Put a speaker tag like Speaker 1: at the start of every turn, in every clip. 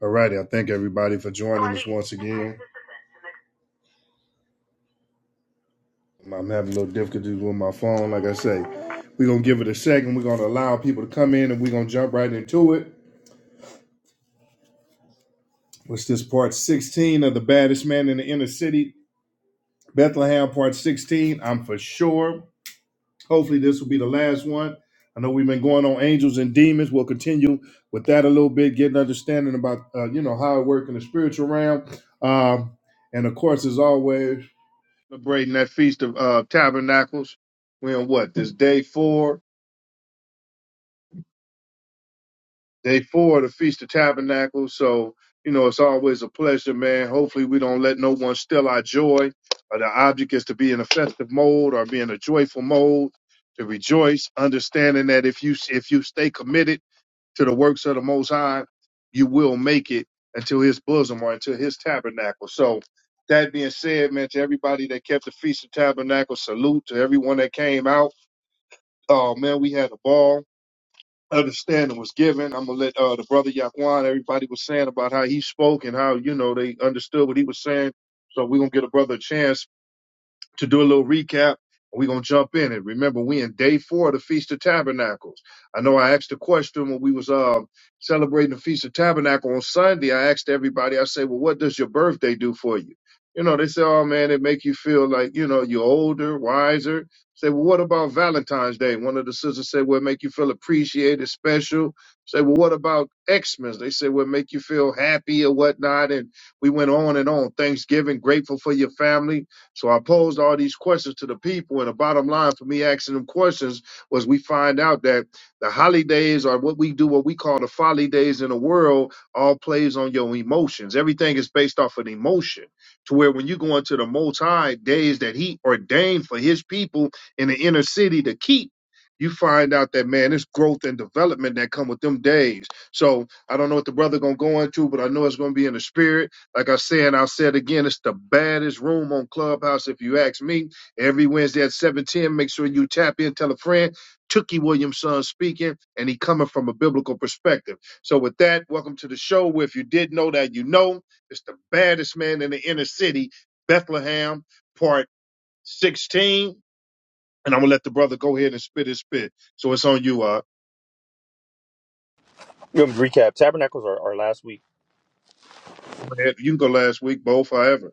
Speaker 1: All righty. I thank everybody for joining us once again. I'm having a little difficulties with my phone. Like I say, we're going to give it a second. We're going to allow people to come in and we're going to jump right into it. What's this part 16 of The Baddest Man in the Inner City, Bethlehem, part 16? I'm for sure. Hopefully, this will be the last one. I know we've been going on angels and demons. We'll continue with that a little bit, getting understanding about uh, you know how it works in the spiritual realm. Um, and of course, as always, celebrating that Feast of uh, Tabernacles. We're in what? This day four, day four of the Feast of Tabernacles. So, you know, it's always a pleasure, man. Hopefully, we don't let no one steal our joy. Uh, the object is to be in a festive mode or be in a joyful mode, to rejoice, understanding that if you if you stay committed to the works of the Most High, you will make it until His bosom or until His tabernacle. So, that being said, man, to everybody that kept the Feast of Tabernacles, salute to everyone that came out Oh man, we had a ball. Understanding was given. I'm gonna let uh, the brother Yaquan. Everybody was saying about how he spoke and how you know they understood what he was saying. So we're gonna get a brother a chance to do a little recap. We're gonna jump in it. Remember, we in day four of the Feast of Tabernacles. I know I asked a question when we was um celebrating the Feast of Tabernacle on Sunday. I asked everybody, I say, Well, what does your birthday do for you? You know, they say, Oh man, it make you feel like, you know, you're older, wiser. Say, well, what about Valentine's Day? One of the sisters said, Well, it make you feel appreciated, special. Say, well, what about Xmas? They say, Well, it make you feel happy or whatnot. And we went on and on. Thanksgiving, grateful for your family so I posed all these questions to the people, and the bottom line for me asking them questions was we find out that the holidays or what we do, what we call the folly days in the world, all plays on your emotions. Everything is based off of an emotion. To where when you go into the most high days that he ordained for his people in the inner city to keep, you find out that man, it's growth and development that come with them days. So I don't know what the brother gonna go into, but I know it's gonna be in the spirit like I said, I'll say it again, it's the baddest room on Clubhouse, if you ask me. Every Wednesday at 710, make sure you tap in, tell a friend. Tookie Williamson speaking, and he coming from a biblical perspective. So with that, welcome to the show. Where if you did know that, you know it's the baddest man in the inner city, Bethlehem, part 16. And I'm gonna let the brother go ahead and spit his spit. So it's on you, uh.
Speaker 2: Good recap. Tabernacles are, are last week.
Speaker 1: You can go last week, both, however.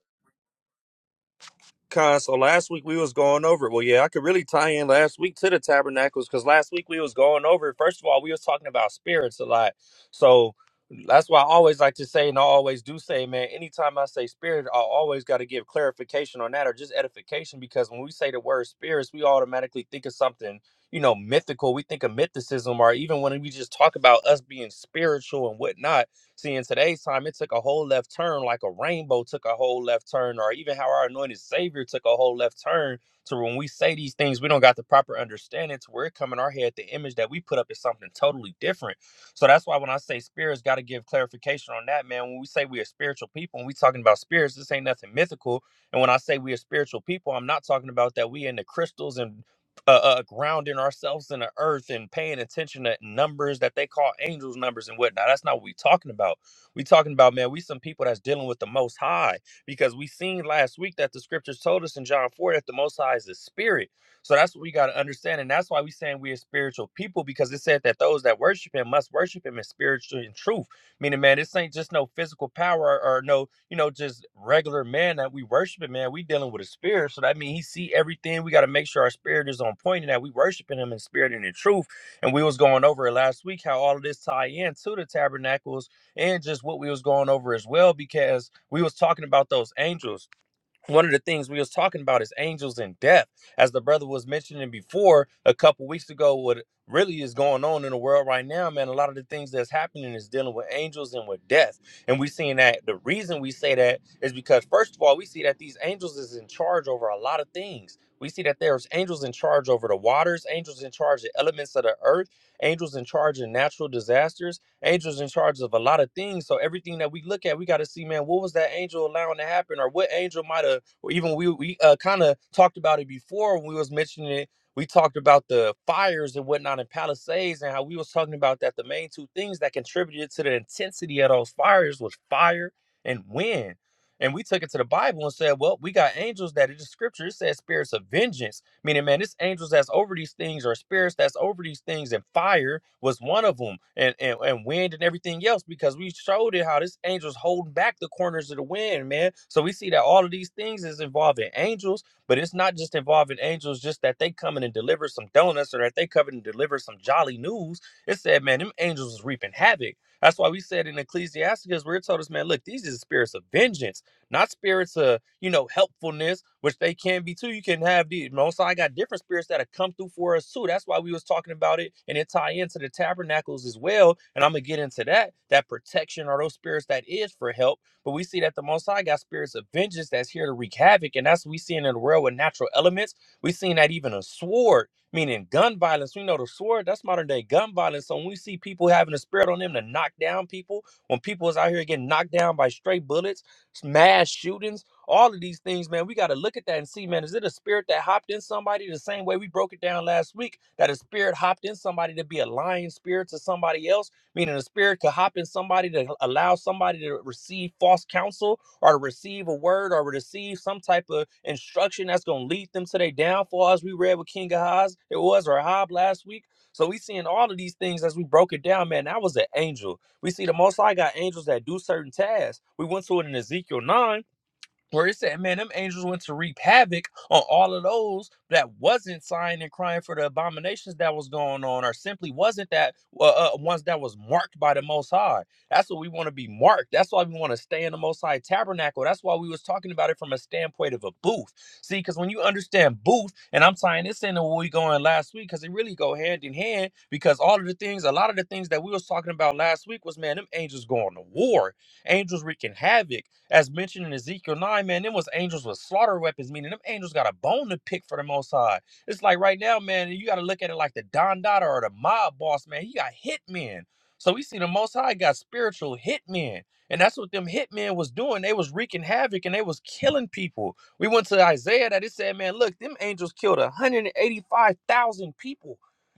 Speaker 2: Con, so last week we was going over it. Well, yeah, I could really tie in last week to the tabernacles because last week we was going over it. First of all, we was talking about spirits a lot. So that's why I always like to say, and I always do say, man, anytime I say spirit, I always got to give clarification on that or just edification because when we say the word spirits, we automatically think of something, you know, mythical. We think of mythicism or even when we just talk about us being spiritual and whatnot See, in today's time, it took a whole left turn, like a rainbow took a whole left turn, or even how our anointed Savior took a whole left turn to when we say these things, we don't got the proper understanding to where it come in our head. The image that we put up is something totally different. So that's why when I say spirits, got to give clarification on that, man. When we say we are spiritual people and we talking about spirits, this ain't nothing mythical. And when I say we are spiritual people, I'm not talking about that we in the crystals and uh, uh, grounding ourselves in the earth and paying attention to numbers that they call angels numbers and whatnot. That's not what we talking about. We talking about man, we some people that's dealing with the Most High because we seen last week that the scriptures told us in John four that the Most High is the Spirit. So that's what we got to understand, and that's why we saying we are spiritual people because it said that those that worship Him must worship Him in spiritual and truth. Meaning, man, this ain't just no physical power or no you know, just regular man that we worshiping, man. We dealing with a spirit. So that means he see everything. We got to make sure our spirit is on point and that we worshiping him in spirit and in truth. And we was going over it last week, how all of this tie in to the tabernacles and just what we was going over as well, because we was talking about those angels one of the things we was talking about is angels and death as the brother was mentioning before a couple weeks ago what really is going on in the world right now man a lot of the things that's happening is dealing with angels and with death and we seeing that the reason we say that is because first of all we see that these angels is in charge over a lot of things we see that there's angels in charge over the waters angels in charge of elements of the earth angels in charge of natural disasters Angels in charge of a lot of things. So everything that we look at, we got to see, man, what was that angel allowing to happen, or what angel might have, or even we we uh, kind of talked about it before when we was mentioning it. We talked about the fires and whatnot in Palisades, and how we was talking about that the main two things that contributed to the intensity of those fires was fire and wind. And we took it to the Bible and said, well, we got angels that in the scripture it says spirits of vengeance Meaning, man, it's angels that's over these things or spirits that's over these things, and fire was one of them, and, and, and wind and everything else, because we showed it how this angel's holding back the corners of the wind, man. So we see that all of these things is involving angels, but it's not just involving angels, just that they coming and deliver some donuts or that they come and deliver some jolly news. It said, man, them angels is reaping havoc. That's why we said in Ecclesiastes, where it told us, man, look, these are the spirits of vengeance not spirits of, you know, helpfulness, which they can be too. You can have the most I got different spirits that have come through for us too. That's why we was talking about it and it tie into the tabernacles as well. And I'm gonna get into that. That protection or those spirits that is for help. But we see that the most high got spirits of vengeance that's here to wreak havoc, and that's what we seeing in the world with natural elements. We seen that even a sword, meaning gun violence. We know the sword, that's modern day gun violence. So when we see people having a spirit on them to knock down people, when people is out here getting knocked down by stray bullets, mass shootings, all of these things, man, we got to look at that and see, man, is it a spirit that hopped in somebody the same way we broke it down last week? That a spirit hopped in somebody to be a lying spirit to somebody else, meaning a spirit could hop in somebody to allow somebody to receive false counsel or to receive a word or receive some type of instruction that's going to lead them to their downfall, as we read with King Ahaz, it was, or Ahab last week. So we seeing all of these things as we broke it down, man. That was an angel we see the Most High got angels that do certain tasks. We went to it in Ezekiel 9 where it said, man, them angels went to reap havoc on all of those that wasn't sighing and crying for the abominations that was going on, or simply wasn't that uh, uh, ones that was marked by the Most High. That's what we want to be marked. That's why we want to stay in the Most High tabernacle. That's why we was talking about it from a standpoint of a booth. See, because when you understand booth, and I'm tying this into where we going last week, because it really go hand in hand. Because all of the things, a lot of the things that we was talking about last week was, man, them angels going to war, angels wreaking havoc as mentioned in Ezekiel 9, man, them was angels with slaughter weapons, meaning them angels got a bone to pick for the most high. It's like right now, man, you gotta look at it like the Don Dada or the mob boss, man. He got hitmen. So we see the most high got spiritual hitmen. And that's what them hitmen was doing. They was wreaking havoc and they was killing people. We went to Isaiah that it said, man, look, them angels killed 185,000 people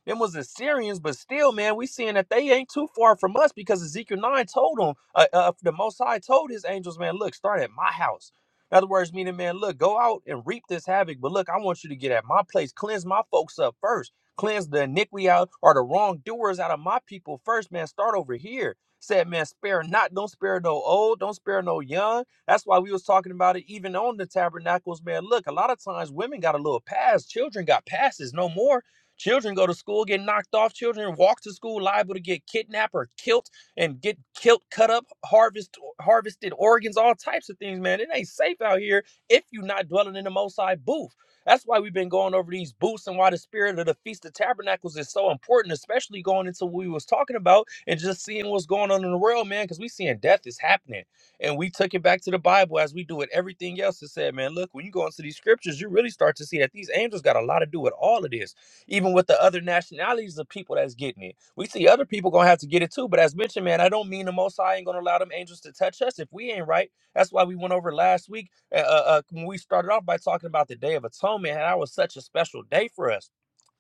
Speaker 2: them was Assyrians, but still, man, we seeing that they ain't too far from us because Ezekiel 9 told them, uh, uh, uh, the Most High told his angels, man, look, start at my house. In other words, meaning, man, look, go out and reap this havoc, but look, I want you to get at my place. Cleanse my folks up first. Cleanse the iniquity out or the wrongdoers out of my people first, man. Start over here. Said, man, spare not. Don't spare no old. Don't spare no young. That's why we was talking about it even on the tabernacles, man. Look, a lot of times women got a little pass, children got passes, no more Children go to school, get knocked off. Children walk to school, liable to get kidnapped or killed, and get killed, cut up, harvest, harvested organs, all types of things, man. It ain't safe out here if you're not dwelling in the Most High booth. That's why we've been going over these booths and why the spirit of the Feast of Tabernacles is so important, especially going into what we was talking about and just seeing what's going on in the world, man, because we seeing death is happening. And we took it back to the Bible as we do with everything else. It said, man, look, when you go into these scriptures, you really start to see that these angels got a lot to do with all of this even with the other nationalities of people that's getting it. We see other people gonna have to get it too. But as mentioned, man, I don't mean the Most High ain't gonna allow them angels to touch us if we ain't right. That's why we went over last week uh, uh, uh, when we started off by talking about the Day of Atonement, and that was such a special day for us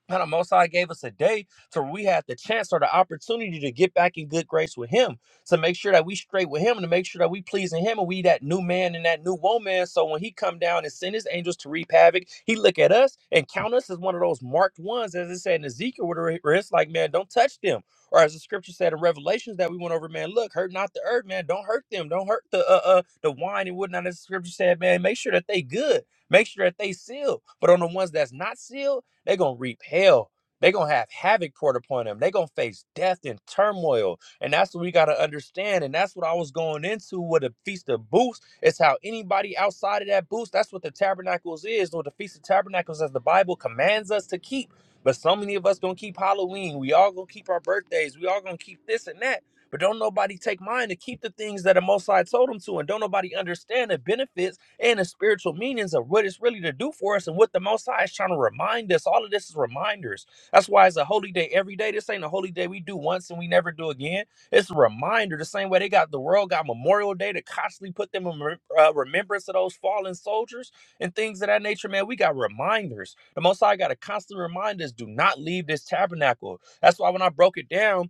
Speaker 2: now, the Most High gave us a day to where we had the chance or the opportunity to get back in good grace with Him, to make sure that we straight with Him, and to make sure that we pleasing Him, and we that new man and that new woman. So when He come down and send His angels to reap havoc, He look at us and count us as one of those marked ones, as it said in Ezekiel, where where it's like, man, don't touch them, or as the Scripture said in Revelations that we went over, man, look, hurt not the earth, man, don't hurt them, don't hurt the uh, uh the wine and whatnot. As the Scripture said, man, make sure that they good. Make sure that they sealed. But on the ones that's not sealed, they're going to reap hell. They're going to have havoc poured upon them. They're going to face death and turmoil. And that's what we got to understand. And that's what I was going into with the Feast of Booths. It's how anybody outside of that booth, that's what the Tabernacles is, or the Feast of Tabernacles, as the Bible commands us to keep. But so many of us going to keep Halloween. We all going to keep our birthdays. We all going to keep this and that. But don't nobody take mine to keep the things that the Most High told them to. And don't nobody understand the benefits and the spiritual meanings of what it's really to do for us and what the Most High is trying to remind us. All of this is reminders. That's why it's a holy day every day. This ain't a holy day we do once and we never do again. It's a reminder. The same way they got the world got Memorial Day to constantly put them in rem- uh, remembrance of those fallen soldiers and things of that nature. Man, we got reminders. The Most High got to constantly remind us: do not leave this tabernacle. That's why when I broke it down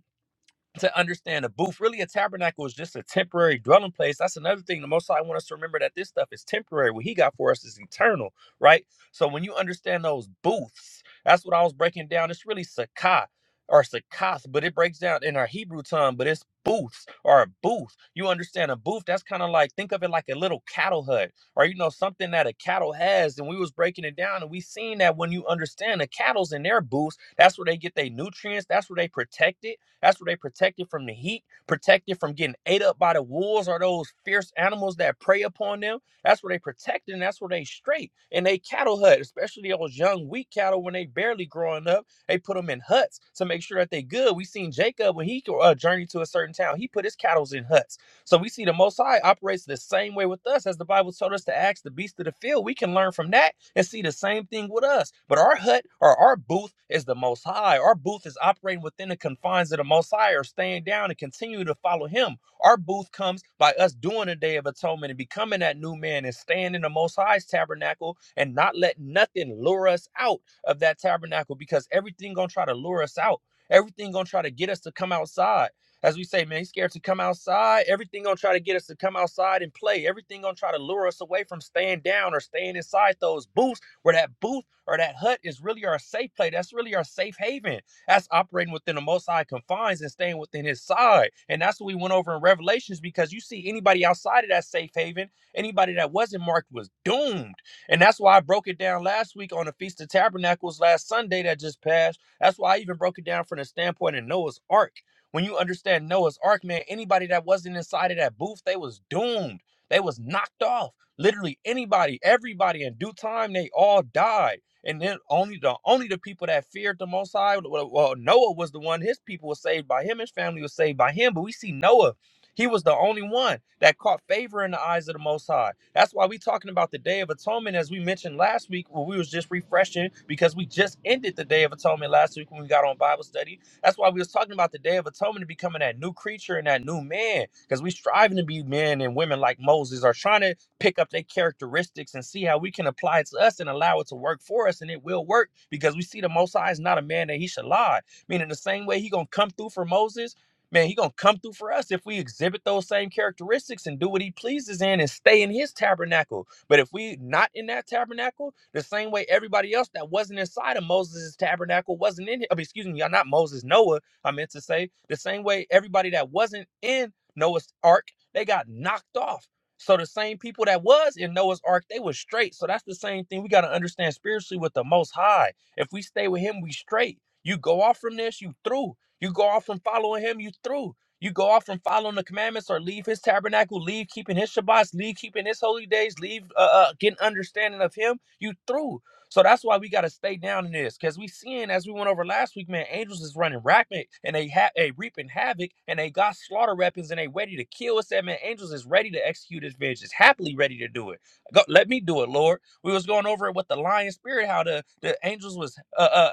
Speaker 2: to understand a booth, really a tabernacle is just a temporary dwelling place. That's another thing. The most I want us to remember that this stuff is temporary. What he got for us is eternal, right? So when you understand those booths, that's what I was breaking down. It's really sakkah or sakkath, but it breaks down in our Hebrew tongue, but it's booths or a booth. You understand a booth, that's kind of like think of it like a little cattle hut or you know, something that a cattle has. And we was breaking it down and we seen that when you understand the cattle's in their booths, that's where they get their nutrients, that's where they protect it that's where they protected from the heat, protected from getting ate up by the wolves or those fierce animals that prey upon them. That's where they protected and that's where they straight. And they cattle hut, especially those young weak cattle when they barely growing up. They put them in huts to make sure that they good. We seen Jacob when he uh, journeyed to a certain town. He put his cattle in huts so we see the Most High operates the same way with us as the Bible told us to ask the beast of the field. We can learn from that and see the same thing with us. But our hut or our booth is the Most High. Our booth is operating within the confines of the Most High or staying down and continuing to follow Him. Our booth comes by us doing the Day of Atonement and becoming that new man and staying in the Most High's tabernacle and not let nothing lure us out of that tabernacle because everything gonna try to lure us out. Everything gonna try to get us to come outside. As we say, man, he's scared to come outside. Everything gonna try to get us to come outside and play. Everything gonna try to lure us away from staying down or staying inside those booths where that booth or that hut is really our safe play. That's really our safe haven. That's operating within the most high confines and staying within his side. And that's what we went over in Revelations because you see anybody outside of that safe haven, anybody that wasn't marked was doomed. And that's why I broke it down last week on the Feast of Tabernacles last Sunday that just passed. That's why I even broke it down from the standpoint of Noah's Ark when you understand Noah's Ark, man, anybody that wasn't inside of that booth, they was doomed. They was knocked off. Literally anybody, everybody in due time, they all died. And then only the only the people that feared the Most High, well, well, well, Noah was the one. His people were saved by him. His family was saved by him. But we see Noah, he was the only one that caught favor in the eyes of the Most High. That's why we talking about the Day of Atonement, as we mentioned last week, when we was just refreshing because we just ended the Day of Atonement last week when we got on Bible study that's why we was talking about the Day of Atonement becoming that new creature and that new man, because we striving to be men and women like Moses, are trying to pick up their characteristics and see how we can apply it to us and allow it to work for us, and it will work because we see the Most High is not a man that he should lie. Meaning the same way he gonna come through for Moses. Man, he gonna come through for us if we exhibit those same characteristics and do what he pleases in and stay in his tabernacle. But if we not in that tabernacle, the same way everybody else that wasn't inside of Moses' tabernacle wasn't in it. I mean, excuse me, y'all not Moses, Noah, I meant to say, the same way everybody that wasn't in Noah's ark, they got knocked off. So the same people that was in Noah's ark, they was straight. So that's the same thing we got to understand spiritually with the most high. If we stay with him, we straight. You go off from this, you through. You go off from following him, you through. You go off from following the commandments or leave his tabernacle, leave keeping his Shabbats, leave keeping his holy days, leave uh, uh, getting understanding of him, you through. So that's why we got to stay down in this because we seeing, as we went over last week, man, angels is running rampant and they have a reaping havoc and they got slaughter weapons and they ready to kill us. That man, angels is ready to execute his vengeance, happily ready to do it. Go, let me do it, Lord. We was going over it with the lion spirit, how the, the angels was uh, uh,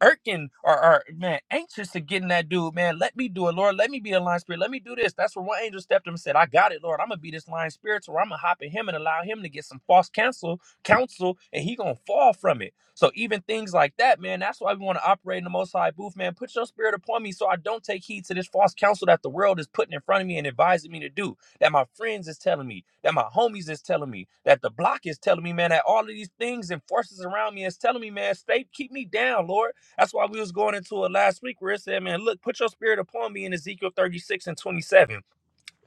Speaker 2: irking or, or man anxious to get in that dude man let me do it lord let me be a lion spirit let me do this that's where one angel stepped up and said i got it lord i'm gonna be this lion spirit so i'm gonna hop in him and allow him to get some false counsel counsel and he gonna fall from it so even things like that man that's why we want to operate in the most high booth man put your spirit upon me so i don't take heed to this false counsel that the world is putting in front of me and advising me to do that my friends is telling me, that my homies is telling me, that the block is telling me, man, that all of these things and forces around me is telling me, man, stay, keep me down, Lord. That's why we was going into it last week where it said, man, look, put your spirit upon me in Ezekiel 36 and 27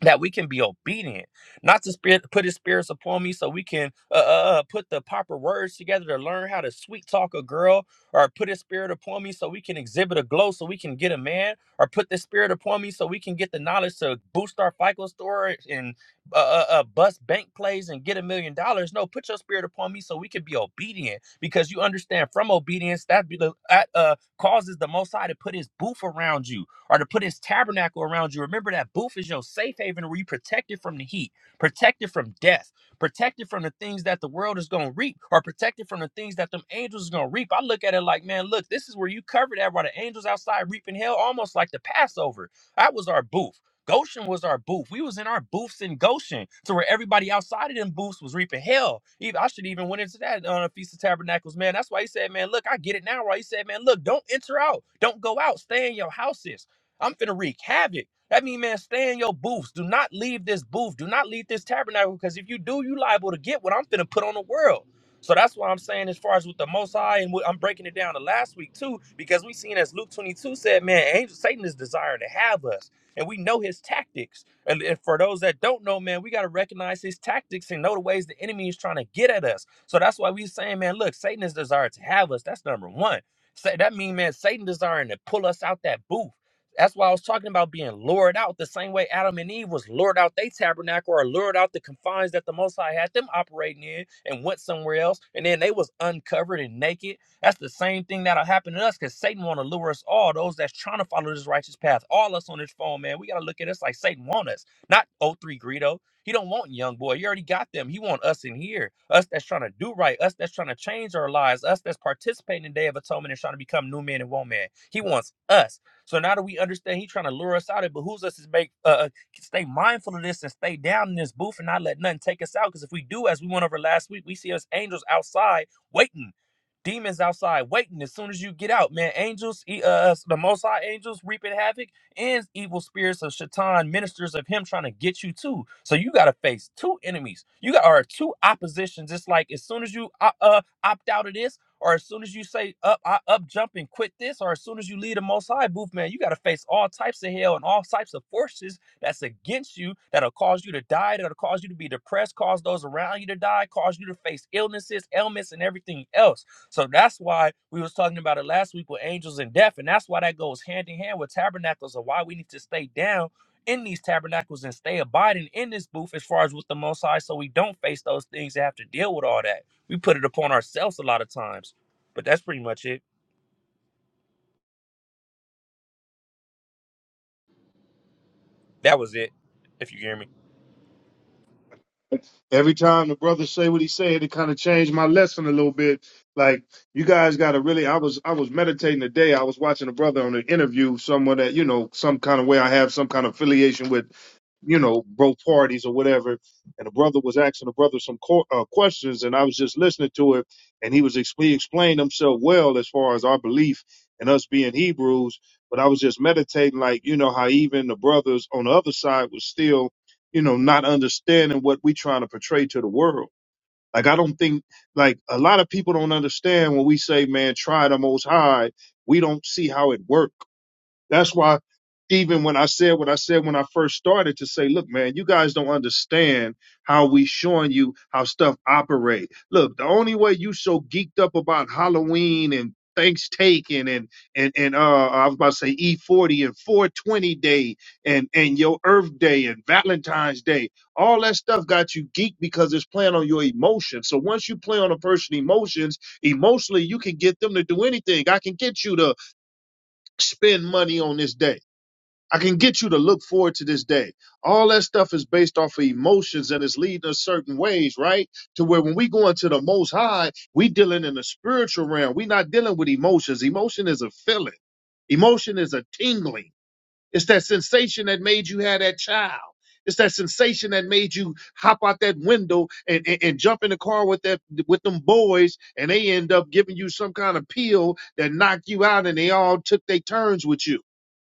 Speaker 2: that we can be obedient, not to spirit put his spirits upon me, so we can uh, uh uh, put the proper words together to learn how to sweet talk a girl, or put his spirit upon me so we can exhibit a glow, so we can get a man, or put the spirit upon me so we can get the knowledge to boost our FICO score and uh, uh, uh bust bank plays and get a million dollars. No, put your spirit upon me so we can be obedient, because you understand from obedience that be the, that uh causes the Most High to put His booth around you or to put his tabernacle around you. Remember that booth is your safe haven where you protected from the heat, protected from death, protected from the things that the world is going to reap, or protected from the things that them angels is going to reap. I look at it like, man, look, this is where you covered that while the angels outside reaping hell, almost like the Passover. That was our booth. Goshen was our booth. We was in our booths in Goshen, to where everybody outside of them booths was reaping hell. Even I should even went into that on a Feast of Tabernacles, man. That's why he said, man, look, I get it now. Why he said, man, look, don't enter out, don't go out, stay in your houses. I'm finna wreak havoc. That mean, man, stay in your booths. Do not leave this booth. Do not leave this tabernacle, because if you do, you liable to get what I'm finna put on the world. So that's why I'm saying, as far as with the Most High, and what, I'm breaking it down to last week too, because we seen as Luke 22 said, man, angel Satan is desiring to have us, and we know his tactics. And, and for those that don't know, man, we gotta recognize his tactics and know the ways the enemy is trying to get at us. So that's why we saying, man, look, Satan is desired to have us. That's number one. Say that mean, man, Satan desiring to pull us out that booth. That's why I was talking about being lured out the same way Adam and Eve was lured out their tabernacle or lured out the confines that the Most High had them operating in and went somewhere else. And then they was uncovered and naked. That's the same thing that'll happen to us because Satan want to lure us all, those that's trying to follow this righteous path. All us on this phone, man, we got to look at us like Satan want us, not oh three Greedo. He don't want young boy. He already got them. He want us in here, us that's trying to do right, us that's trying to change our lives, us that's participating in Day of Atonement and trying to become new men and woman. He wants us. So now that we understand he's trying to lure us out, it behooves us to make uh, uh, stay mindful of this and stay down in this booth and not let nothing take us out. Because if we do, as we went over last week, we see us angels outside waiting, demons outside waiting. As soon as you get out, man, angels, e- uh, uh, the Most High angels reaping havoc, and evil spirits of Shaitan, ministers of him trying to get you too. So you got to face two enemies. You got are two oppositions. It's like as soon as you uh, uh, opt out of this or as soon as you say up, I up jump and quit this, or as soon as you leave the most high booth, man, you gotta face all types of hell and all types of forces that's against you, that'll cause you to die, that'll cause you to be depressed, cause those around you to die, cause you to face illnesses, ailments, and everything else. So that's why we was talking about it last week with angels and death, and that's why that goes hand in hand with tabernacles and why we need to stay down in these tabernacles and stay abiding in this booth as far as with the most high so we don't face those things and have to deal with all that. We put it upon ourselves a lot of times. But that's pretty much it. That was it, if you hear me.
Speaker 1: every time the brother say what he said, it kind of changed my lesson a little bit. Like you guys got to really, I was I was meditating today. I was watching a brother on an interview, someone that you know, some kind of way I have some kind of affiliation with, you know, both parties or whatever. And the brother was asking the brother some co- uh, questions, and I was just listening to it, and he was ex- he explained himself well as far as our belief and us being Hebrews. But I was just meditating, like you know, how even the brothers on the other side was still you know, not understanding what we trying to portray to the world. Like I don't think like a lot of people don't understand when we say, man, try the most high, we don't see how it works. That's why even when I said what I said when I first started to say, look, man, you guys don't understand how we showing you how stuff operate. Look, the only way you so geeked up about Halloween and Thanks taking and and and uh I was about to say E forty and four twenty day and and your Earth Day and Valentine's Day, all that stuff got you geeked because it's playing on your emotions. So once you play on a person's emotions, emotionally you can get them to do anything. I can get you to spend money on this day. I can get you to look forward to this day. All that stuff is based off of emotions and it's leading us certain ways, right? To where when we go into the most high, we dealing in the spiritual realm. We're not dealing with emotions. Emotion is a feeling. Emotion is a tingling. It's that sensation that made you have that child. It's that sensation that made you hop out that window and, and, and jump in the car with that with them boys, and they end up giving you some kind of pill that knock you out, and they all took their turns with you.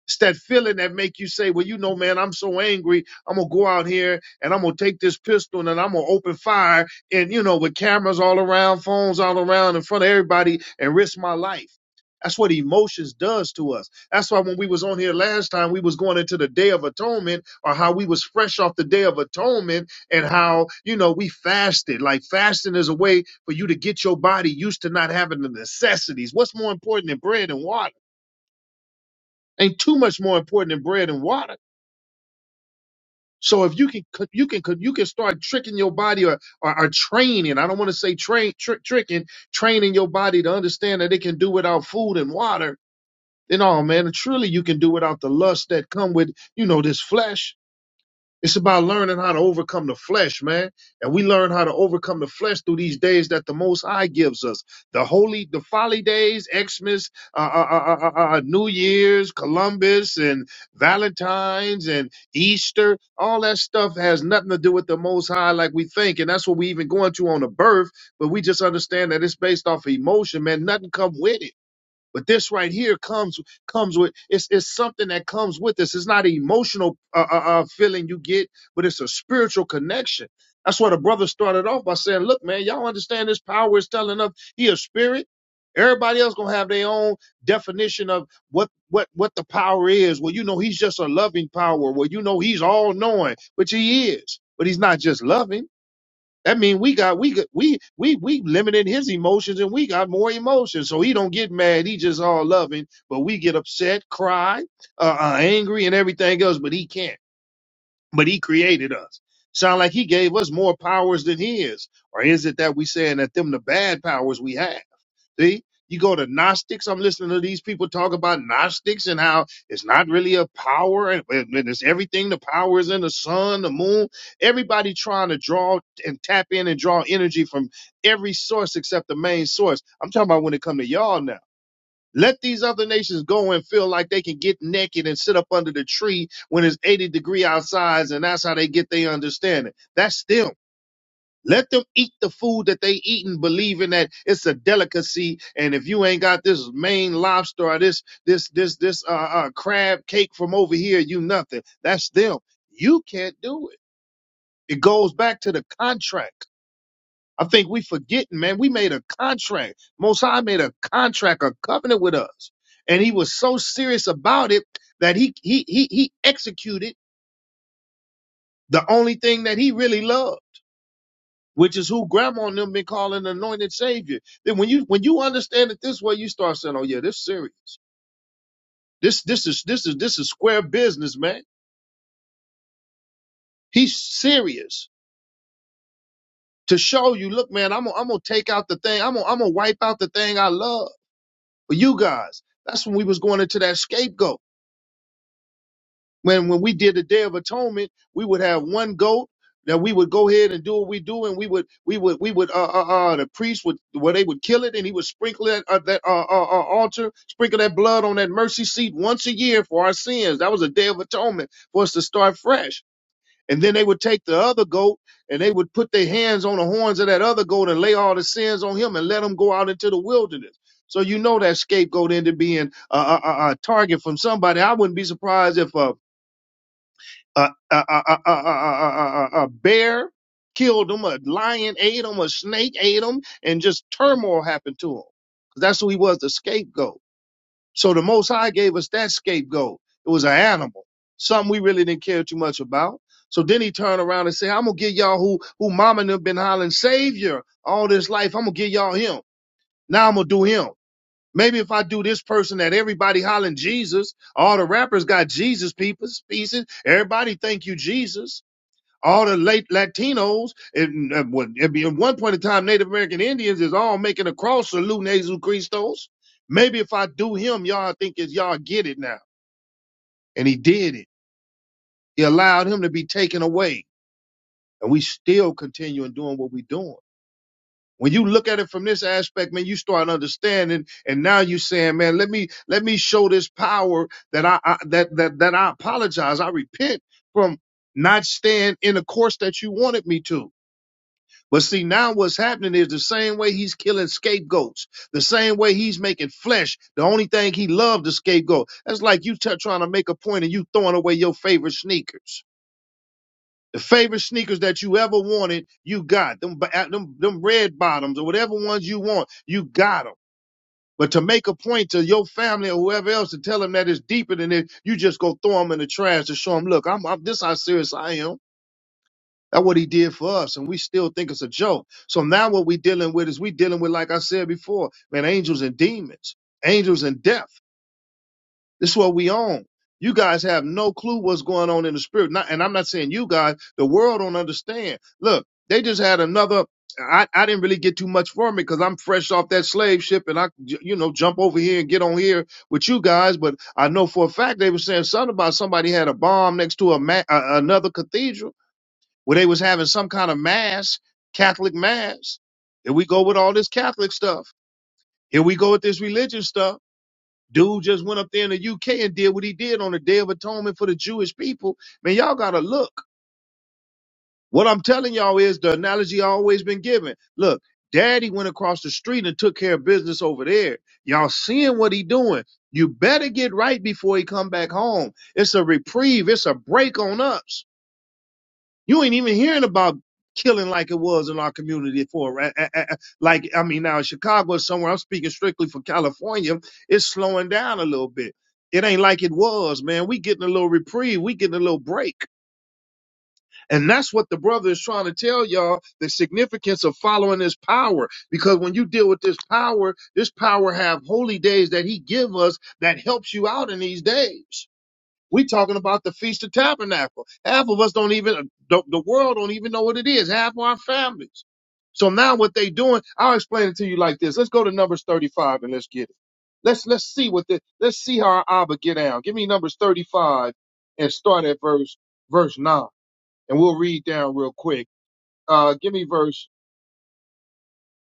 Speaker 1: It's that feeling that make you say, well, you know, man, I'm so angry. I'm going to go out here and I'm going to take this pistol and then I'm going to open fire and, you know, with cameras all around, phones all around in front of everybody and risk my life. That's what emotions does to us. That's why when we was on here last time, we was going into the Day of Atonement or how we was fresh off the Day of Atonement and how, you know, we fasted. Like fasting is a way for you to get your body used to not having the necessities. What's more important than bread and water? ain't too much more important than bread and water. So if you can you can you can start tricking your body or or, or training. I don't want to say train trick tricking training your body to understand that it can do without food and water. Then oh man, truly you can do without the lust that come with you know this flesh it's about learning how to overcome the flesh, man. And we learn how to overcome the flesh through these days that the Most High gives us. The holy, the folly days, Xmas, uh, uh, uh, uh, uh, uh, New Year's, Columbus, and Valentine's and Easter. All that stuff has nothing to do with the Most High like we think. And that's what we even going to on the birth. But we just understand that it's based off of emotion, man. Nothing come with it. But this right here comes comes with it's it's something that comes with this. It's not an emotional uh, uh, uh, feeling you get, but it's a spiritual connection. That's why the brother started off by saying, "Look, man, y'all understand this power is telling us he a spirit. Everybody else gonna have their own definition of what what what the power is. Well, you know, he's just a loving power. Well, you know, he's all knowing, which he is, but he's not just loving." That mean we got we got- we we we limited his emotions and we got more emotions. So he don't get mad. He just all loving, but we get upset, cry, uh, uh, angry, and everything else. But he can't. But he created us. Sound like he gave us more powers than his, or is it that we saying that them the bad powers we have? See, you go to Gnostics. I'm listening to these people talk about Gnostics and how it's not really a power and, and it's everything. The power is in the sun, the moon. Everybody trying to draw and tap in and draw energy from every source except the main source. I'm talking about when it come to y'all now. Let these other nations go and feel like they can get naked and sit up under the tree when it's 80 degree outside, and that's how they get their understanding. That's them. Let them eat the food that they eating, believing that it's a delicacy. And if you ain't got this Maine lobster or this this this this uh, uh, crab cake from over here, you nothing. That's them. You can't do it. It goes back to the contract. I think we forgetting, man. We made a contract. Mosai made a contract, a covenant with us, and he was so serious about it that he he he he executed the only thing that he really loved. which is who grandma and them been calling anointed savior. Then when you when you understand it this way, you start saying, Oh yeah, this serious. This this is this is this is square business, man. He's serious to show you, look, man, I'm gonna I'm gonna take out the thing, I'm gonna I'm gonna wipe out the thing I love for you guys. That's when we was going into that scapegoat. When when we did the Day of Atonement, we would have one goat that we would go ahead and do what we do, and we would we would we would uh uh, uh the priest would well they would kill it, and he would sprinkle that uh, that uh, uh, uh altar, sprinkle that blood on that mercy seat once a year for our sins. That was a Day of Atonement for us to start fresh. And then they would take the other goat and they would put their hands on the horns of that other goat and lay all the sins on him and let him go out into the wilderness. So you know that scapegoat ended up being a, a, a a target from somebody. I wouldn't be surprised if uh, a, a, a, a, a, a, a a bear killed him, a lion ate him, a snake ate him, and just turmoil happened to him. 'Cause That's who he was, the scapegoat. So the Most High gave us that scapegoat. It was an animal, something we really didn't care too much about. So then he turned around and said, I'm gonna give y'all who who mama and them been hollering savior all this life. I'm gonna give y'all him. Now I'm gonna do him. Maybe if I do this person that everybody hollering Jesus, all the rappers got Jesus peoples- pieces. Everybody thank you, Jesus all the late Latinos, and uh, what- I mean, at one point in time, Native American Indians is all making a cross salute Jesus Christos. Maybe if I do him, y'all think is y'all get it now. And he did it. He allowed him to be taken away. And we still continuing doing what we're doing. When you look at it from this aspect, man, you start understanding. And now you saying, man, let me let me show this power that I, I that that that I apologize. I repent from not staying in the course that you wanted me to. But see, now what's happening is the same way he's killing scapegoats, the same way he's making flesh. The only thing he loved the scapegoat. That's like you t- trying to make a point and you throwing away your favorite sneakers. The favorite sneakers that you ever wanted, you got them. ba- Them, them red bottoms or whatever ones you want, you got them. But to make a point to your family or whoever else to tell them that it's deeper than it, you just go throw them in the trash to show them, look, I'm, I'm this how serious I am. That's what he did for us, and we still think it's a joke. So now what we're dealing with is we dealing with, like I said before, man, angels and demons, angels and death. This is what we own. You guys have no clue what's going on in the spirit. Not, and I'm not saying you guys, the world don't understand. Look, they just had another. I, I didn't really get too much from it because I'm fresh off that slave ship and I, you know, jump over here and get on here with you guys. But I know for a fact they were saying something about somebody had a bomb next to a ma- a- another cathedral where they was having some kind of mass, Catholic mass. Here we go with all this Catholic stuff. Here we go with this religious stuff. Dude just went up there in the UK and did what he did on the Day of Atonement for the Jewish people. Man, y'all gotta look. What I'm telling y'all is the analogy I always been given. Look, daddy went across the street and took care of business over there. Y'all seeing what he doing. You better get right before he come back home. It's a reprieve. It's a break on us. You ain't even hearing about killing like it was in our community for right? a- a- a- like I mean now in Chicago or somewhere. I'm speaking strictly for California. It's slowing down a little bit. It ain't like it was, man. We getting a little reprieve. We getting a little break. And that's what the brother is trying to tell y'all the significance of following this power. Because when you deal with this power, this power have holy days that he give us that helps you out in these days. We talking about the Feast of Tabernacle. Half of us don't even the, the world don't even know what it is. Half of our families. So now what they doing? I'll explain it to you like this. Let's go to Numbers 35 and let's get it. Let's let's see what the let's see how our Abba get down. Give me Numbers 35 and start at verse verse nine, and we'll read down real quick. Uh, give me verse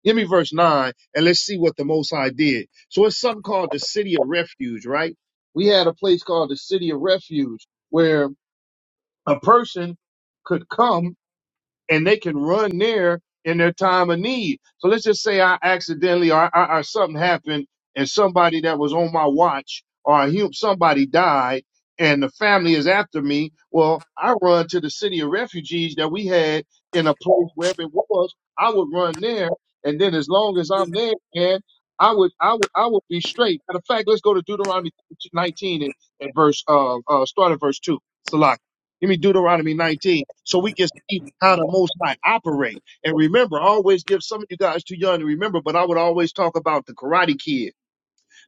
Speaker 1: give me verse nine, and let's see what the Most High did. So it's something called the City of Refuge, right? We had a place called the City of Refuge where a person could come and they can run there in their time of need. So let's just say I accidentally or, or, or something happened and somebody that was on my watch or a hum- somebody died and the family is after me. Well, I run to the city of refugees that we had in a place wherever it was. I would run there. And then as long as I'm there, man, I would, I would, I would be straight. Matter of fact, let's go to Deuteronomy 19 and, and verse, uh, uh, start at verse two. Salaki. Give me Deuteronomy 19 so we can see how the Most High operate. And remember, I always give some of you guys too young to remember, but I would always talk about the Karate Kid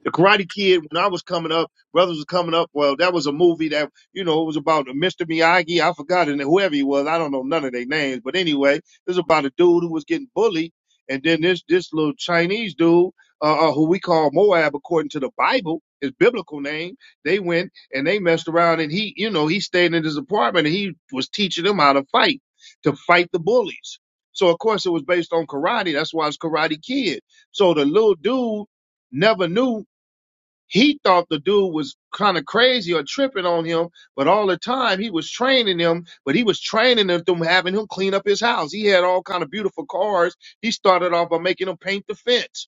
Speaker 1: the Karate Kid, when I was coming up, brothers was coming up. Well, that was a movie that you know it was about Mr. Miyagi. I forgot and whoever he was. I don't know none of their names, but anyway, it was about a dude who was getting bullied, and then this this little Chinese dude. Uh, uh, who we call Moab according to the Bible, his biblical name. They went and they messed around, and he, you know, he stayed in his apartment and he was teaching them how to fight, to fight the bullies. So of course it was based on karate. That's why it's Karate Kid. So the little dude never knew he thought the dude was kind of crazy or tripping on him, but all the time he was training him, but he was training him through having him clean up his house. He had all kind of beautiful cars. He started off by making him paint the fence.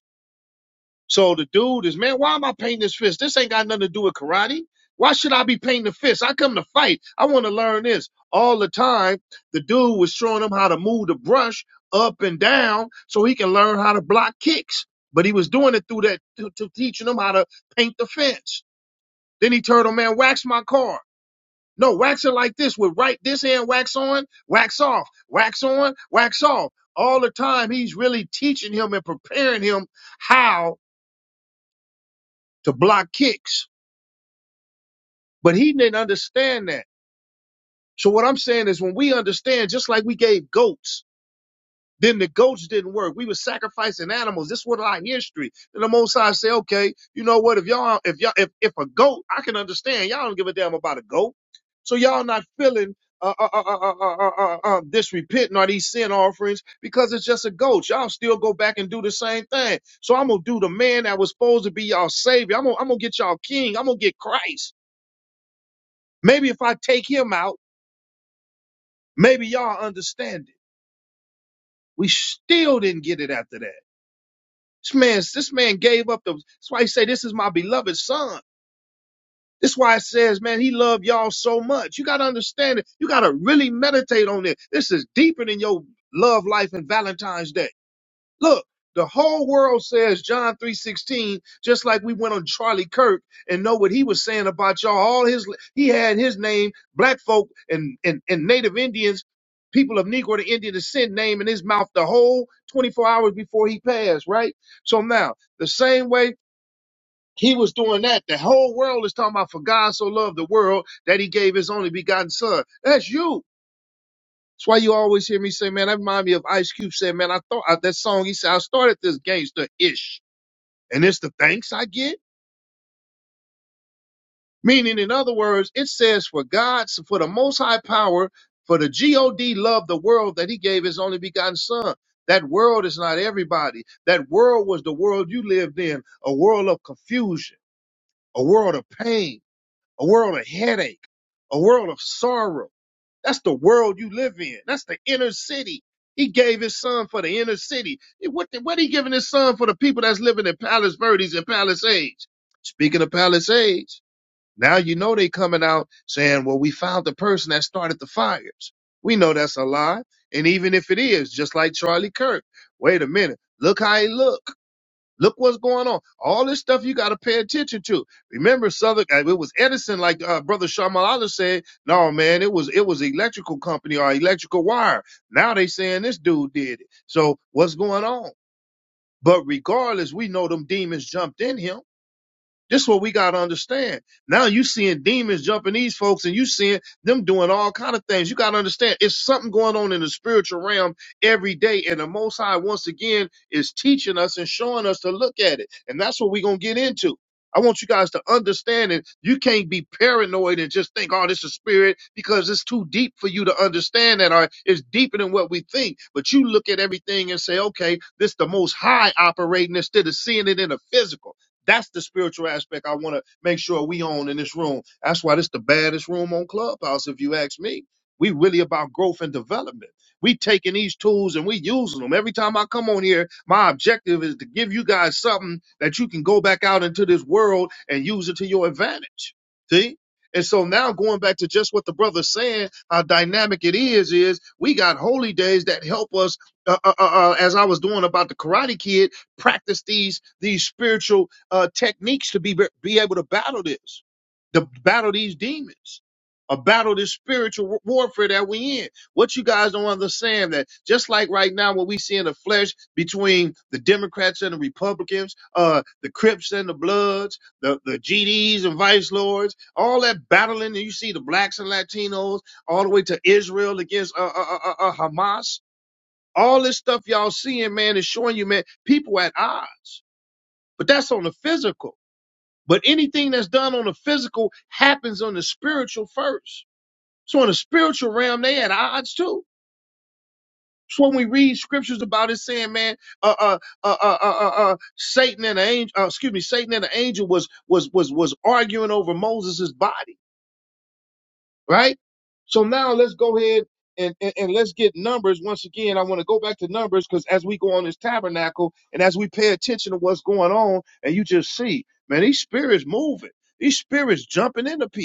Speaker 1: So the dude is, man, why am I painting this fence? This ain't got nothing to do with karate. Why should I be painting the fence? I come to fight. I want to learn this. All the time, the dude was showing him how to move the brush up and down so he can learn how to block kicks. But he was doing it through that, to, to teaching him how to paint the fence. Then he told him, man, wax my car. No, wax it like this with right this hand wax on, wax off, wax on, wax off. All the time he's really teaching him and preparing him how to block kicks. But he didn't understand that. So what I'm saying is when we understand, just like we gave goats Then the goats didn't work. We were sacrificing animals. This was our history. And the Most High say, okay, you know what? If y'all, if y'all, if, if a goat, I can understand. Y'all don't give a damn about a goat. So y'all not feeling uh, uh, uh, uh, uh, uh, uh, uh, this repenting or these sin offerings because it's just a goat. Y'all still go back and do the same thing. So I'm gonna do the man that was supposed to be y'all savior. I'm going I'm gonna get y'all king. I'm gonna get Christ. Maybe if I take him out, maybe y'all understand it. We still didn't get it after that. This man, this man gave up the. That's why he say, "This is my beloved son." That's why it says, "Man, he loved y'all so much." You gotta understand it. You gotta really meditate on it. This is deeper than your love life and Valentine's Day. Look, the whole world says John 3:16, just like we went on Charlie Kirk and know what he was saying about y'all. All his he had his name, black folk and and, and native Indians, people of Negro to Indian descent name in his mouth the whole 24 hours before he passed, right? So now, the same way he was doing that, the whole world is talking about for God so loved the world that he gave his only begotten son. That's you. That's why you always hear me say, man, that remind me of Ice Cube said, man, I thought I, that song, he said, I started this gangster ish, and it's the thanks I get. Meaning, in other words, it says for God, so for the most high power, for the God loved the world that he gave his only begotten son. That world is not everybody. That world was the world you lived in, a world of confusion, a world of pain, a world of headache, a world of sorrow. That's the world you live in. That's the inner city. He gave his son for the inner city. What, what he giving his son for the people that's living in Palace Verdes and Palisades? Speaking of Palisades, now you know they coming out saying, well, we found the person that started the fires. We know that's a lie. And even if it is, just like Charlie Kirk, wait a minute. Look how he look. Look what's going on. All this stuff you got to pay attention to. Remember, Southern. uh, It was Edison, like uh, Brother Shamala said. No, man, it was it was electrical company or electrical wire. Now they saying this dude did it. So what's going on? But regardless, we know them demons jumped in him. This is what we gotta understand. Now you seeing demons jumping these folks, and you seeing them doing all kind of things. You gotta understand it's something going on in the spiritual realm every day, and the Most High once again is teaching us and showing us to look at it, and that's what we're gonna get into. I want you guys to understand that you can't be paranoid and just think, oh, this is spirit, because it's too deep for you to understand that, or it's deeper than what we think. But you look at everything and say, okay, this the most high operating instead of seeing it in a physical. That's the spiritual aspect I want to make sure we own in this room. That's why this the baddest room on Clubhouse, if you ask me. We really about growth and development. We taking these tools and we using them. Every time I come on here, my objective is to give you guys something that you can go back out into this world and use it to your advantage. See? And so now going back to just what the brother's saying, how dynamic it is, is we got holy days that help us, uh, uh, uh, uh, as I was doing about the Karate Kid, practice these these spiritual uh, techniques to be be able to battle this, to battle these demons, or battle this spiritual warfare that we in. What you guys don't understand that just like right now, what we see in the flesh between the Democrats and the Republicans, uh, the Crips and the Bloods, the the GDs and Vice Lords, all that battling, and you see the blacks and Latinos all the way to Israel against uh, uh, uh, uh, uh, Hamas. All this stuff y'all seeing, man, is showing you, man, people at odds. But that's on the physical. But anything that's done on the physical happens on the spiritual first. So in the spiritual realm, they at odds too. It's when we read scriptures about it saying, man, uh, uh, uh, uh, uh, uh, uh, Satan and the angel, uh, excuse me, Satan and the angel was was was was arguing over Moses' body, right? So now let's go ahead and, and, and let's get numbers once again. I want to go back to numbers because as we go on this tabernacle and as we pay attention to what's going on, and you just see, man, these spirits moving, these spirits jumping into people.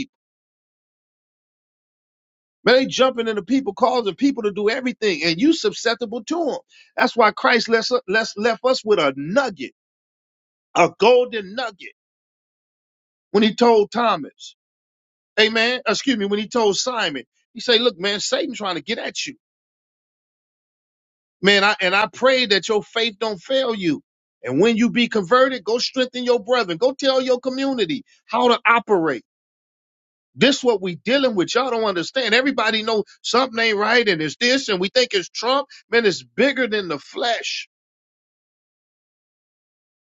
Speaker 1: Man, they jumping into people, causing people to do everything, and you susceptible to them. That's why Christ left, left, left us with a nugget, a golden nugget, when he told Thomas, Amen. Excuse me, when he told Simon, he said, Look, man, Satan trying to get at you. Man, I and I pray that your faith don't fail you. And when you be converted, go strengthen your brethren. Go tell your community how to operate. This what we dealing with. Y'all don't understand. Everybody know something ain't right, and it's this, and we think it's Trump. Man, it's bigger than the flesh.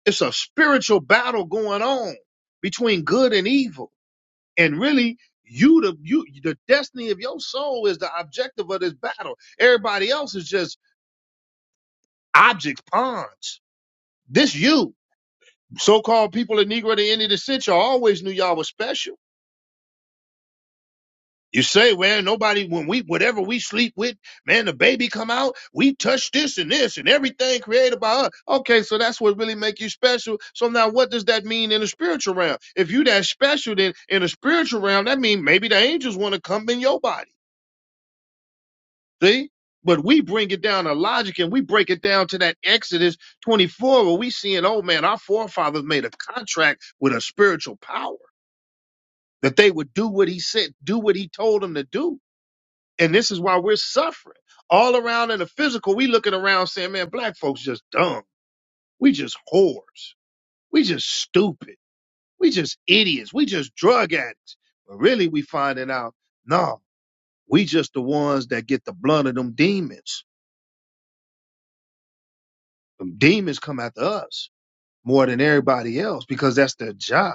Speaker 1: It's a spiritual battle going on between good and evil. And really, you the you the destiny of your soul is the objective of this battle. Everybody else is just objects, pawns. This you. So-called people of Negro, the end of the century, always knew y'all was special. You say, well, nobody when we whatever we sleep with, man, the baby come out, we touch this and this and everything created by us. Okay, so that's what really make you special. So now what does that mean in the spiritual realm? If you that special then in the spiritual realm, that means maybe the angels want to come in your body. See? But we bring it down to logic and we break it down to that Exodus 24 where we seeing, oh man, our forefathers made a contract with a spiritual power that they would do what he said, do what he told them to do. And this is why we're suffering. All around in the physical, we looking around saying, man, black folks just dumb. We just whores. We just stupid. We just idiots. We just drug addicts. But really, we finding out, no, we just the ones that get the blunt of them demons. Demons come after us more than everybody else because that's their job.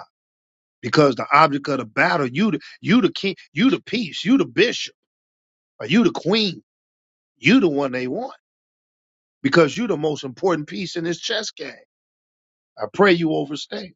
Speaker 1: Because the object of the battle, you the, you the king, you the peace, you the bishop, or you the queen, you the one they want because you the most important piece in this chess game I pray you overstay.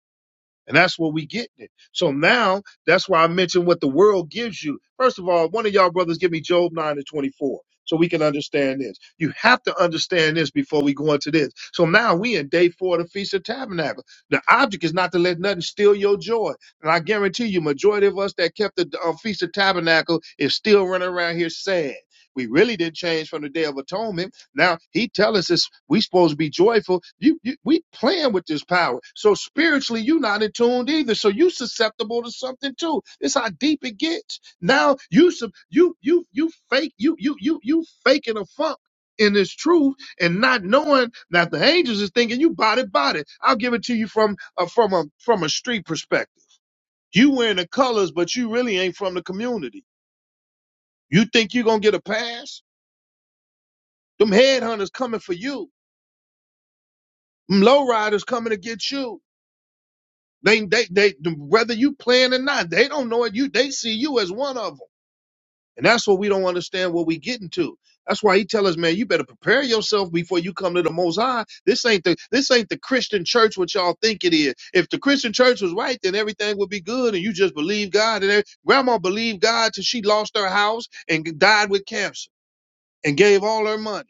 Speaker 1: And that's what we get. It. So now that's why I mentioned what the world gives you. First of all, one of y'all brothers give me Job 9 and 24 so we can understand this. You have to understand this before we go into this. So now we in day four of the Feast of Tabernacle. The object is not to let nothing steal your joy. And I guarantee you, majority of us that kept the uh, Feast of Tabernacle is still running around here sad. We really didn't change from the Day of Atonement now he tell us this we supposed to be joyful. You, you we playing with this power. So spiritually you not in tune either. So you susceptible to something too. It's how deep it gets. Now you sub you you you fake you you you you faking a funk in this truth and not knowing that the angels is thinking you body body. I'll give it to you from uh, from a from a street perspective. You wearing the colors, but you really ain't from the community. You think you gonna get a pass? Them headhunters coming for you Them lowriders coming to get you. They, they, they, whether you playing or not, they don't know it. You, they see you as one of them. And that's what we don't understand what we getting to. That's why he tell us, man, you better prepare yourself before you come to the Most High. This ain't the, this ain't the Christian church what y'all think it is. If the Christian church was right, then everything would be good, and you just believe God. And every- grandma believed God till she lost her house and died with cancer and gave all her money.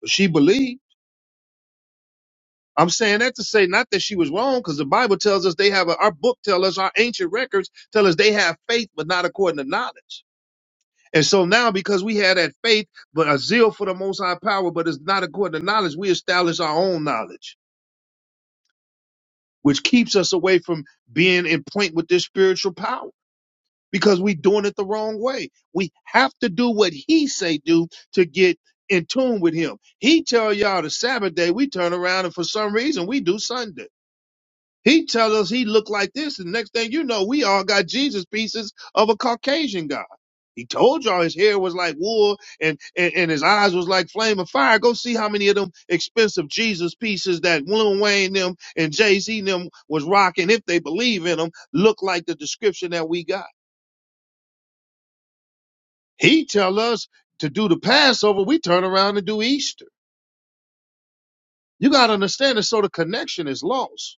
Speaker 1: But she believed. I'm saying that to say not that she was wrong, because the Bible tells us they have a, our book tell us our ancient records tell us they have faith, but not according to knowledge. And so now, because we had that faith, but a zeal for the Most High power, but it's not according to knowledge, we establish our own knowledge, which keeps us away from being in point with this spiritual power because we doing it the wrong way. We have to do what He say do to get in tune with Him. He tell y'all the Sabbath day, we turn around and for some reason we do Sunday. He tells us he looked like this, and next thing you know, we all got Jesus pieces of a Caucasian guy. He told y'all his hair was like wool and, and, and his eyes was like flame of fire. Go see how many of them expensive Jesus pieces that Lil Wayne them and Jay-Z and them was rocking, if they believe in them, look like the description that we got. He tell us to do the Passover, we turn around and do Easter. You gotta understand it. so the connection is lost.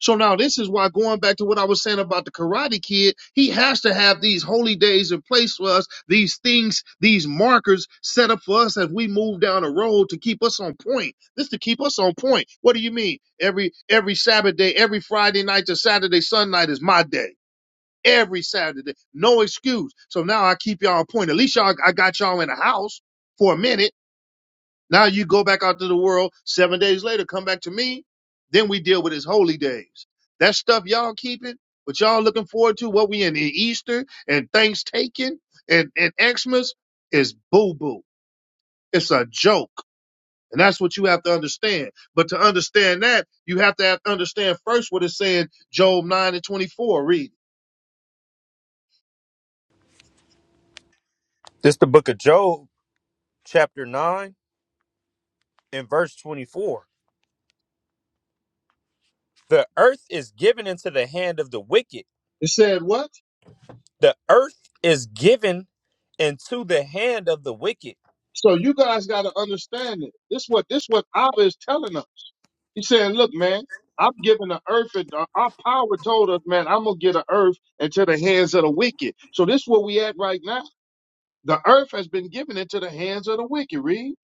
Speaker 1: So now this is why going back to what I was saying about the karate kid, he has to have these holy days in place for us, these things, these markers set up for us as we move down the road to keep us on point. This to keep us on point. What do you mean? Every every Sabbath day, every Friday night to Saturday, Sunday night is my day. Every Saturday. No excuse. So now I keep y'all on point. At least y'all I got y'all in the house for a minute now you go back out to the world seven days later, come back to me. Then we deal with his holy days. That stuff y'all keeping, but y'all looking forward to what we in, in Easter and Thanksgiving and, and Xmas is boo boo. It's a joke. And that's what you have to understand. But to understand that, you have to have, understand first what it's saying, Job 9 and 24. Read.
Speaker 2: This the book of Job, chapter 9, and verse 24. The earth is given into the hand of the wicked.
Speaker 1: It said what?
Speaker 2: The earth is given into the hand of the wicked.
Speaker 1: So you guys got to understand it. This what this what Abba is telling us. He's saying, look, man, I'm giving the earth and uh, our power told us, man, I'm gonna get the earth into the hands of the wicked. So this is where we at right now. The earth has been given into the hands of the wicked. Read.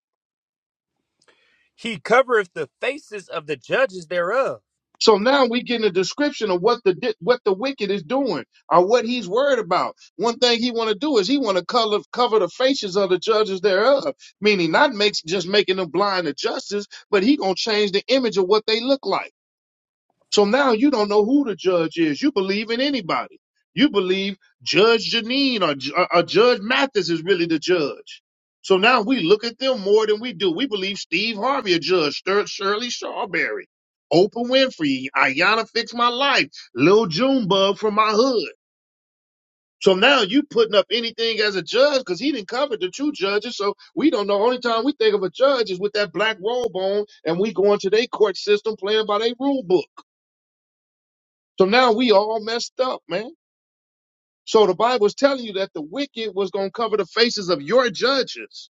Speaker 2: He covereth the faces of the judges thereof.
Speaker 1: So now we getting a description of what the di- what the wicked is doing or what he's worried about. One thing he want to do is he want to cover cover the faces of the judges thereof, meaning not makes just making them blind to justice, but he gonna change the image of what they look like. So now you don't know who the judge is. You believe in anybody. You believe Judge Janine or, Ju- or Judge Mathis is really the judge. So now we look at them more than we do. We believe Steve Harvey a judge, Stir- Shirley Shawberry, Oprah Winfrey, Ayanna Fix My Life, Lil Junebug from my hood. So now you putting up anything as a judge because he didn't cover the two judges. So we don't know. Only time we think of a judge is with that black robe on and we go into their court system playing by their rule book. So now we all messed up, man. So the Bible's telling you that the wicked was going to cover the faces of your judges.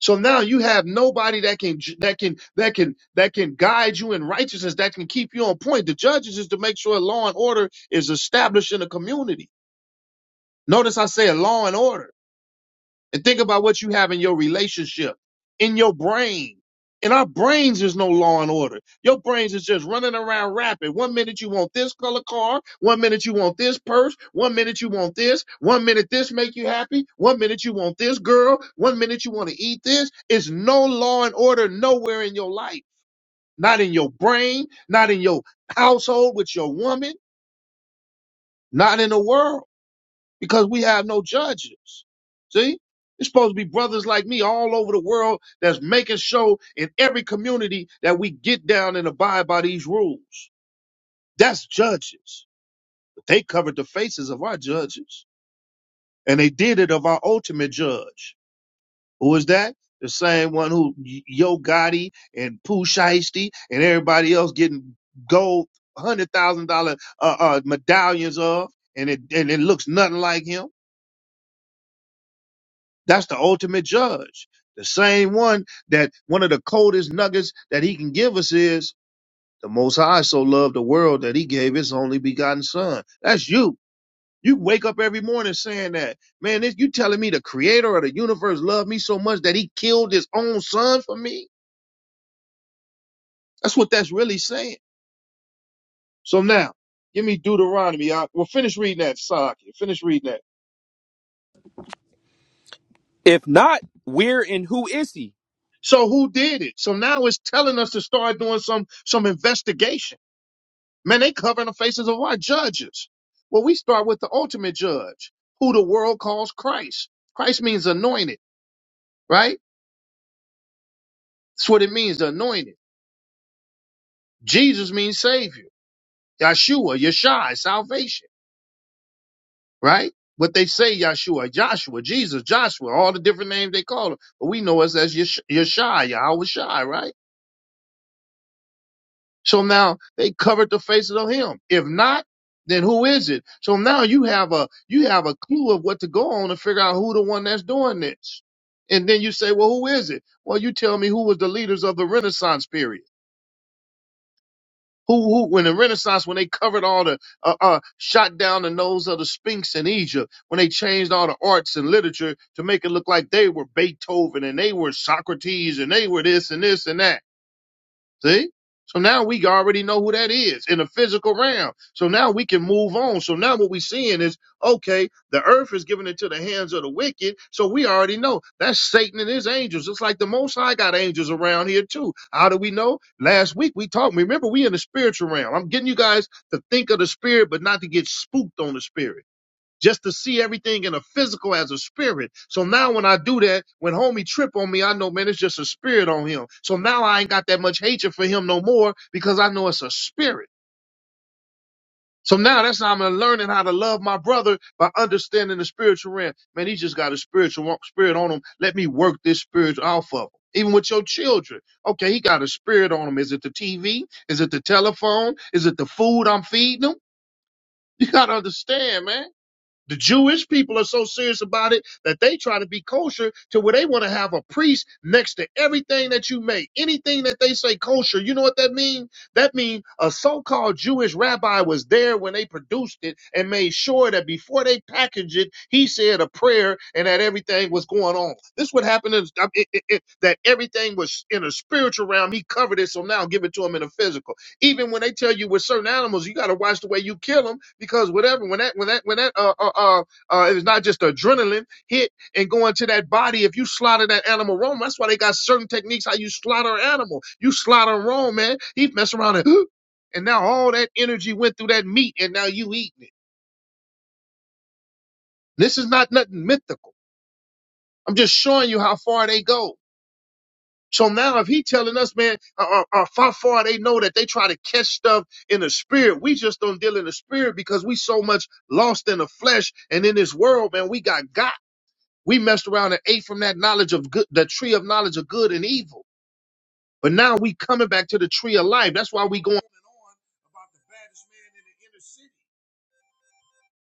Speaker 1: So now you have nobody that can that can that can that can guide you in righteousness, that can keep you on point. The judges is to make sure law and order is established in the community. Notice I say law and order. And think about what you have in your relationship, in your brain. In our brains, there's no law and order. Your brains is just running around rapid. One minute you want this color car, one minute you want this purse, one minute you want this, one minute this make you happy, one minute you want this girl, one minute you want to eat this. It's no law and order nowhere in your life. Not in your brain, not in your household with your woman, not in the world because we have no judges. See? It's supposed to be brothers like me all over the world that's making sure in every community that we get down and abide by these rules. That's judges. But they covered the faces of our judges. And they did it of our ultimate judge. Who is that? The same one who Yo Gotti and Pooh Shiesty and everybody else getting gold one hundred thousand dollar uh, uh medallions of and it and it looks nothing like him. That's the ultimate judge. The same one that one of the coldest nuggets that he can give us is the Most High so loved the world that he gave his only begotten son. That's you. You wake up every morning saying that, man, this, you telling me the creator of the universe loved me so much that he killed his own son for me? That's what that's really saying. So now, give me Deuteronomy. I, well, finish reading that, Saki. Finish reading that.
Speaker 2: If not, where and who is he?
Speaker 1: So who did it? So now it's telling us to start doing some some investigation Man, they covering the faces of our judges. Well, we start with the ultimate judge, who the world calls Christ. Christ means anointed, right? That's what it means, anointed. Jesus means savior. Yeshua, Yeshua, is salvation, right? What they say, Yeshua, Joshua, Jesus, Joshua, all the different names they call him. But we know us as Yesh- Yeshua, Yahweh Shai, right? So now they covered the faces of him. If not, then who is it? So now you have a you have a clue of what to go on to figure out who the one that's doing this. And then you say, well, who is it? Well, you tell me who was the leaders of the Renaissance period. Who, who when the Renaissance when they covered all the uh, uh shot down the nose of the Sphinx in Egypt when they changed all the arts and literature to make it look like they were Beethoven and they were Socrates and they were this and this and that See? So now we already know who that is in the physical realm. So now we can move on. So now what we're seeing is okay, the earth is given into the hands of the wicked. So we already know that's Satan and his angels. It's like the most high got angels around here too. How do we know? Last week we talked. Remember, we in the spiritual realm. I'm getting you guys to think of the spirit, but not to get spooked on the spirit just to see everything in a physical as a spirit. So now when I do that, when homie trip on me, I know, man, it's just a spirit on him. So now I ain't got that much hatred for him no more because I know it's a spirit. So now that's how I'm learning how to love my brother by understanding the spiritual realm. Man, he just got a spiritual spirit on him. Let me work this spiritual off of him. Even with your children. Okay, he got a spirit on him. Is it the TV? Is it the telephone? Is it the food I'm feeding him? You got to understand, man. The Jewish people are so serious about it that they try to be kosher to where they want to have a priest next to everything that you make. Anything that they say kosher, you know what that means? That means a so-called Jewish rabbi was there when they produced it and made sure that before they packaged it, he said a prayer and that everything was going on. This would happen is I- mean, it- it- it- that everything was in a spiritual realm. He covered it, so now give it to him in a physical. Even when they tell you with certain animals, you got to watch the way you kill them because whatever when that when that when that uh uh uh, uh it's not just adrenaline hit and going to that body. If you slaughter that animal wrong, that's why they got certain techniques how you slaughter an animal. You slaughter 'em wrong, man. He mess around and and now all that energy went through that meat, and now you eating it. This is not nothing mythical. I'm just showing you how far they go. So now, if he telling us, man, uh, uh, uh, far far they know that they try to catch stuff in the spirit. We just don't deal in the spirit because we so much lost in the flesh and in this world, man. We got got. We messed around and ate from that knowledge of good, the tree of knowledge of good and evil. But now we coming back to the tree of life. That's why we going on and on about the baddest man in the inner city.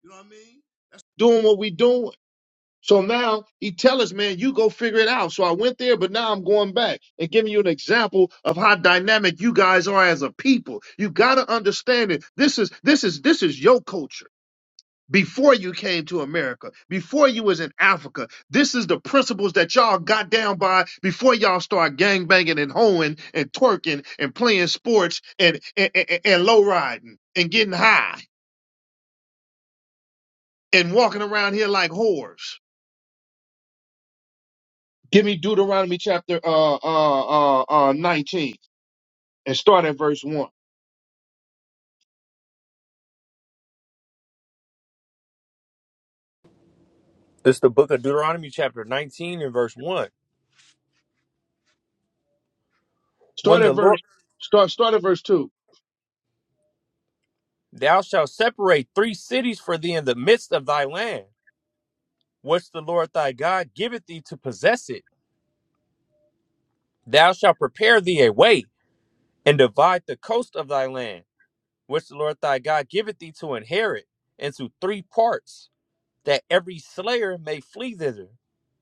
Speaker 1: You know what I mean? Doing what we doing. So now he tell us, man, you go figure it out. So I went there, but now I'm going back and giving you an example of how dynamic you guys are as a people. You gotta understand it. This is this is this is your culture. Before you came to America, before you was in Africa, this is the principles that y'all got down by before y'all start gangbanging and hoeing and twerking and playing sports and and, and, and low riding and getting high and walking around here like whores. Give me Deuteronomy chapter uh uh uh, uh 19 and start at verse 1.
Speaker 2: This the book of Deuteronomy, chapter 19, and verse 1. When
Speaker 1: Start
Speaker 2: the
Speaker 1: at
Speaker 2: Lord,
Speaker 1: verse start start at verse 2.
Speaker 2: thou shalt separate three cities for thee in the midst of thy land, which the Lord thy God giveth thee to possess it Thou shalt prepare thee a way, and divide the coast of thy land, which the Lord thy God giveth thee to inherit, into three parts, that every slayer may flee thither.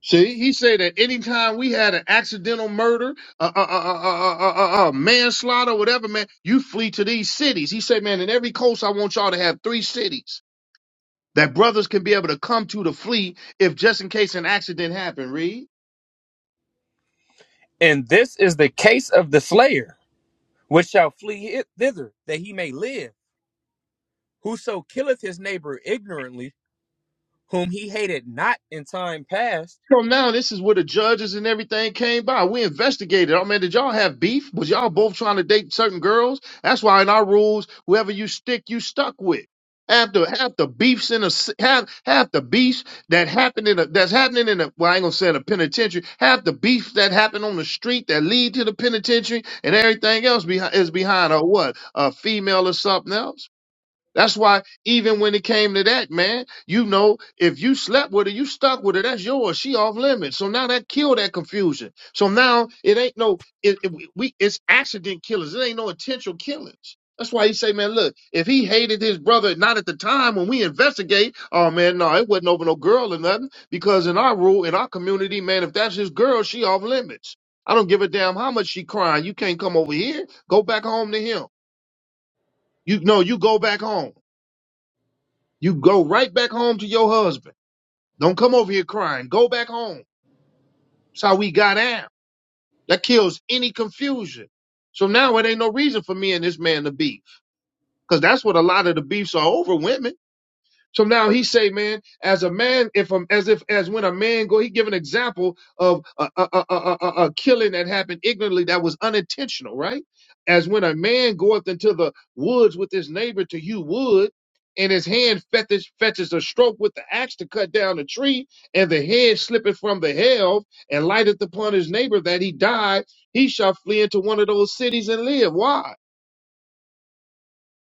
Speaker 1: See, he said that anytime we had an accidental murder, a uh, uh, uh, uh, uh, uh, manslaughter, whatever, man, you flee to these cities. He said, man, in every coast, I want y'all to have three cities that brothers can be able to come to to flee if just in case an accident happened. Read.
Speaker 2: And this is the case of the slayer, which shall flee it thither, that he may live. Whoso killeth his neighbor ignorantly, whom he hated not in time past.
Speaker 1: So now this is where the judges and everything came by. We investigated. Oh man, did y'all have beef? Was y'all both trying to date certain girls? That's why in our rules, whoever you stick, you stuck with. Half the half the beefs in a s- half half the beefs that happened in a that's happening in a well I ain't gonna say in a penitentiary half the beefs that happen on the street that lead to the penitentiary and everything else behind is behind a what a female or something else that's why even when it came to that, man, you know, if you slept with her, you stuck with her. That's yours. She off limits. So now that killed that confusion. So now it ain't no it, it- we it's accident killers. It ain't no intentional killings. That's why he say, man, look, if he hated his brother, not at the time when we investigate, oh man, no, it wasn't over no girl or nothing. Because in our rule, in our community, man, if that's his girl, she off limits. I don't give a damn how much she crying. You can't come over here. Go back home to him. You know, you go back home. You go right back home to your husband. Don't come over here crying. Go back home. That's how we got out. That kills any confusion. So now it ain't no reason for me and this man to beef. Because that's what a lot of the beefs are over women. So now he say, man, as a man, if um, as if as when a man go, he give an example of a, a, a, a, a a killing that happened ignorantly that was unintentional, right? As when a man goeth into the woods with his neighbor to hew wood, and his hand fetches fetches a stroke with the axe to cut down a tree, and the head slippeth from the helve and lighteth upon his neighbor that he die, he shall flee into one of those cities and live. Why?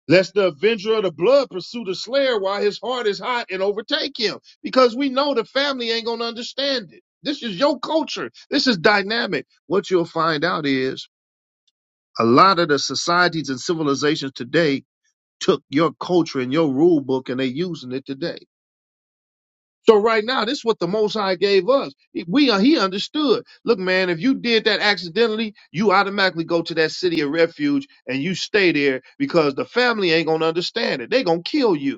Speaker 1: lest the avenger of the blood pursue the slayer while his heart is hot and overtake him because we know the family ain't gonna understand it this is your culture this is dynamic what you'll find out is a lot of the societies and civilizations today took your culture and your rule book and they are using it today so right now this is what the most high gave us we are he understood look man if you did that accidentally you automatically go to that city of refuge and you stay there because the family ain't gonna understand it they gonna kill you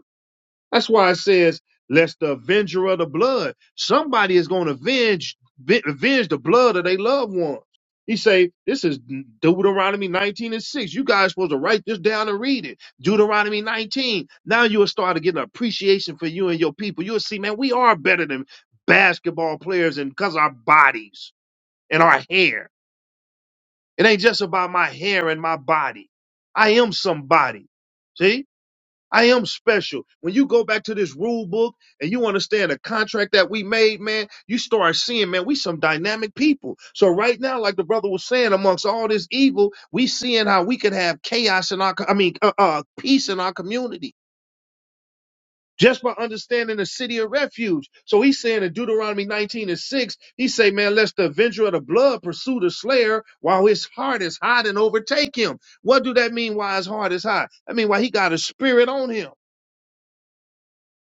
Speaker 1: that's why it says, "Lest the avenger of the blood, somebody is going to avenge ve- avenge the blood of their loved ones." He say, "This is Deuteronomy 19 and 6. You guys supposed to write this down and read it. Deuteronomy 19. Now you will start to get an appreciation for you and your people. You'll see, man, we are better than basketball players, and because our bodies and our hair. It ain't just about my hair and my body. I am somebody. See." I am special. When you go back to this rule book and you understand the contract that we made, man, you start seeing, man, we some dynamic people. So right now, like the brother was saying, amongst all this evil, we seeing how we could have chaos in our, co- I mean, uh, uh, peace in our community. Just by understanding the city of refuge. So he's saying in Deuteronomy 19 and 6, he say, man, lest the avenger of the blood pursue the slayer while his heart is hot and overtake him. What do that mean? Why his heart is hot? I mean, why he got a spirit on him.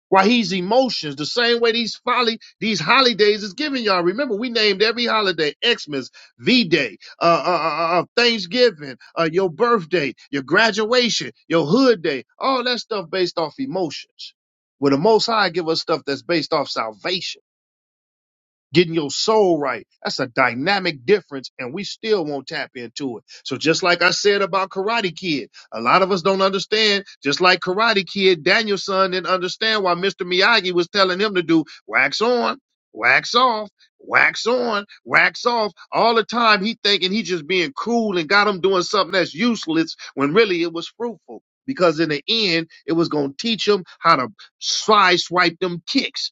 Speaker 1: Why he's emotions, the same way these folly, these holidays is giving y'all. Remember, we named every holiday Xmas, V Day, uh, uh, uh, uh, Thanksgiving, uh, your birthday, your graduation, your hood day, all that stuff based off emotions. Where the Most High give us stuff that's based off salvation getting your soul right. That's a dynamic difference, and we still won't tap into it. So, just like I said about Karate Kid, a lot of us don't understand. Just like Karate Kid, Daniel's son didn't understand why Mr. Miyagi was telling him to do wax on, wax off. Wax on, wax off all the time. He thinking he just being cool and got him doing something that's useless when really it was fruitful because in the end it was gonna teach him how to side swipe them kicks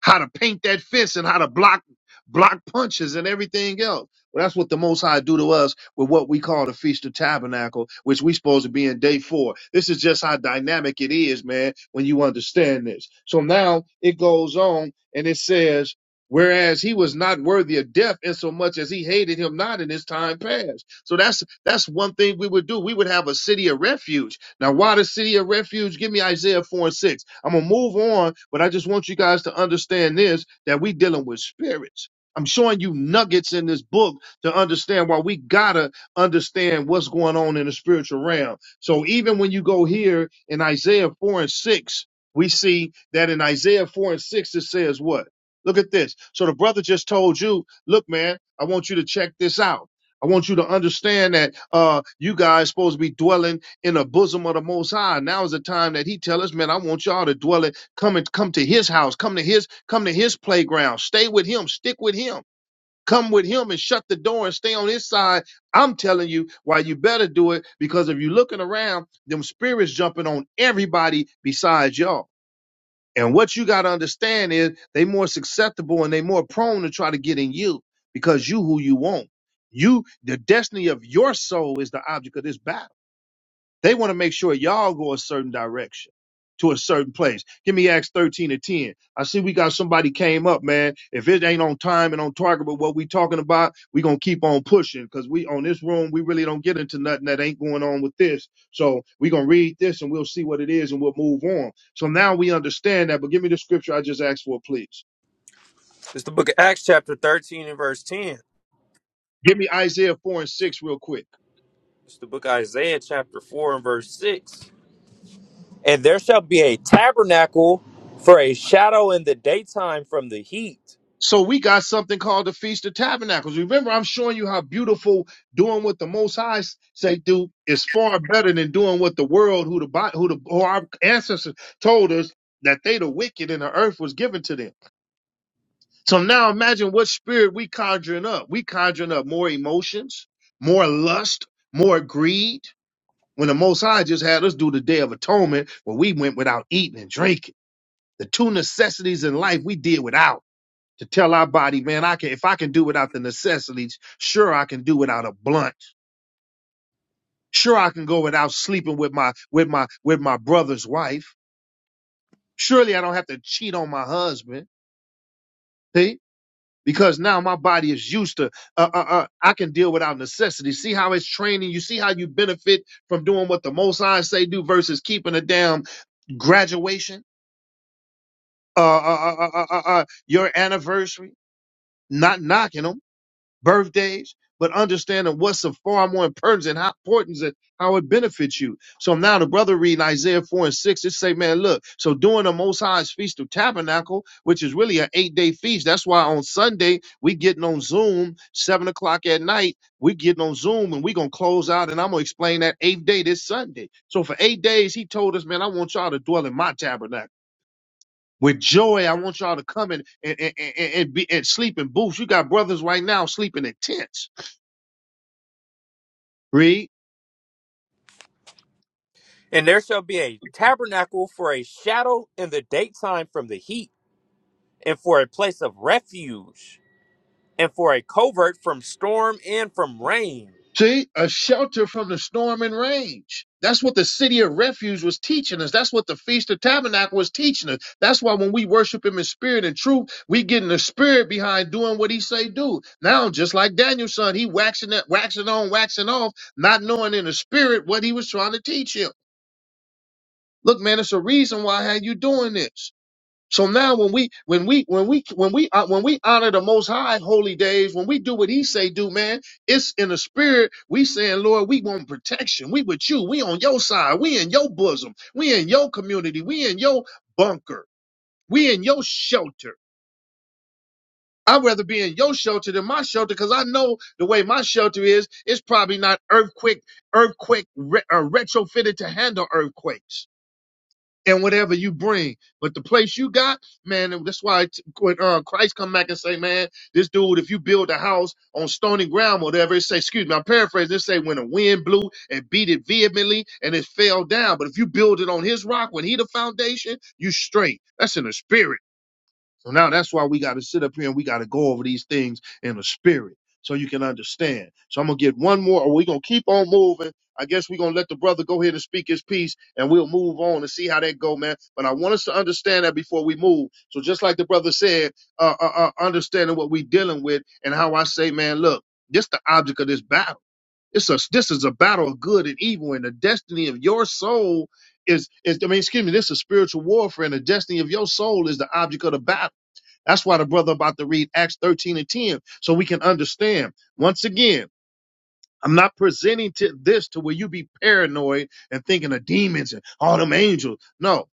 Speaker 1: how to paint that fist and how to block block punches and everything else. Well, that's what the Most High do to us with what we call the Feast of Tabernacle, which we supposed to be in day four. This is just how dynamic it is, man, when you understand this. So now it goes on and it says, whereas he was not worthy of death in so much as he hated him not in his time past. So that's that's one thing we would do. We would have a city of refuge now, why the city of refuge? Give me Isaiah 4 and 6. I'm going to move on, but I just want you guys to understand this that we dealing with spirits. I'm showing you nuggets in this book to understand why we got to understand what's going on in the spiritual realm. So even when you go here in Isaiah 4 and 6, we see that in Isaiah 4 and 6, it says what? Look at this. So the brother just told you, look, man, I want you to check this out. I want you to understand that uh, you guys supposed to be dwelling in the bosom of the Most High. Now is the time that He tell us, man, I want y'all to dwell it. Come and come to His house. Come to His come to His playground. Stay with Him. Stick with Him. Come with Him and shut the door and stay on His side. I'm telling you why you better do it because if you're looking around, them spirits jumping on everybody besides y'all. And what you got to understand is they more susceptible and they more prone to try to get in you because you who you want. You, the destiny of your soul is the object of this battle they want to make sure y'all go a certain direction to a certain place. Give me Acts 13 to 10. I see we got somebody came up, man. If it ain't on time and on target with what we talking about, we going to keep on pushing because we on this room, we really don't get into nothing that ain't going on with this. So we going to read this and we'll see what it is and we'll move on. So now we understand that, but give me the scripture I just asked for, please.
Speaker 2: It's the book of Acts, chapter 13, and verse 10.
Speaker 1: Give me Isaiah 4 and 6 real quick.
Speaker 2: It's the book of Isaiah, chapter 4, and verse 6. And there shall be a tabernacle for a shadow in the daytime from the heat.
Speaker 1: So we got something called the Feast of Tabernacles. Remember, I'm showing you how beautiful doing what the Most High s- say do is far better than doing what the world, who the Bi- who the who our ancestors told us that they the wicked and the earth was given to them. So now imagine what spirit we conjuring up. We conjuring up more emotions, more lust, more greed. When the Most High just had us do the Day of Atonement, where we went without eating and drinking, the two necessities in life we did without to tell our body, man, I can if I can do without the necessities, sure I can do without a blunt. Sure I can go without sleeping with my with my with my brother's wife. Surely I don't have to cheat on my husband. See? Because now my body is used to uh, uh, uh, I can deal without necessity. See how it's training you. See how you benefit from doing what the Most High say do versus keeping a damn graduation, uh, uh, uh, uh, uh, uh, uh, your anniversary, not knocking 'em birthdays, but understanding what's of far more importance and how importance and how it benefits you. So now the brother reading Isaiah 4 and 6, it say, man, look, so during the Most High's Feast of Tabernacle, which is really an eight-day feast. That's why on Sunday, we getting on Zoom, 7 o'clock at night, we getting on Zoom and we going to close out and I'm going to explain that eighth day this Sunday. So for eight days, he told us, man, I want y'all to dwell in my tabernacle with joy. I want y'all to come in and, and, and, and be and sleep in booths. You got brothers right now sleeping in tents Read.
Speaker 2: And there shall be a tabernacle for a shadow in the daytime from the heat, and for a place of refuge, and for a covert from storm and from rain.
Speaker 1: See, a shelter from the storm and rage. That's what the city of refuge was teaching us. That's what the Feast of Tabernacle was teaching us. That's why when we worship him in spirit and truth, we getting the spirit behind doing what he say do. Now, just like Daniel's son, he waxing it, waxing on, waxing off, not knowing in the spirit what he was trying to teach him. Look, man, it's a reason why how you doing this. So now when we when we when we when we uh, when we honor the most high holy days, when we do what he say do, man, it's in the spirit. We saying, Lord, we want protection. We with you. We on your side. We in your bosom. We in your community. We in your bunker. We in your shelter. I'd rather be in your shelter than my shelter because I know the way my shelter is, it's probably not earthquake, earthquake re- uh, retrofitted to handle earthquakes and whatever you bring. But the place you got, man, and that's why t- when uh, Christ come back and say, man, this dude, if you build a house on stony ground, whatever, it say, excuse me, I'm paraphrasing, it say when a wind blew and beat it vehemently and it fell down. But if you build it on his rock, when he the foundation, you straight. That's in the spirit. So now that's why we got to sit up here and we got to go over these things in the spirit so you can understand. So I'm going to get one more, or we're going to keep on moving. I guess we're going to let the brother go ahead and speak his piece and we'll move on and see how that go, man. But I want us to understand that before we move. So just like the brother said, uh, uh, uh, understanding what we dealing with and how I say, man, look, this the object of this battle. It's a, this is a battle of good and evil and the destiny of your soul is, is, I mean, excuse me, this is spiritual warfare and the destiny of your soul is the object of the battle. That's why the brother about to read Acts 13 and 10, so we can understand. Once again, I'm not presenting to this to where you be paranoid and thinking of demons and all them angels. No.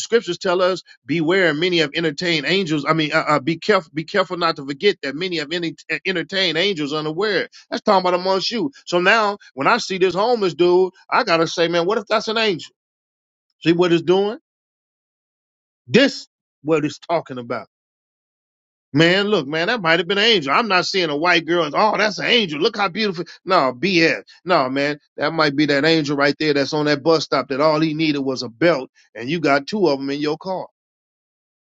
Speaker 1: Scriptures tell us, beware many have entertained angels. I mean, uh, uh, be careful, be careful not to forget that many have any, entertained angels unaware. That's talking about amongst you. So now when I see this homeless dude, I got to say, man, what if that's an angel? See what it's doing? This what it's talking about. Man, look, man, that might have been an angel. I'm not seeing a white girl. and, Oh, that's an angel. Look how beautiful. No, BS. No, man, that might be that angel right there that's on that bus stop that all he needed was a belt, and you got two of them in your car.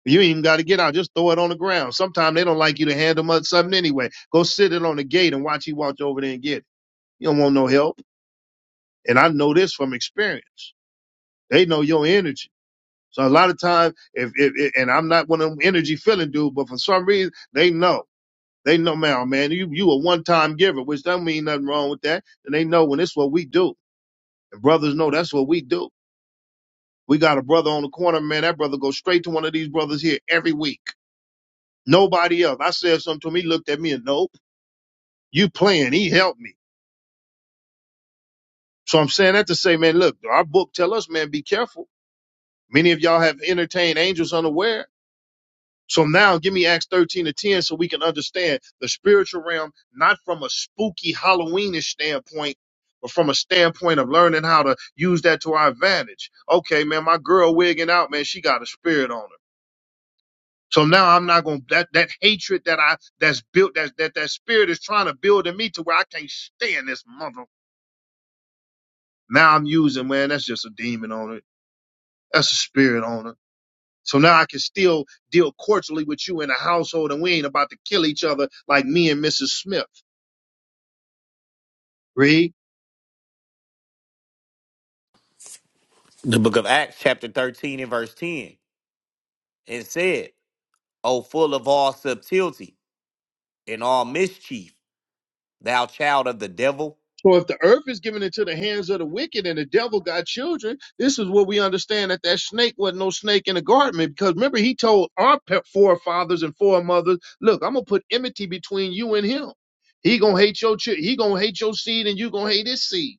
Speaker 1: You ain't even got to get out. Just throw it on the ground. Sometimes they don't like you to hand them up something anyway. Go sit it on the gate and watch he walk over there and get it. You don't want no help. And I know this from experience. They know your energy. So a lot of times, if, if, if and I'm not one of them energy feeling dude, but for some reason they know. They know now, man, you you a one time giver, which don't mean nothing wrong with that. And they know when it's what we do. And brothers know that's what we do. We got a brother on the corner, man. That brother goes straight to one of these brothers here every week. Nobody else. I said something to him. He looked at me and nope, you playing. He helped me. So I'm saying that to say, man, look, our book tell us, man, be careful. Many of y'all have entertained angels unaware. So now give me Acts 13 to 10 so we can understand the spiritual realm, not from a spooky Halloweenish standpoint, but from a standpoint of learning how to use that to our advantage. Okay, man, my girl wigging out, man, she got a spirit on her. So now I'm not gonna that that hatred that I that's built that that that spirit is trying to build in me to where I can't stand this mother. Now I'm using, man, that's just a demon on it. That's a spirit on her. So now I can still deal cordially with you in the household and we ain't about to kill each other like me and Mrs. Smith. Read.
Speaker 3: the book of Acts, chapter 13 and verse 10, and said, O full of all subtlety and all mischief, thou child of the devil,
Speaker 1: So if the earth is given into the hands of the wicked and the devil got children, this is what we understand that that snake wasn't no snake in the garden. Because remember, he told our pe- forefathers and foremothers, look, I'm going to put enmity between you and him. He going to hate your, chi- he going to hate your seed and you going to hate his seed.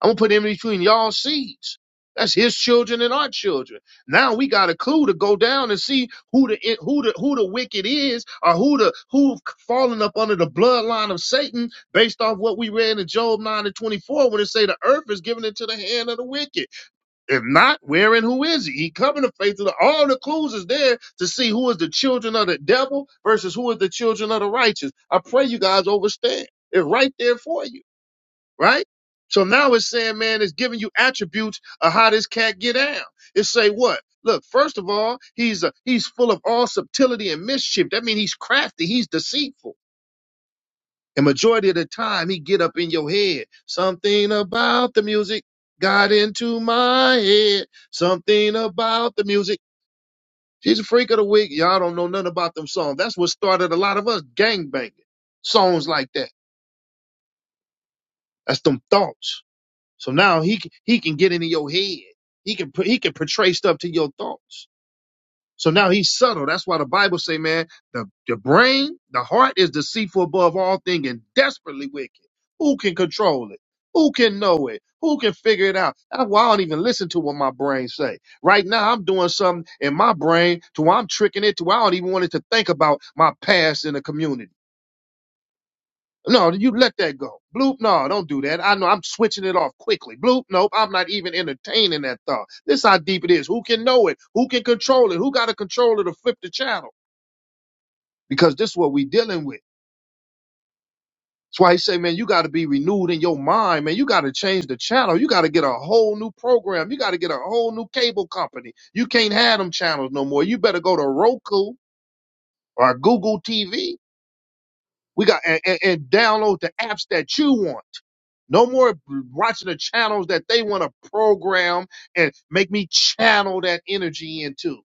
Speaker 1: I'm gonna put him in between y'all seeds. That's his children and our children. Now we got a clue to go down and see who the who the who the wicked is, or who the who have fallen up under the bloodline of Satan, based off what we read in Job nine and twenty four, when it say the earth is given into the hand of the wicked. If not, where and who is he? He coming to faith. of The, all the clues is there to see who is the children of the devil versus who is the children of the righteous. I pray you guys overstand. It's right there for you right? So now it's saying, man, it's giving you attributes of how this cat get down. It say what? Look, first of all, he's a, he's full of all subtlety and mischief. That means he's crafty, he's deceitful. And majority of the time, he get up in your head. Something about the music got into my head. Something about the music. She's a freak of the week. Y'all don't know nothing about them songs. That's what started a lot of us gangbanging. Songs like that. That's them thoughts. So now he c- he can get into your head. He can put he can portray stuff to your thoughts. So now he's subtle. That's why the Bible say, man, the, the brain, the heart is deceitful above all thing and desperately wicked. Who can control it? Who can know it? Who can figure it out? That's why I don't even listen to what my brain say. Right now, I'm doing something in my brain to where I'm tricking it to where I don't even want it to think about my past in the community. No, you let that go. Bloop, no, don't do that. I know I'm switching it off quickly. Bloop, nope, I'm not even entertaining that thought. This how deep it is. Who can know it? Who can control it? Who got a controller to flip the channel? Because this is what we dealing with. That's why he say, man, you got to be renewed in your mind, man. You got to change the channel. You got to get a whole new program. You got to get a whole new cable company. You can't have them channels no more. You better go to Roku or Google TV. We got and, and and download the apps that you want. No more watching the channels that they want to program and make me channel that energy into.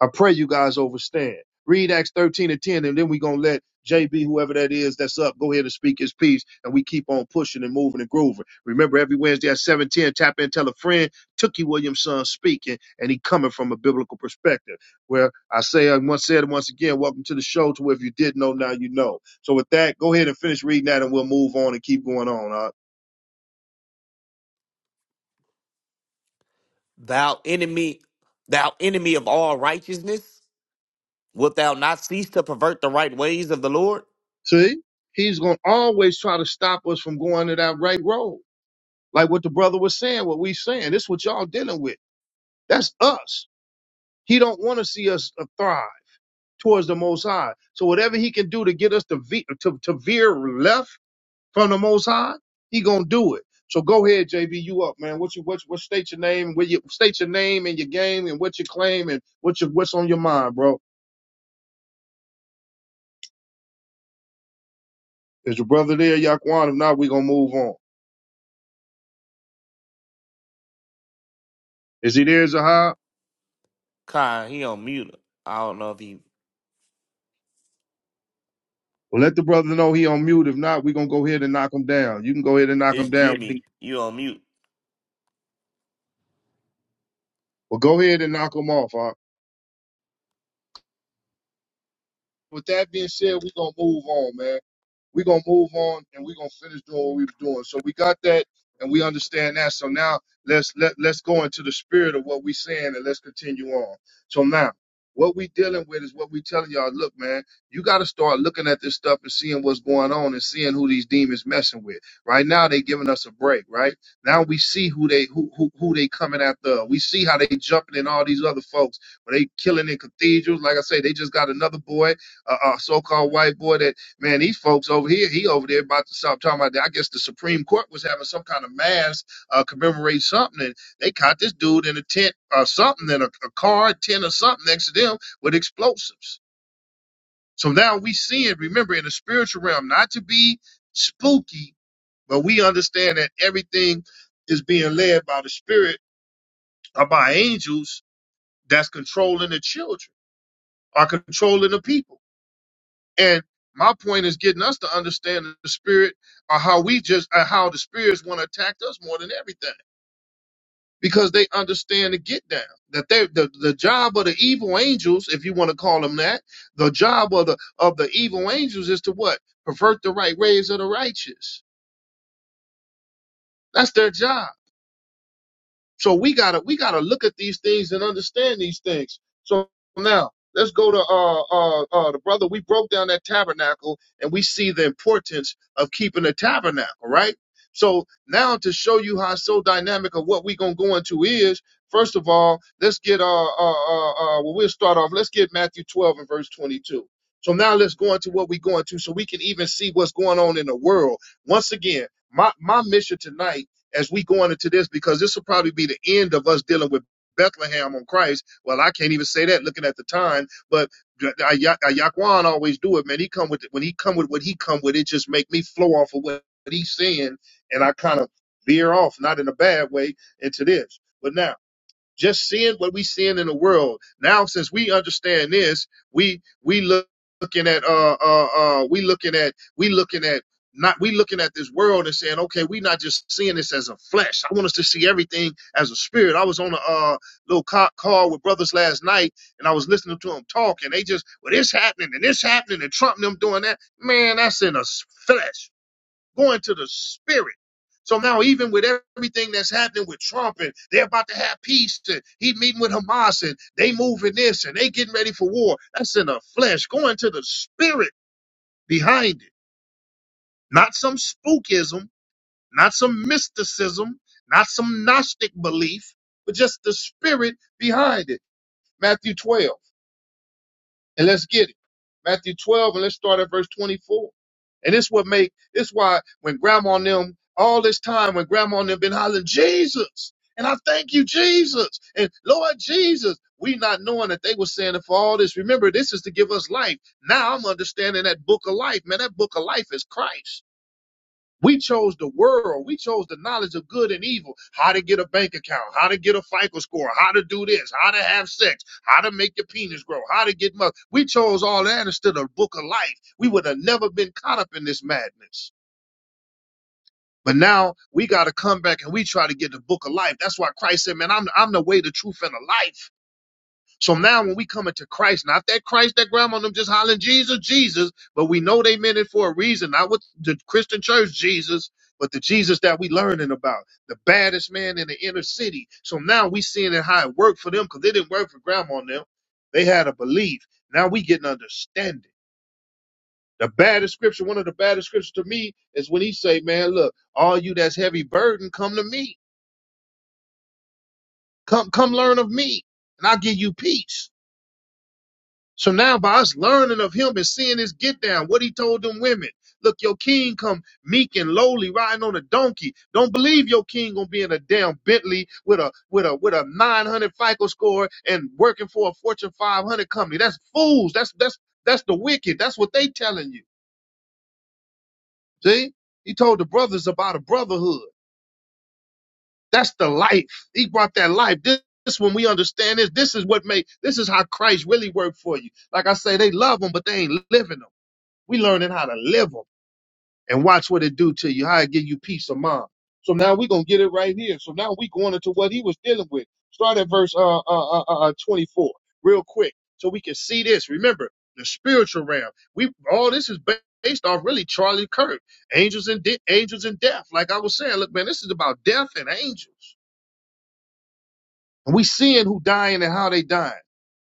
Speaker 1: I pray you guys overstand. Read Acts 13 and 10, and then we're going to let JB, whoever that is, that's up, go ahead and speak his piece, and we keep on pushing and moving and grooving. Remember, every Wednesday at 710, tap in, tell a friend, Tookie Williamson speaking, and he coming from a biblical perspective. Where I say, I once said, once again, welcome to the show, to where if you did not know, now you know. So with that, go ahead and finish reading that, and we'll move on and keep going on. Huh?
Speaker 3: thou enemy, thou enemy of all righteousness, wilt thou not cease to pervert the right ways of the Lord?
Speaker 1: See, he's gonna always try to stop us from going to that right road. Like what the brother was saying, what we saying. This what y'all dealing with. That's us. He don't want to see us uh, thrive towards the Most High. So whatever he can do to get us to, ve- to to veer left from the Most High, he gonna do it. So go ahead, JB, you up, man. What you what, what state your name, where you state your name and your game and what you claim and what you what's on your mind, bro. Is your brother there, Yaquan? If not, we gonna move on. Is he there, Zahab?
Speaker 3: Kai, he on mute. I don't know if he
Speaker 1: Well, let the brother know he on mute. If not, we're gonna go ahead and knock him down. You can go ahead and knock him
Speaker 3: it's
Speaker 1: down.
Speaker 3: Jimmy, you on mute.
Speaker 1: Well, go ahead and knock him off. Huh? With that being said, we're gonna move on, man. we're gonna move on and we're gonna finish doing what we were doing. So we got that and we understand that. So now let's let let's go into the spirit of what we're saying and let's continue on. So now what we dealing with is what we telling y'all, look, man, you gotta start looking at this stuff and seeing what's going on and seeing who these demons messing with. Right now they giving us a break, right? Now we see who they who who, who they coming after. We see how they jumping in all these other folks. where they killing in cathedrals? Like I say, they just got another boy a, a so-called white boy that man, these folks over here, he over there about to stop talking about that. I guess the Supreme Court was having some kind of mass uh, commemorate something, and they caught this dude in a tent or something, in a, a car, tent or something next to them with explosives. So now we see it, remember, in the spiritual realm, not to be spooky, but we understand that everything is being led by the spirit or by angels that's controlling the children or controlling the people. And my point is getting us to understand the spirit or how we just or how the spirits want to attack us more than everything. Because they understand the get down. That they the, the job of the evil angels, if you want to call them that, the job of the of the evil angels is to what? Pervert the right ways of the righteous. That's their job. So we gotta we gotta look at these things and understand these things. So now let's go to uh uh uh the brother. We broke down that tabernacle and we see the importance of keeping the tabernacle, right? So now to show you how it's so dynamic of what we gonna go into is, first of all, let's get uh uh uh, uh well we'll start off. Let's get Matthew 12 and verse 22. So now let's go into what we going to so we can even see what's going on in the world. Once again, my my mission tonight as we going into this because this will probably be the end of us dealing with Bethlehem on Christ. Well, I can't even say that looking at the time, but Yaquan always do it, man. He come with when he come with what he come with, it just make me flow off of what he's saying, and I kind of veer off, not in a bad way, into this. But now just seeing what we seeing in the world now since we understand this we we look, looking at uh uh uh we looking at we looking at not we looking at this world and saying okay we not just seeing this as a flesh i want us to see everything as a spirit i was on a uh, little co- call with brothers last night and i was listening to them talk and they just well this happening and this happening and trump and them doing that man that's in a s- flesh going to the spirit. So now, even with everything that's happening with Trump and they're about to have peace, and he meeting with Hamas and they moving this and they getting ready for war, that's in the flesh, going to the spirit behind it. Not some spookism, not some mysticism, not some Gnostic belief, but just the spirit behind it. Matthew 12. And let's get it. Matthew 12, and let's start at verse 24. And this what make this why when grandma and them all this time when grandma and them been hollering Jesus and I thank you Jesus and Lord Jesus we not knowing that they were saying it for all this remember this is to give us life now I'm understanding that book of life man that book of life is Christ we chose the world. We chose the knowledge of good and evil, how to get a bank account, how to get a FICO score, how to do this, how to have sex, how to make your penis grow, how to get mother. We chose all that instead of the book of life. We would have never been caught up in this madness. But now we got to come back and we try to get the book of life. That's why Christ said, man, I'm, I'm the way, the truth, and the life. So now when we come into Christ, not that Christ that grandma and them just hollering Jesus, Jesus, but we know they meant it for a reason, not with the Christian church Jesus, but the Jesus that we learning about, the baddest man in the inner city. So now we seeing it how it worked for them because it didn't work for grandma and them. They had a belief. Now we getting understanding. The baddest scripture, one of the baddest scriptures to me is when he say, man, look, all you that's heavy burden, come to me. Come, come learn of me and I'll give you peace. So now by us learning of him and seeing his get down, what he told them women, look, your king come meek and lowly riding on a donkey. Don't believe your king gonna be in a damn Bentley with a with a with a 900 FICO score and working for a Fortune 500 company. That's fools. That's that's that's the wicked. That's what they telling you. See, he told the brothers about a brotherhood. That's the life. He brought that life. This, this when we understand this, this is what made this is how Christ really worked for you. Like I say, they love him, but they ain't living him." We learning how to live them and watch what it do to you, how it give you peace of mind. So now we gonna get it right here. So now we going into what he was dealing with. Start at verse uh, uh, uh, uh, uh, 24, real quick, so we can see this. Remember the spiritual realm. We all this is ba- based off really Charlie Kirk, angels and de- angels and death. Like I was saying, look, man, this is about death and angels. And we seeing who dying and how they dying.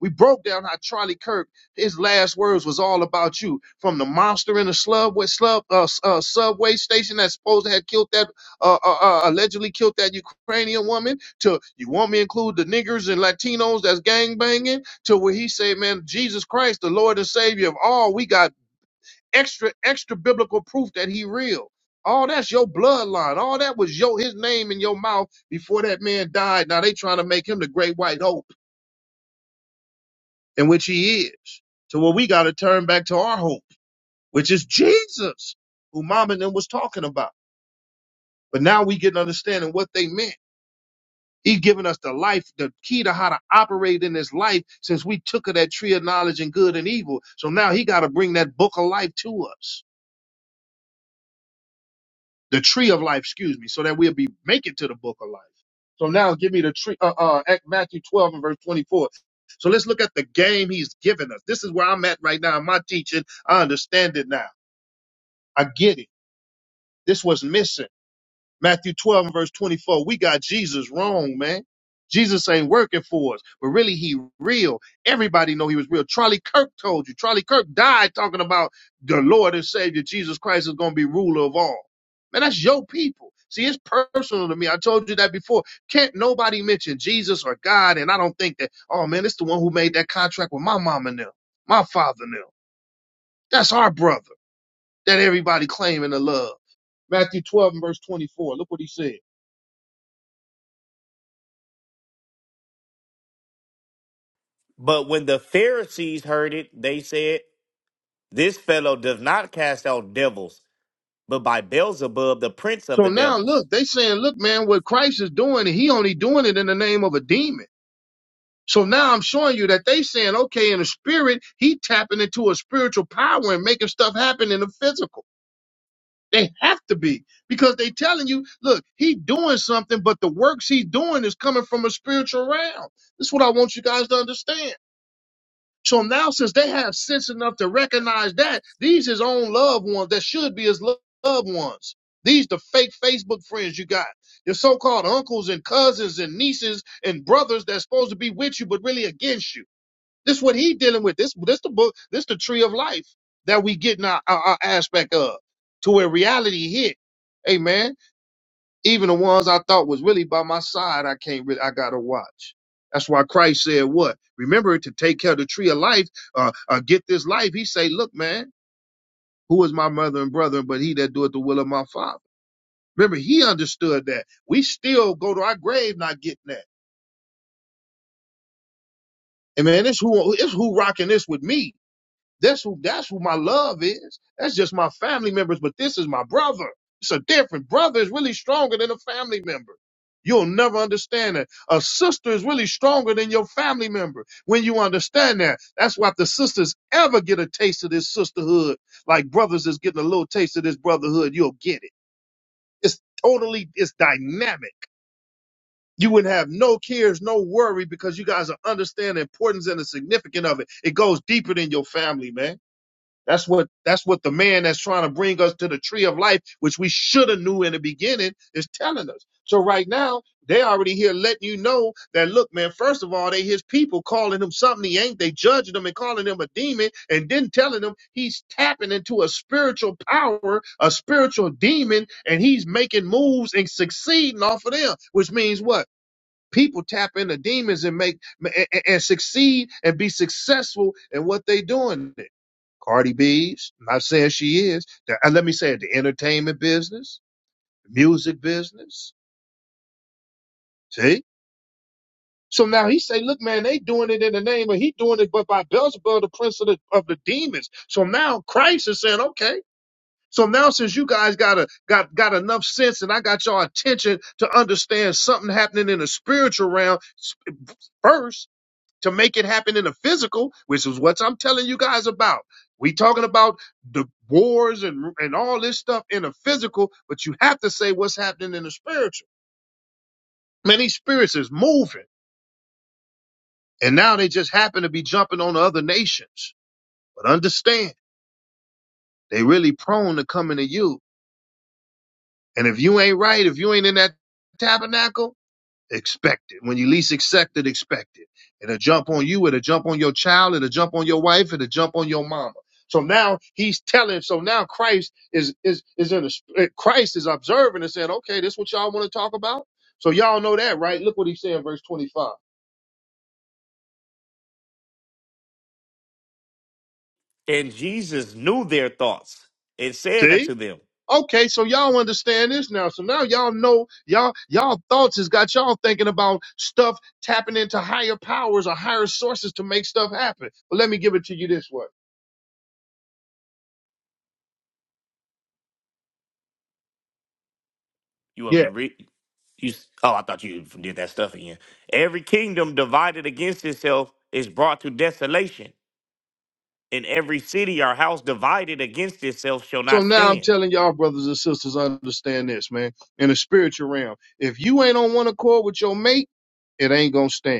Speaker 1: We broke down how Charlie Kirk, his last words was all about you. From the monster in the subway, slub, uh, s- uh, subway station that supposed to have killed that, uh, uh, uh, allegedly killed that Ukrainian woman, to you want me to include the niggers and Latinos that's gang banging, to where he said, man, Jesus Christ, the Lord and Savior of all, we got extra extra biblical proof that he real. All that's your bloodline. All that was your his name in your mouth before that man died. Now they trying to make him the great white hope, in which he is. So what we got to turn back to our hope, which is Jesus, who Mom and them was talking about. But now we get an understanding what they meant. He's given us the life, the key to how to operate in this life since we took of that tree of knowledge and good and evil. So now he got to bring that book of life to us. the tree of life, excuse me, so that we'll be make it to the book of life. So now give me the tree, uh, uh, Act- Matthew 12 and verse 24. So let's look at the game he's given us. This is where I'm at right now in my teaching. I understand it now. I get it. This was missing. Matthew 12 and verse 24. We got Jesus wrong, man. Jesus ain't working for us, but really he real. Everybody know he was real. Charlie Kirk told you. Charlie Kirk died talking about the Lord and Savior Jesus Christ is going to be ruler of all. Man, that's your people. See, it's personal to me. I told you that before. Can't nobody mention Jesus or God, and I don't think that, oh man, it's the one who made that contract with my mom and them, my father and them. That's our brother that everybody claiming to love. Matthew 12 and verse 24. Look what he said.
Speaker 3: But when the Pharisees heard it, they said, This fellow does not cast out devils, but by Beelzebub, the prince of
Speaker 1: So
Speaker 3: the
Speaker 1: now
Speaker 3: devils.
Speaker 1: look, they saying, look, man, what Christ is doing, he only doing it in the name of a demon. So now I'm showing you that they saying, okay, in the spirit, he tapping into a spiritual power and making stuff happen in the physical. They have to be because they telling you, look, he doing something, but the works he doing is coming from a spiritual realm. This is what I want you guys to understand. So now, since they have sense enough to recognize that these his own loved ones that should be his lo- loved ones. These the fake Facebook friends you got, your so-called uncles and cousins and nieces and brothers that's supposed to be with you but really against you. This what he dealing with. This this the book. This the tree of life that we getting our, our, our aspect of to where reality hit. Amen. Even the ones I thought was really by my side, I can't really, I gotta watch. That's why Christ said what? Remember to take care of the tree of life, uh, uh get this life. He say, look, man, who is my mother and brother, but he that doeth the will of my father. Remember, he understood that. We still go to our grave not getting that. And man, it's who, it's who rocking this with me. That's who that's who my love is. That's just my family members, but this is my brother. It's a different brother is really stronger than a family member. You'll never understand that. A sister is really stronger than your family member when you understand that. That's why if the sisters ever get a taste of this sisterhood, like brothers is getting a little taste of this brotherhood, you'll get it. It's totally it's dynamic. You would have no cares, no worry, because you guys are understand the importance and the significance of it. It goes deeper than your family, man. That's what that's what the man that's trying to bring us to the tree of life, which we should have knew in the beginning, is telling us. So right now, they already here letting you know that look, man, first of all, they his people calling him something he ain't. They judging him and calling him a demon and then telling him he's tapping into a spiritual power, a spiritual demon, and he's making moves and succeeding off of them, which means what? People tap into demons and make and, and succeed and be successful in what they doing. Cardi B's, not saying she is. The- and let me say it, the entertainment business, music business. See? So now he say, look, man, they doing it in the name of he doing it, but by Beelzebub, the prince of the, of the demons. So now Christ is saying, okay. So now since you guys got a got got enough sense and I got y'all attention to understand something happening in the spiritual realm s- first, to make it happen in the physical, which is what I'm telling you guys about. We talking about the wars and and all this stuff in the physical, but you have to say what's happening in the spiritual. Man, these spirits is moving, and now they just happen to be jumping on the other nations. But understand, they really prone to coming to you. And if you ain't right, if you ain't in that tabernacle, expect it. When you least expect it, expect it. It'll jump on you, it'll jump on your child, it'll jump on your wife, it'll jump on your mama. So now he's telling, so now Christ is is is in a Christ is observing and saying, okay, this what y'all want to talk about? So y'all know that, right? Look what he said in verse 25.
Speaker 3: And Jesus knew their thoughts and said
Speaker 1: See?
Speaker 3: unto them,
Speaker 1: Okay, so y'all understand this now. So now y'all know y'all y'all thoughts has got y'all thinking about stuff tapping into higher powers or higher sources to make stuff happen. But let me give it to you this way.
Speaker 3: You want
Speaker 1: Yeah.
Speaker 3: me to read? You, s- oh, I thought you did that stuff again. Every kingdom divided against itself is brought to desolation, and every city or house divided against itself shall
Speaker 1: So
Speaker 3: not
Speaker 1: now I'm
Speaker 3: stand.
Speaker 1: telling y'all, brothers and sisters, understand this, man. In the spiritual realm, if you ain't on one accord with your mate, it ain't gonna stand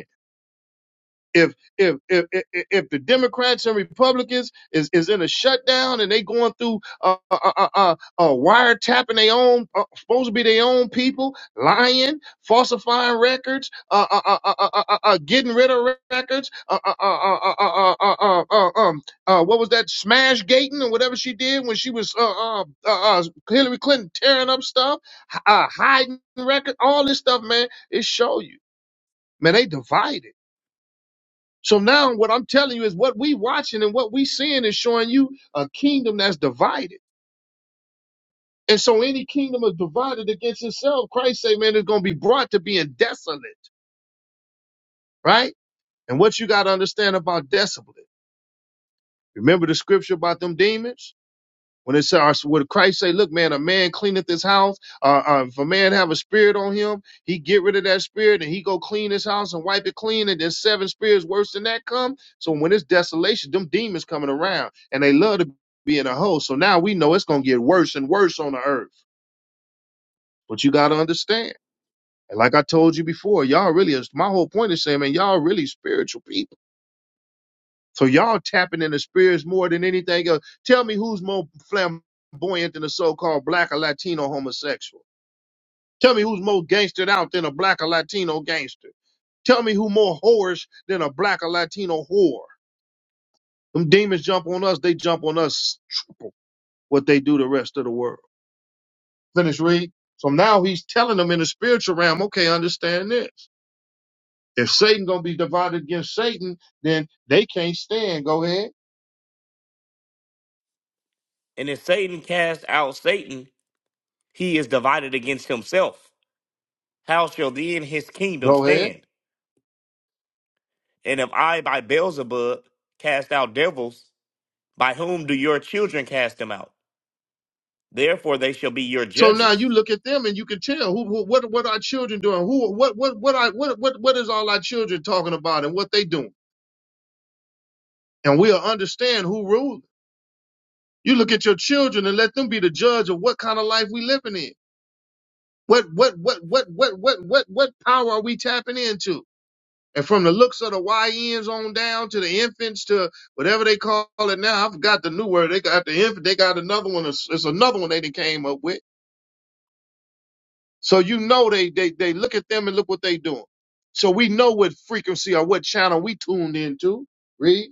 Speaker 1: if if if if, if the Democrats and Republicans is is in a shutdown and they going through uh uh uh, uh, uh wiretapping their own uh, supposed to be their own people lying falsifying records uh uh uh uh, uh, uh, uh getting rid of records uh uh uh uh uh uh, uh, uh uh, uh, um uh what was that smash gating or whatever she did when she was uh uh, uh, uh Hillary Clinton tearing up stuff h- uh hiding record all this stuff man it show you man they divided so now what I'm telling you is what we watching and what we seeing is showing you a kingdom that's divided. And so any kingdom is divided against itself. Christ say, man, it's going to be brought to being desolate, right? And what you got to understand about desolate. Remember the scripture about them demons? When it our, would Christ say, "Look, man, a man cleaneth his house. Uh, uh, if a man have a spirit on him, he get rid of that spirit and he go clean his house and wipe it clean. And then seven spirits worse than that come. So when it's desolation, them demons coming around and they love to be in a hole. So now we know it's gonna get worse and worse on the earth. But you gotta understand. And like I told you before, y'all really is my whole point is saying, man, y'all really spiritual people So y'all tapping into spirits more than anything else. Tell me who's more flamboyant than a so-called black or Latino homosexual. Tell me who's more gangstered out than a black or Latino gangster. Tell me who more whorish than a black or Latino whore. Them demons jump on us, they jump on us triple what they do the rest of the world. Finish read. So now he's telling them in the spiritual realm, okay, understand this. If Satan gonna be divided against Satan, then they can't stand. Go ahead.
Speaker 3: And if Satan cast out Satan, he is divided against himself. How shall then his kingdom
Speaker 1: Go ahead.
Speaker 3: stand? And if I by Beelzebub cast out devils, by whom do your children cast them out? Therefore they shall be your
Speaker 1: So now you
Speaker 3: judges.
Speaker 1: look at them and you can tell who, who what what our children doing, who what what what I what what what is all our children talking about and what they doing, and we'll understand who rules. You look at your children and let them be the judge of what kind of life we living in. What what what what what what what what power are we tapping into? And from the looks of the YNs on down to the infants to whatever they call it now, I forgot the new word. They got the infant. They got another one. It's, it's another one they done came up with So you know they they they look at them and look what they doing. So we know what frequency or what channel we tuned into. Read.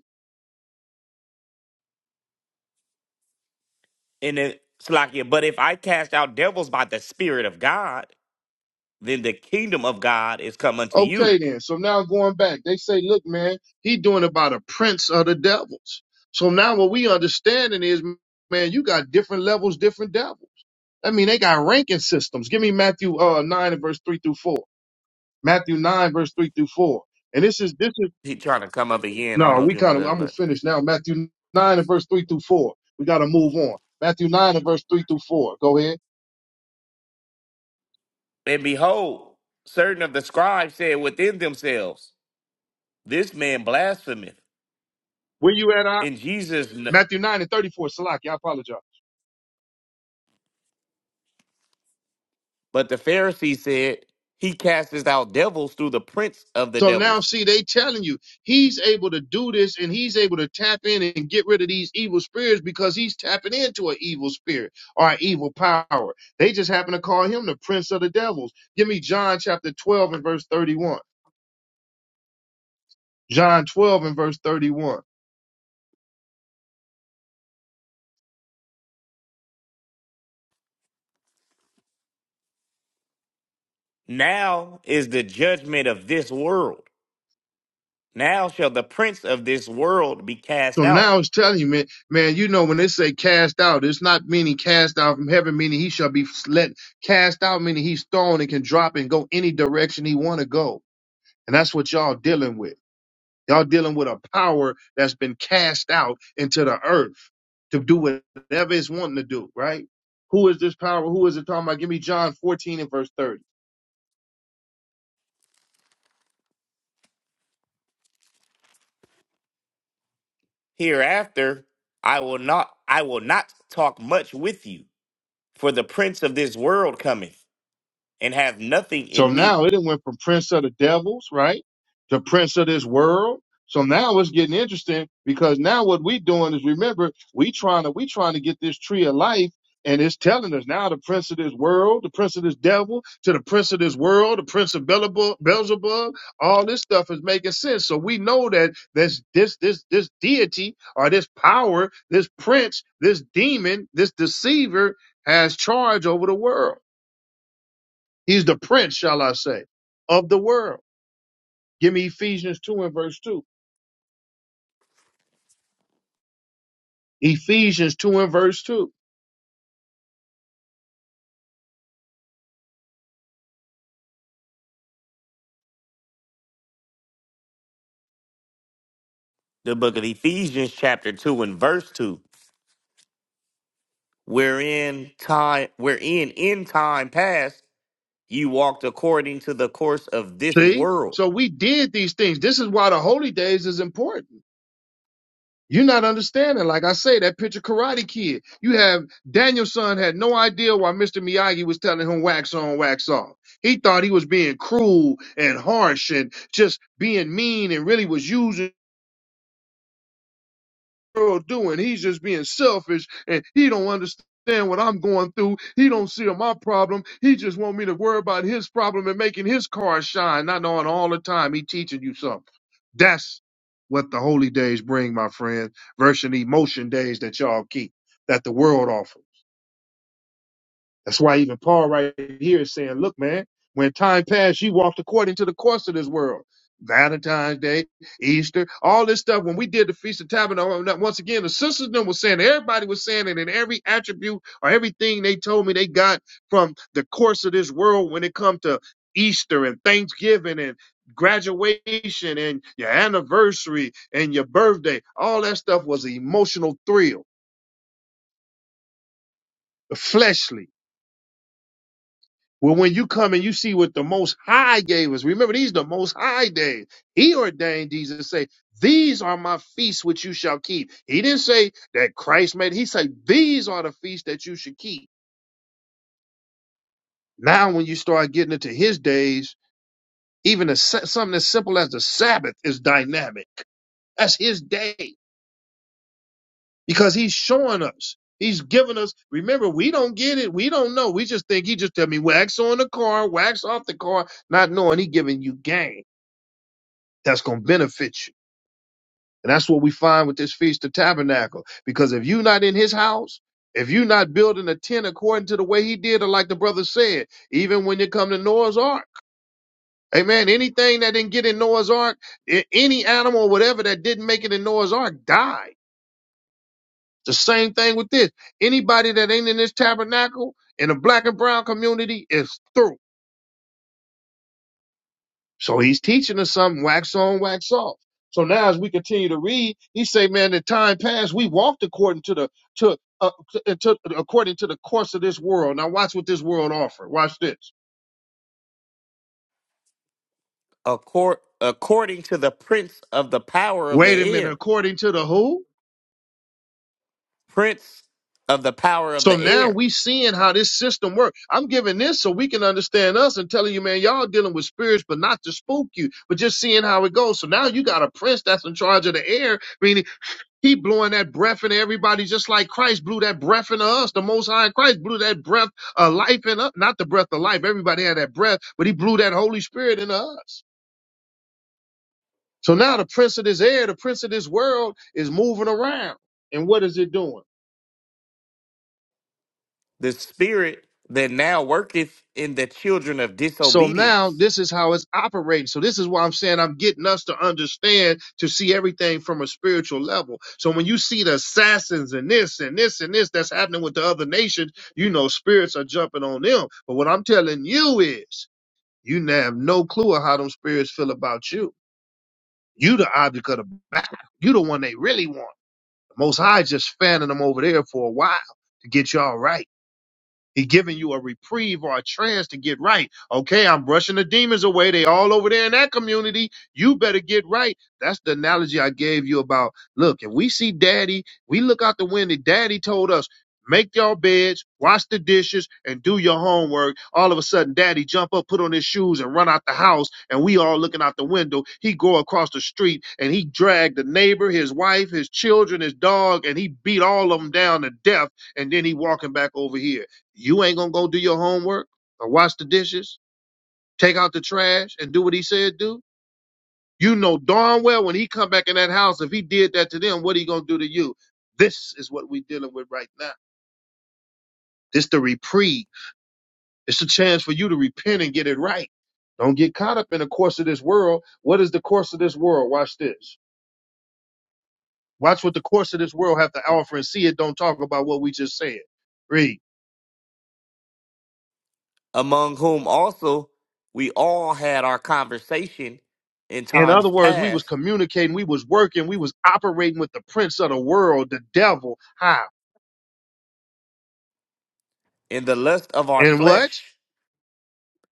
Speaker 3: And it, Slakia, but if I cast out devils by the Spirit of God, then the kingdom of God is come unto you.
Speaker 1: Okay then. So now going back, they say, look, man, he doing it by the prince of the devils. So now what we understanding is, man, you got different levels, different devils. I mean, they got ranking systems. Give me Matthew uh nine and verse three through four. Matthew nine verse three through four. And this is this is
Speaker 3: He trying to come up again. I don't
Speaker 1: No,
Speaker 3: know if
Speaker 1: we
Speaker 3: you
Speaker 1: kind of.
Speaker 3: remember that
Speaker 1: I'm gonna
Speaker 3: much.
Speaker 1: finish now. Matthew nine and verse three through four. We gotta move on. Matthew nine and verse three through four. Go ahead.
Speaker 3: And behold, certain of the scribes said within themselves, This man blasphemeth.
Speaker 1: Where you at? I
Speaker 3: And Jesus, kn-
Speaker 1: Matthew nine and thirty four. Salaki, I apologize.
Speaker 3: but the Pharisees said, He casteth out devils through the prince of the
Speaker 1: So now,
Speaker 3: devils.
Speaker 1: see, they telling you he's able to do this, and he's able to tap in and get rid of these evil spirits because he's tapping into an evil spirit or an evil power. They just happen to call him the prince of the devils. Give me John chapter twelve and verse thirty one. John twelve and verse thirty one.
Speaker 3: Now is the judgment of this world. Now shall the prince of this world be cast
Speaker 1: So
Speaker 3: out.
Speaker 1: now it's telling you, man, man, you know, when they say cast out, it's not meaning cast out from heaven, meaning he shall be let cast out, meaning he's thrown and can drop and go any direction he want to go. And that's what y'all dealing with. Y'all dealing with a power that's been cast out into the earth to do whatever it's wanting to do, right? Who is this power? Who is it talking about? Give me John 14 and verse 30.
Speaker 3: Hereafter I will not I will not talk much with you, for the prince of this world cometh, and hath nothing
Speaker 1: So
Speaker 3: in
Speaker 1: now
Speaker 3: me.
Speaker 1: it done went from prince of the devils, right, to prince of this world. So now it's getting interesting because now what we doing is remember we trying to we trying to get this tree of life and it's telling us now the prince of this world, the prince of this devil, to the prince of this world, the prince of Beelzebub, Beelzebub all this stuff is making sense. So we know that this this this this deity or this power, this prince, this demon, this deceiver has charge over the world. He's the prince, shall I say, of the world. Give me Ephesians 2 and verse 2. Ephesians 2 and verse 2.
Speaker 3: The book of Ephesians chapter two and verse two, wherein time wherein in time past you walked according to the course of this
Speaker 1: See?
Speaker 3: world,
Speaker 1: So we did these things. This is why the holy days is important. You're not understanding. Like I say, that picture Karate Kid. You have Daniel's son had no idea why Mr. Miyagi was telling him wax on, wax off. He thought he was being cruel and harsh and just being mean and really was using world doing. He's just being selfish and he don't understand what I'm going through. He don't see my problem. He just want me to worry about his problem and making his car shine, not knowing all the time he teaching you something. That's what the holy days bring, my friend, versus the emotion days that y'all keep, that the world offers. That's why even Paul right here is saying, look, man, when time passed, you walked according to the course of this world. Valentine's Day, Easter, all this stuff. When we did the Feast of Tabernacle, and that- once again, the sisters them was saying, everybody was saying it in every attribute or everything they told me they got from the course of this world when it comes to Easter and Thanksgiving and graduation and your anniversary and your birthday. All that stuff was an emotional thrill, fleshly Well, when you come and you see what the Most High gave us, remember these the Most High days. He ordained these and say, "These are my feasts which you shall keep." He didn't say that Christ made. He said, "These are the feasts that you should keep." Now, when you start getting into His days, even a, sa- something as simple as the Sabbath is dynamic. That's His day because He's showing us. He's giving us. Remember, we don't get it. We don't know. We just think He just tell me wax on the car, wax off the car, not knowing He giving you game. that's going to benefit you. And that's what we find with this Feast of Tabernacle. Because if you're not in his house, if you're not building a tent according to the way he did, or like the brother said, even when you come to Noah's Ark, amen, anything that didn't get in Noah's Ark, a- any animal or whatever that didn't make it in Noah's Ark died. The same thing with this. Anybody that ain't in this tabernacle in the black and brown community is through. So he's teaching us something, wax on, wax off. So now as we continue to read, he say, man, the time passed, we walked according to the to uh, to, according to the course of this world. Now watch what this world offer. Watch this.
Speaker 3: accord, according to the prince of the power of the
Speaker 1: Wait a minute,
Speaker 3: air,
Speaker 1: according to the who?
Speaker 3: prince of the power of
Speaker 1: So
Speaker 3: the
Speaker 1: now
Speaker 3: air,
Speaker 1: we seeing how this system works. I'm giving this so we can understand us and telling you, man, y'all dealing with spirits, but not to spook you, but just seeing how it goes. So now you got a prince that's in charge of the air, meaning." He blowing that breath in everybody just like Christ blew that breath into us. The Most High Christ blew that breath of life in us. Not the breath of life. Everybody had that breath, but he blew that Holy Spirit into us. So now the prince of this air, the prince of this world is moving around. And what is it doing?
Speaker 3: the spirit that now worketh in the children of
Speaker 1: So now
Speaker 3: disobedience
Speaker 1: this is how it's operating. So this is why I'm saying I'm getting us to understand to see everything from a spiritual level. So when you see the assassins and this and this and this that's happening with the other nations, you know spirits are jumping on them. But what I'm telling you is you now have no clue of how them spirits feel about you. You the object of the battle. You the one they really want. The most high just fanning them over there for a while to get y'all right. He giving you a reprieve or a trance to get right. Okay, I'm brushing the demons away. They all over there in that community. You better get right. That's the analogy I gave you about. Look, if we see daddy, we look out the window. Daddy told us, make your beds, wash the dishes, and do your homework. All of a sudden, daddy jump up, put on his shoes, and run out the house. And we all looking out the window. He go across the street and he dragged the neighbor, his wife, his children, his dog, and he beat all of them down to death. And then he walking back over here. You ain't gonna go do your homework or wash the dishes, take out the trash, and do what he said do. You know darn well when he come back in that house, if he did that to them, what he gonna do to you? This is what we dealing with right now. This the reprieve. It's a chance for you to repent and get it right. Don't get caught up in the course of this world. What is the course of this world? Watch this. Watch what the course of this world have to offer and see it. Don't talk about what we just said. Read.
Speaker 3: among whom also we all had our conversation in
Speaker 1: In other
Speaker 3: times
Speaker 1: words, we was
Speaker 3: past
Speaker 1: communicating, we was working, we was operating with the prince of the world, the devil. How?
Speaker 3: in the lust of our
Speaker 1: And what?
Speaker 3: flesh,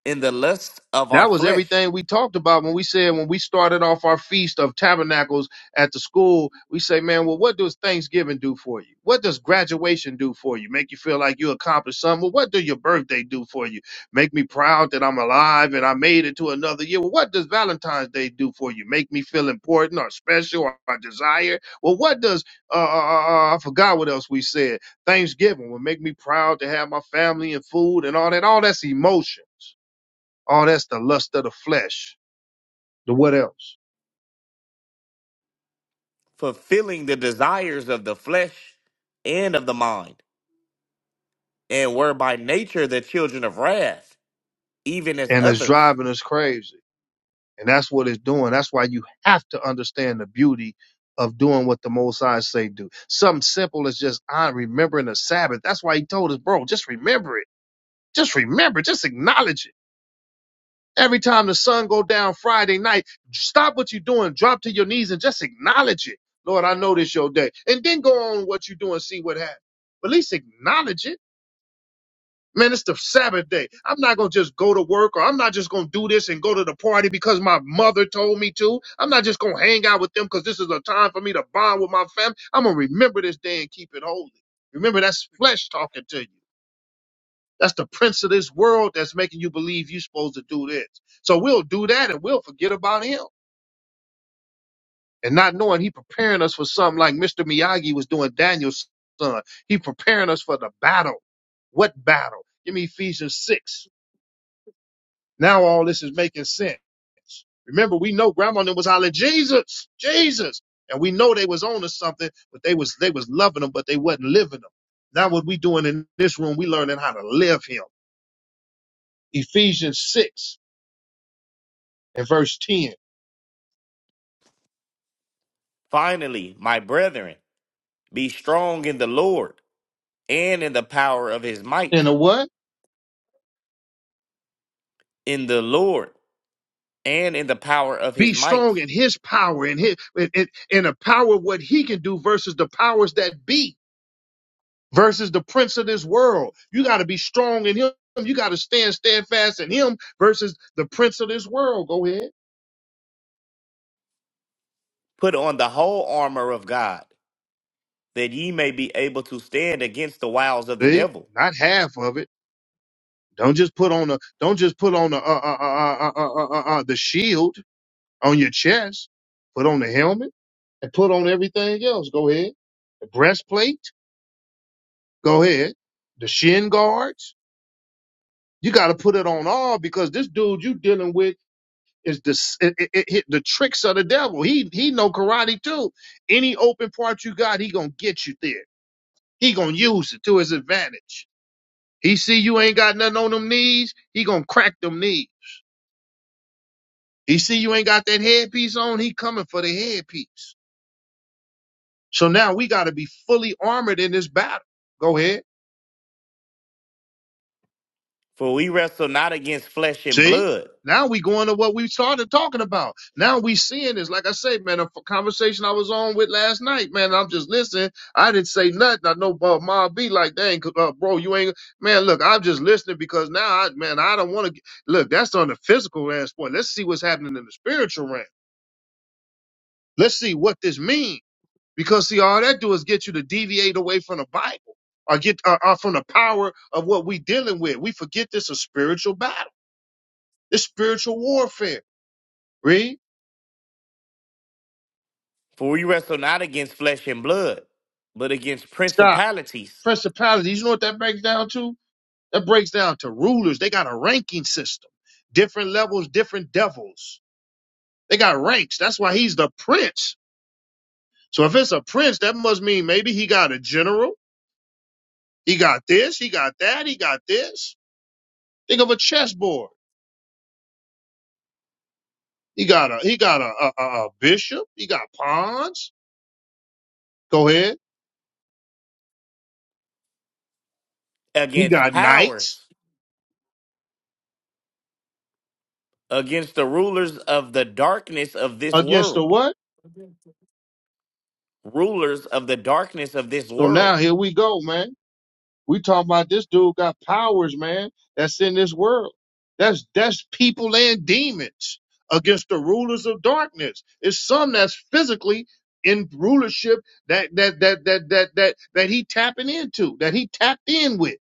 Speaker 3: in the lust of our
Speaker 1: that was
Speaker 3: flesh,
Speaker 1: everything we talked about when we said when we started off our feast of tabernacles at the school we say man well what does thanksgiving do for you what does graduation do for you make you feel like you accomplished something well what do your birthday do for you make me proud that i'm alive and i made it to another year well what does valentine's day do for you make me feel important or special or, or desired well what does uh, uh, uh, uh, i forgot what else we said thanksgiving will make me proud to have my family and food and all that all that's emotions all that's the lust of the flesh, the what else?
Speaker 3: fulfilling the desires of the flesh and of the mind, and were by nature the children of wrath, even as
Speaker 1: And it's
Speaker 3: others.
Speaker 1: driving us crazy. And that's what it's doing. That's why you have to understand the beauty of doing what the Most High say do. Something simple as just I remembering the Sabbath. That's why he told us, bro, just remember it. Just remember, it. just acknowledge it. Every time the sun go down Friday night, stop what you're doing, drop to your knees and just acknowledge it. Lord, I know this your day. And then go on what you're doing, see what happens. But at least acknowledge it Man, it's the Sabbath day. I'm not going to just go to work or I'm not just going to do this and go to the party because my mother told me to. I'm not just going to hang out with them because this is a time for me to bond with my family. I'm going to remember this day and keep it holy. Remember, that's flesh talking to you. That's the prince of this world that's making you believe you're supposed to do this. So we'll do that and we'll forget about him. And not knowing he preparing us for something like Mr. Miyagi was doing Daniel's son. He preparing us for the battle. What battle? Give me Ephesians 6 Now all this is making sense. Remember, we know grandma then was hollering, Jesus, Jesus. And we know they was on to something, but they was they was loving them, but they wasn't living them. Now what we doing in this room, we learning how to live him. Ephesians 6 and verse 10.
Speaker 3: Finally, my brethren, be strong in the Lord and in the power of his
Speaker 1: In
Speaker 3: might,
Speaker 1: a what?
Speaker 3: in the Lord and in the power of
Speaker 1: Be
Speaker 3: his might.
Speaker 1: strong in his power in his in, in, in the power of what he can do versus the powers that be, versus the prince of this world. You gotta be strong in him. You gotta stand steadfast in him versus the prince of this world. Go ahead.
Speaker 3: Put on the whole armor of God that ye may be able to stand against the wiles of the
Speaker 1: See,
Speaker 3: devil.
Speaker 1: not half of it. Don't just put on a don't just put on a, uh, uh, uh, uh, uh, uh, uh, the shield on your chest. Put on the helmet and put on everything else. Go ahead. The breastplate. Go ahead. The shin guards. You got to put it on all because this dude you dealing with is the s- it, it, it, it- the tricks of the devil. He he know karate too. Any open part you got, he gonna get you there. He gonna use it to his advantage. He see you ain't got nothing on them knees, he gonna crack them knees. He see you ain't got that headpiece on, he coming for the headpiece. So now we gotta be fully armored in this battle. Go ahead.
Speaker 3: For we wrestle not against flesh and
Speaker 1: See?
Speaker 3: blood,
Speaker 1: Now we going to what we started talking about. Now we seeing this. Like I say, man, a f- conversation I was on with last night, man. I'm just listening. I didn't say nothing. I know uh, Ma be like, dang, uh, bro, you ain't. Man, look, I'm just listening because now, I, man, I don't want to. Look, that's on the physical aspect. Let's see what's happening in the spiritual realm. Let's see what this means. Because see, all that do is get you to deviate away from the Bible or get or, or from the power of what we dealing with. We forget this is a spiritual battle. This spiritual warfare. Read.
Speaker 3: for we wrestle not against flesh and blood, but against
Speaker 1: Stop.
Speaker 3: principalities,
Speaker 1: Principalities. You know what that breaks down to? That breaks down to rulers. They got a ranking system. Different levels, different devils. They got ranks. That's why he's the prince. So if it's a prince, that must mean maybe he got a general. He got this. He got that. He got this. Think of a chessboard. He got a he got a, a, a a bishop. He got pawns. Go ahead. He
Speaker 3: against
Speaker 1: got knights
Speaker 3: powers, against the rulers of the darkness of this
Speaker 1: against the
Speaker 3: world,
Speaker 1: what?
Speaker 3: rulers of the darkness of this
Speaker 1: So now
Speaker 3: world,
Speaker 1: here we go, man. We talking about this dude got powers, man. That's in this world. That's that's people and demons against the rulers of darkness. It's some that's physically in rulership that that that that that that that he tapping into, that he tapped in with.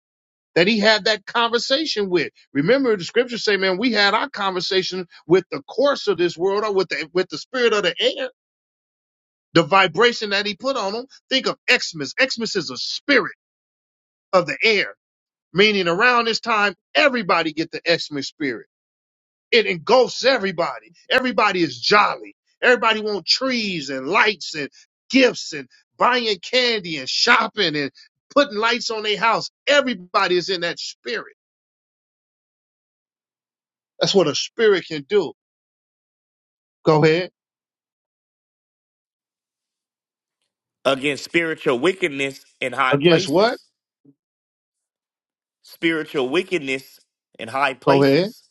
Speaker 1: that he had that conversation with. Remember, the scriptures say, man, we had our conversation with the course of this world or with the, with the spirit of the air, the vibration that he put on them. Think of Xmas. Xmas is a spirit of the air, meaning around this time, everybody get the Xmas spirit. It engulfs everybody. Everybody is jolly. Everybody want trees and lights and gifts and buying candy and shopping and putting lights on their house. Everybody is in that spirit. That's what a spirit can do Go ahead.
Speaker 3: against spiritual wickedness in high
Speaker 1: Against what?
Speaker 3: places, spiritual wickedness in high
Speaker 1: Go ahead.
Speaker 3: places.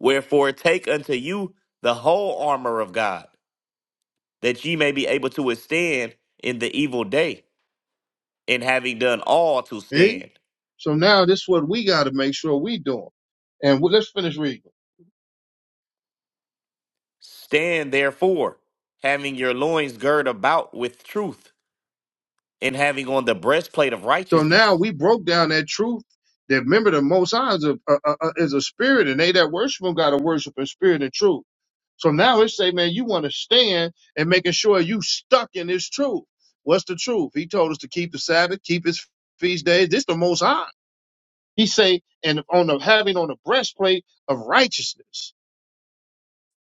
Speaker 3: Wherefore, take unto you the whole armor of God that ye may be able to withstand in the evil day, and having done all to
Speaker 1: See?
Speaker 3: stand.
Speaker 1: So now this is what we got to make sure we doing. And we, let's finish reading.
Speaker 3: Stand therefore, having your loins girt about with truth, and having on the breastplate of
Speaker 1: So now
Speaker 3: righteousness,
Speaker 1: we broke down that truth that remember the Most High is a, a, a, is a spirit, and they that worship Him got to worship in spirit and truth. So now it say, man, you want to stand and making sure you stuck in this truth. What's the truth? He told us to keep the Sabbath, keep His feast days. This the Most High. He say, and on the having on the breastplate of righteousness.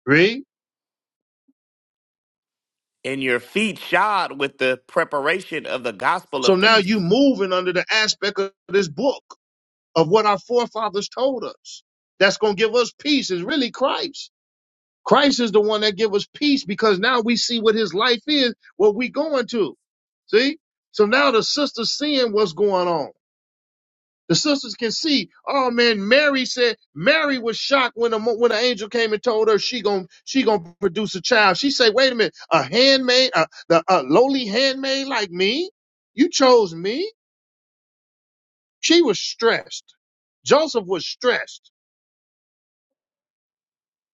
Speaker 1: Read
Speaker 3: and your feet shod with the preparation of the gospel
Speaker 1: So
Speaker 3: of
Speaker 1: now you
Speaker 3: peace.
Speaker 1: moving under the aspect of this book of what our forefathers told us. That's going to give us peace is really Christ. Christ is the one that give us peace because now we see what his life is, what we going to. See? So now the sisters seeing what's going on. The sisters can see, oh man, Mary said, Mary was shocked when the, mo- when the angel came and told her she gon' she gonna produce a child. She said, wait a minute, a handmaid, a, the, a lowly handmaid like me? You chose me? She was stressed. Joseph was stressed.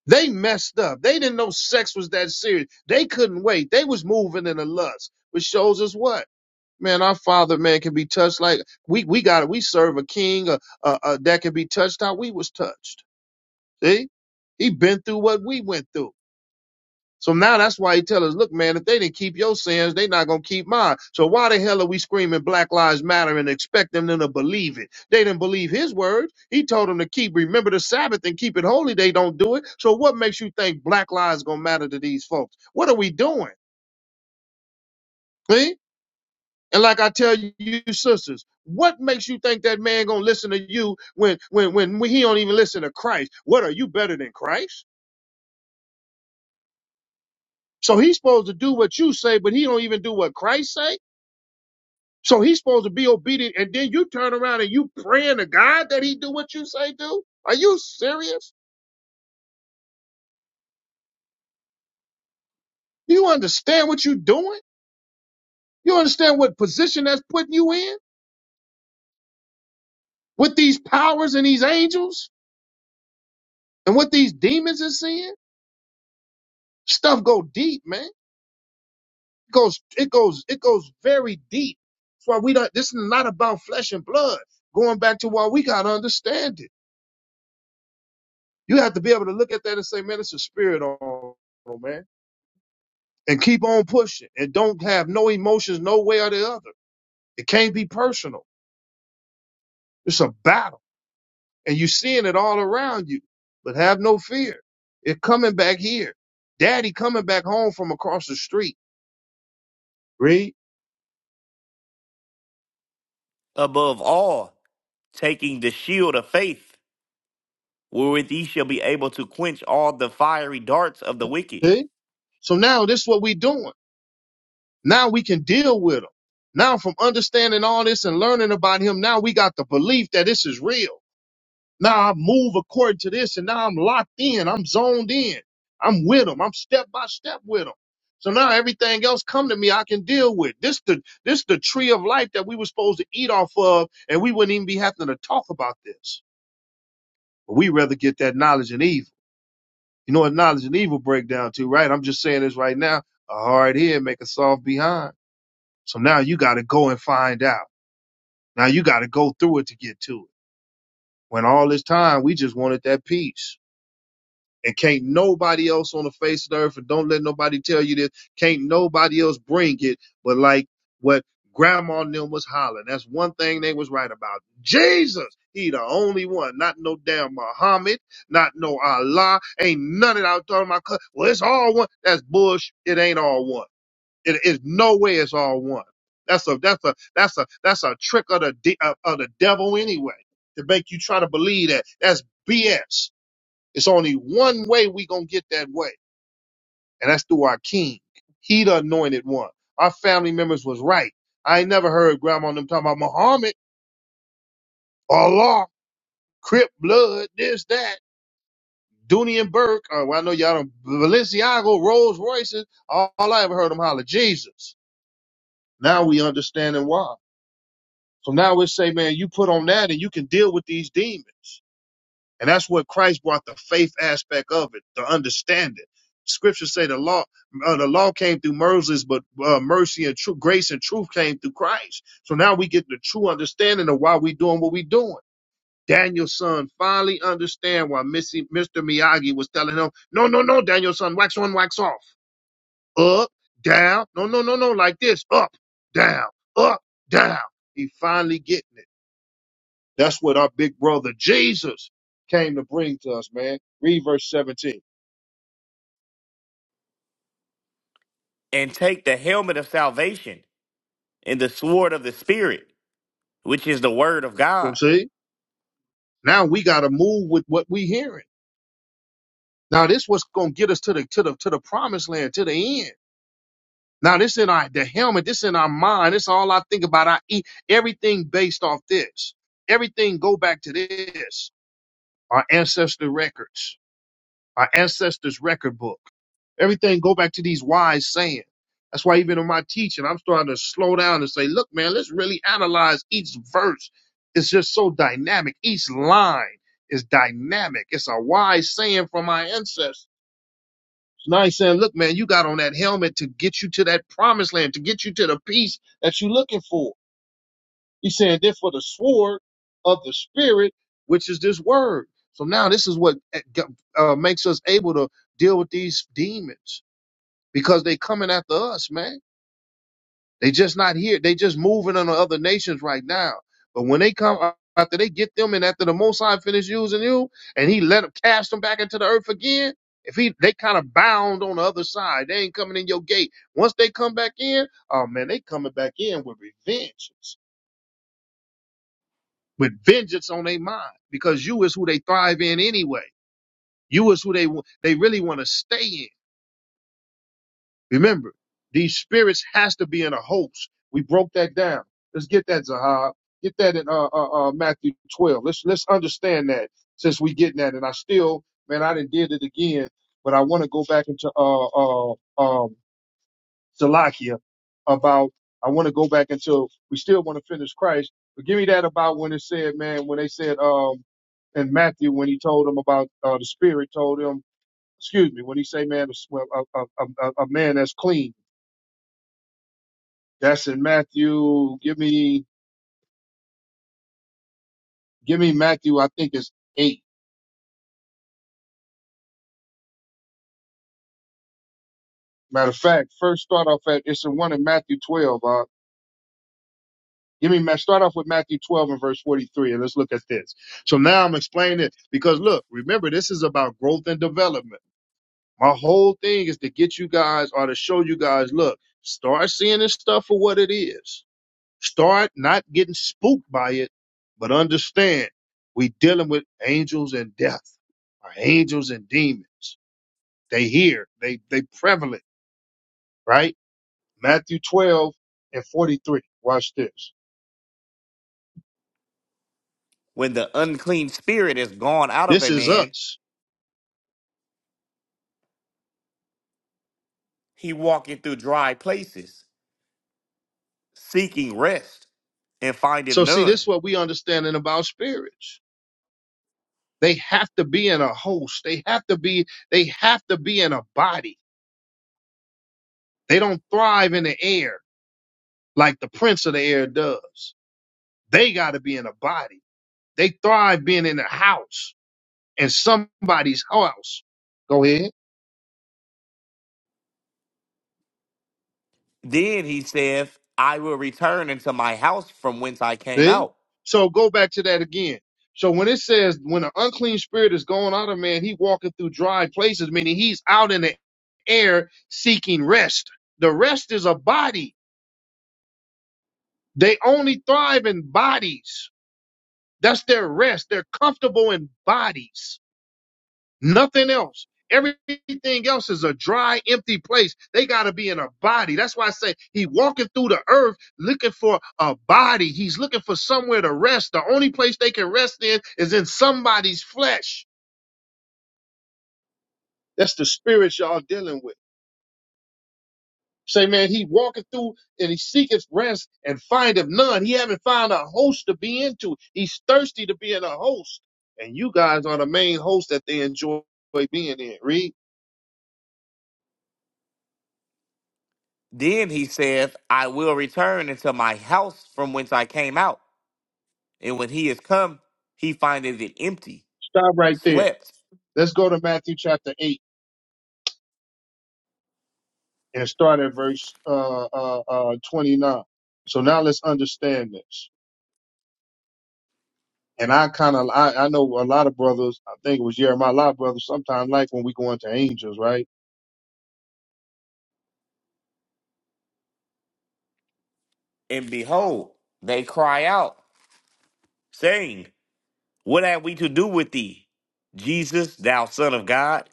Speaker 1: They messed up. They didn't know sex was that serious. They couldn't wait. They was moving in the lust, which shows us what man our father man can be touched like we we got it. We serve a king uh, uh, uh, that can be touched how we was touched. See, he been through what we went through. So now that's why he tell us, look, man, if they didn't keep your sins, they not gonna keep mine. So why the hell are we screaming Black Lives Matter and expecting them to believe it? They didn't believe his words. He told them to keep remember the Sabbath and keep it holy. They don't do it. So what makes you think Black Lives gonna matter to these folks? What are we doing? See? And like I tell you, you sisters, what makes you think that man gonna listen to you when when when, when he don't even listen to Christ? What are you better than Christ? So he's supposed to do what you say, but he don't even do what Christ say. So he's supposed to be obedient, and then you turn around and you praying to God that he do what you say do? Are you serious? You understand what you're doing? You understand what position that's putting you in with these powers and these angels and what these demons is seeing? Stuff go deep, man. It goes, it goes, it goes very deep. That's why we don't. This is not about flesh and blood. Going back to why we gotta understand it. You have to be able to look at that and say, man, it's a spirit on, man. and keep on pushing and don't have no emotions no way or the other. It can't be personal. It's a battle and you're seeing it all around you, but have no fear. It coming back here. Daddy coming back home from across the street. Read?
Speaker 3: Above all, taking the shield of faith, wherewith ye shall be able to quench all the fiery darts of the wicked,
Speaker 1: See? So now this is what we doing. Now we can deal with him. Now from understanding all this and learning about him, now we got the belief that this is real. Now I move according to this, and now I'm locked in. I'm zoned in. I'm with them. I'm step by step with them. So now everything else come to me, I can deal with. This the this the tree of life that we were supposed to eat off of, and we wouldn't even be having to talk about this. But we rather get that knowledge and evil. You know what knowledge and evil break down to, right? I'm just saying this right now. A hard head make a soft behind. So now you got to go and find out. Now you got to go through it to get to it. When all this time we just wanted that peace. And can't nobody else on the face of the earth, and don't let nobody tell you this, can't nobody else bring it, but like what grandma and them was hollering. That's one thing they was right about. Jesus, he the only one, not no damn Muhammad, not no Allah, ain't none of that I was talking about, well, it's all one. That's bush. It ain't all one. It is no way it's all one. That's a, that's a, that's a, that's a trick of the, de- of of the devil anyway, to make you try to believe that. That's BS. It's only one way we gonna get that way, and that's through our King. He the anointed one. Our family members was right. I ain't never heard grandma and them talking about Muhammad, Allah, Crip blood, this, that. Dooney and Burke, uh, well, I know y'all don't, Balenciaga, Rolls Royces, all, all I ever heard them holler, Jesus. Now we understanding why. So now we say, man, you put on that and you can deal with these demons. And that's what Christ brought the faith aspect of it, the understanding. Scriptures say the law, uh, the law came through Moses, but uh, mercy and truth, grace and truth came through Christ. So now we get the true understanding of why we doing what we doing. Daniel's son finally understand why Missy, Mr. Miyagi was telling him, no, no, no, Daniel's son, wax on, wax off, up, down, no, no, no, no, like this, up, down, up, down. He finally getting it. That's what our big brother Jesus came to bring to us, man. Read verse 17.
Speaker 3: and take the helmet of salvation, and the sword of the Spirit, which is the word of
Speaker 1: So
Speaker 3: God
Speaker 1: see, now we got to move with what we hearing. Now this what's gonna get us to the to the to the promised land, to the end. Now this in our the helmet, this in our mind. This all I think about. I eat everything based off this. Everything go back to this. Our ancestor records our ancestors' record book. Everything go back to these wise sayings. That's why even in my teaching, I'm starting to slow down and say, look, man, let's really analyze each verse. It's just so dynamic. Each line is dynamic. It's a wise saying from my ancestors. Now he's saying, look, man, you got on that helmet to get you to that promised land, to get you to the peace that you're looking for. He said, this for the sword of the spirit, which is this word. So now this is what uh, uh, makes us able to deal with these demons because they coming after us, man. They just not here. They just moving on to other nations right now. But when they come uh, after they get them and after the Most High finish using you and he let them cast them back into the earth again, if he they kind of bound on the other side, they ain't coming in your gate. Once they come back in, oh man, they coming back in with revenge. with vengeance on their mind because you is who they thrive in anyway. You is who they wa- they really want to stay in. Remember, these spirits has to be in a host. We broke that down. Let's get that Zahab. Get that in uh, uh, uh, Matthew 12. Let's let's understand that since we getting that. And I still, man, I didn't did it again, but I want to go back into uh, uh, um, Salakia about I want to go back until we still want to finish Christ, but give me that about when it said, man, when they said um in Matthew when he told them about uh, the Spirit told him, excuse me, when he say, man, a, a, a, a a man that's clean. That's in Matthew. Give me, give me Matthew. I think it's eight. Matter of fact, first start off at it's the one in Matthew twelve. Uh, give me Ma- start off with Matthew twelve and verse forty three, and let's look at this. So now I'm explaining it because look, remember this is about growth and development. My whole thing is to get you guys or to show you guys, look, start seeing this stuff for what it is. Start not getting spooked by it, but understand we dealing with angels and death, or angels and demons. They here, they they prevalent, right? Matthew 12 and 43. Watch this.
Speaker 3: When the unclean spirit is gone out of
Speaker 1: This
Speaker 3: a
Speaker 1: is
Speaker 3: man,
Speaker 1: us.
Speaker 3: he walketh through dry places, seeking rest, and findeth
Speaker 1: So see, this
Speaker 3: none.
Speaker 1: is what we understanding about spirits. They have to be in a host. They have to be, they have to be in a body They don't thrive in the air like the prince of the air does. They got to be in a body. They thrive being in a house and somebody's house. Go ahead.
Speaker 3: Then he saith, I will return into my house from whence I came
Speaker 1: See?
Speaker 3: out.
Speaker 1: So go back to that again. So when it says when an unclean spirit is going out of man, he walking through dry places, meaning he's out in the air seeking rest. The rest is a body. They only thrive in bodies. That's their rest. They're comfortable in bodies. Nothing else. Everything else is a dry, empty place. They got to be in a body. That's why I say he walking through the earth looking for a body. He's looking for somewhere to rest. The only place they can rest in is in somebody's flesh. That's the spirit y'all dealing with. Say, man, he walking through and he seeketh rest and findeth none. He haven't found a host to be into. He's thirsty to be in a host. And you guys are the main host that they enjoy being in. Read.
Speaker 3: Then he saith, I will return into my house from whence I came out. And when he is come, he findeth it empty,
Speaker 1: Stop right there.
Speaker 3: swept,
Speaker 1: Let's go to Matthew chapter 8 and start at verse uh, uh, uh, 29. So now let's understand this. And I kind of, I, I know a lot of brothers, I think it was Jeremiah, a lot of brothers sometimes like when we go into angels, right?
Speaker 3: and behold, they cry out, saying, What have we to do with thee, Jesus, thou Son of God?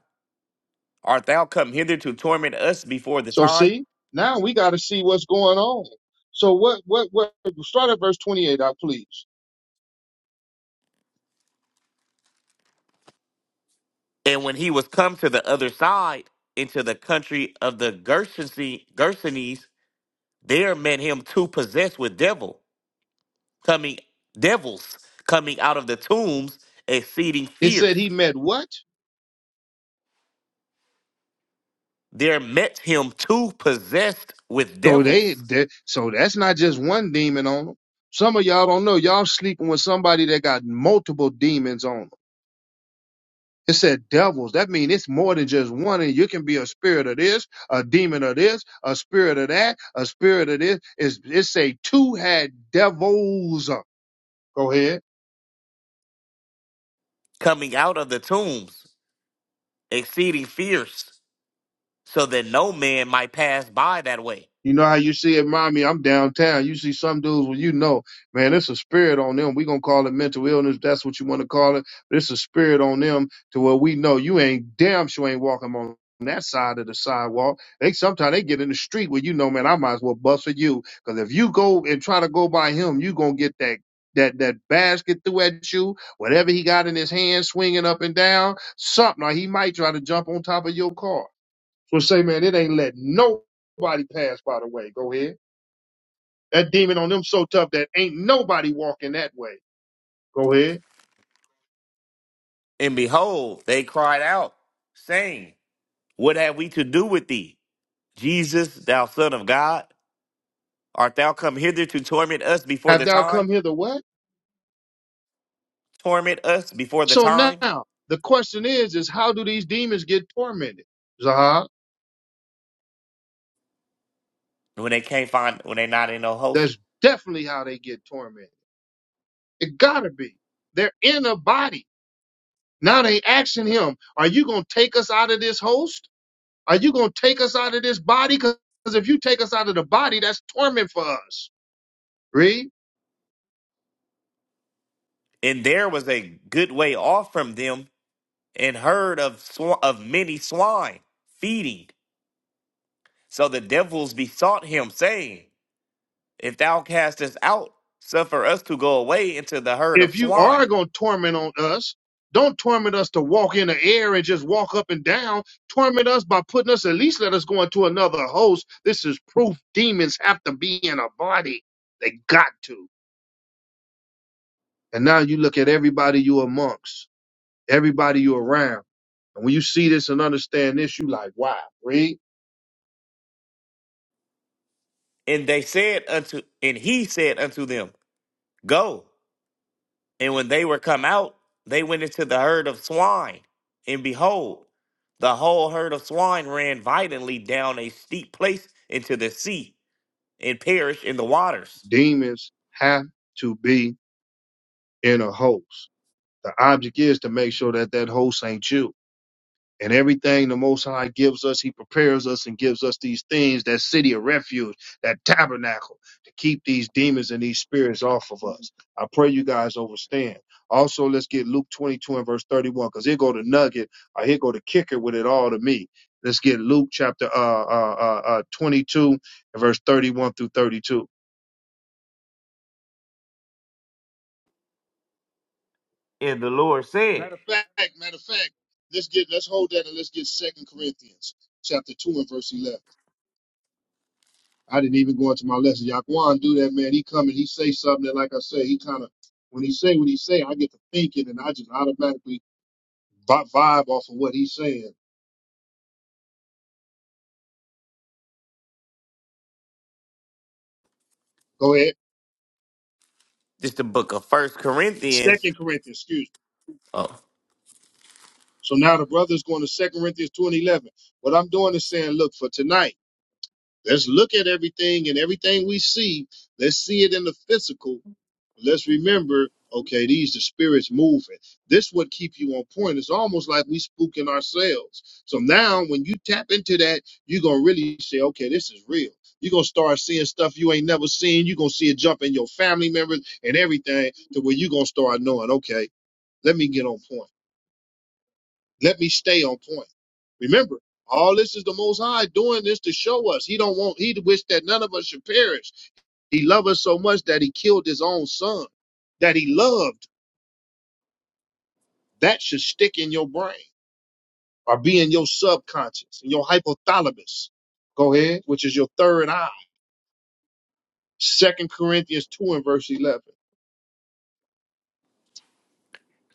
Speaker 3: Art thou come hither to torment us before the
Speaker 1: So
Speaker 3: time?
Speaker 1: see, now we got to see what's going on. So what, what, what, start at verse 28 out, please.
Speaker 3: And when he was come to the other side, into the country of the Gersonese, Gersenes, there met him two possessed with devil, coming devils coming out of the tombs, exceeding
Speaker 1: It said
Speaker 3: fierce.
Speaker 1: he met what?
Speaker 3: There met him two possessed with
Speaker 1: So they,
Speaker 3: devils
Speaker 1: that so that's not just one demon on them. Some of y'all don't know. Y'all sleeping with somebody that got multiple demons on them. It said devils. That means it's more than just one. And you can be a spirit of this, a demon of this, a spirit of that, a spirit of this. It's, it say two had devils. Go ahead.
Speaker 3: coming out of the tombs, exceeding fierce, so that no man might pass by that way.
Speaker 1: You know how you see it, mommy? I'm downtown. You see some dudes where you know, man, it's a spirit on them. we gonna call it mental illness. That's what you wanna call it. But it's a spirit on them to where we know you ain't damn sure ain't walking on that side of the sidewalk. They sometimes they get in the street where you know, man, I might as well bust for you. Cause if you go and try to go by him, you gonna get that that that basket threw at you, whatever he got in his hand swinging up and down, something. Or he might try to jump on top of your car. So say, man, it ain't letting nobody pass by the way. Go ahead. That demon on them so tough that ain't nobody walking that way. Go ahead.
Speaker 3: And behold, they cried out, saying, What have we to do with thee? Jesus, thou Son of God, art thou come hither to torment us before
Speaker 1: Have
Speaker 3: the
Speaker 1: thou come
Speaker 3: time?
Speaker 1: hither what?
Speaker 3: Torment us before the
Speaker 1: So
Speaker 3: time?
Speaker 1: now the question is, is how do these demons get tormented? Zah,
Speaker 3: When they can't find, when they not in no host.
Speaker 1: that's definitely how they get tormented. It gotta be. They're in a body. Now they asking him, are you gonna take us out of this host? Are you gonna take us out of this body? Because if you take us out of the body, that's torment for us. Read.
Speaker 3: And there was a good way off from them, and herd of sw- of many swine feeding. So the devils besought him, saying, If thou cast us out, suffer us to go away into the herd of
Speaker 1: if you
Speaker 3: swine.
Speaker 1: are going to torment on us, don't torment us to walk in the air and just walk up and down. Torment us by putting us, at least let us go into another host. This is proof demons have to be in a body. They got to. And now you look at everybody you amongst, everybody you around. And when you see this and understand this, you like, wow, read,
Speaker 3: And they said unto, and he said unto them, Go. And when they were come out, they went into the herd of swine. And behold, the whole herd of swine ran violently down a steep place into the sea and perished in the waters.
Speaker 1: demons have to be in a host. The object is to make sure that that host ain't you and everything the Most High gives us, He prepares us and gives us these things, that city of refuge, that tabernacle, to keep these demons and these spirits off of us. I pray you guys understand. Also, let's get Luke 22 and verse 31, because here go the nugget, or here go the kicker with it all to me. Let's get Luke chapter uh, uh, uh, uh, 22 and verse 31 through 32.
Speaker 3: And the Lord said,
Speaker 1: Matter of fact, matter of fact, let's get let's hold that and let's get Second Corinthians chapter 2 and verse 11. I didn't even go into my lesson. Yaquan do that, man. He come and he say something that, like I said, he kind of when he say what he say, I get to thinking and I just automatically vi- vibe off of what he's saying. Go ahead.
Speaker 3: This is the book of First Corinthians.
Speaker 1: Second Corinthians, excuse me.
Speaker 3: Oh.
Speaker 1: So now the brother's going to Second Corinthians two and eleven. What I'm doing is saying, look, for tonight, let's look at everything and everything we see. Let's see it in the physical But let's remember okay these the spirits moving this would keep you on point it's almost like we spooking ourselves so now when you tap into that you're gonna really say okay this is real you're gonna start seeing stuff you ain't never seen you're gonna see it jump in your family members and everything to where you're gonna start knowing okay let me get on point let me stay on point remember all this is the most high doing this to show us he don't want he wish that none of us should perish he loved us so much that he killed his own son that he loved That should stick in your brain or be in your subconscious, in your hypothalamus. Go ahead, which is your third eye. Second Corinthians 2 and verse 11.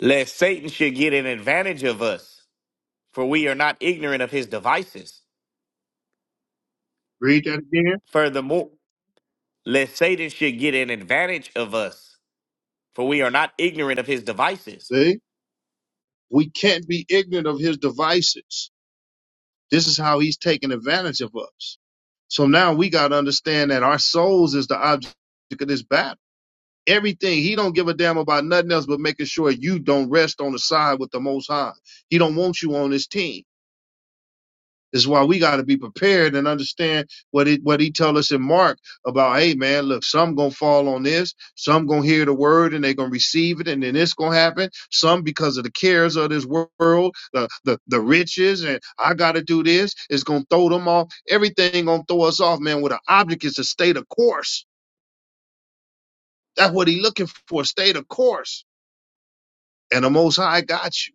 Speaker 3: Lest Satan should get an advantage of us, for we are not ignorant of his devices.
Speaker 1: Read that again.
Speaker 3: Furthermore, lest Satan should get an advantage of us, for we are not ignorant of his devices.
Speaker 1: See? We can't be ignorant of his devices. This is how he's taking advantage of us. So now we got to understand that our souls is the object of this battle. Everything he don't give a damn about nothing else but making sure you don't rest on the side with the Most High. He don't want you on his team. is why we got to be prepared and understand what it what he tell us in Mark about. Hey, man, look, some gonna fall on this, some gonna hear the word and they gonna receive it, and then it's gonna happen. Some because of the cares of this world, the the the riches, and I gotta do this. It's gonna throw them off. Everything gonna throw us off, man. With an object is to stay the course. That's what he looking for. Stay the course, and the Most High got you.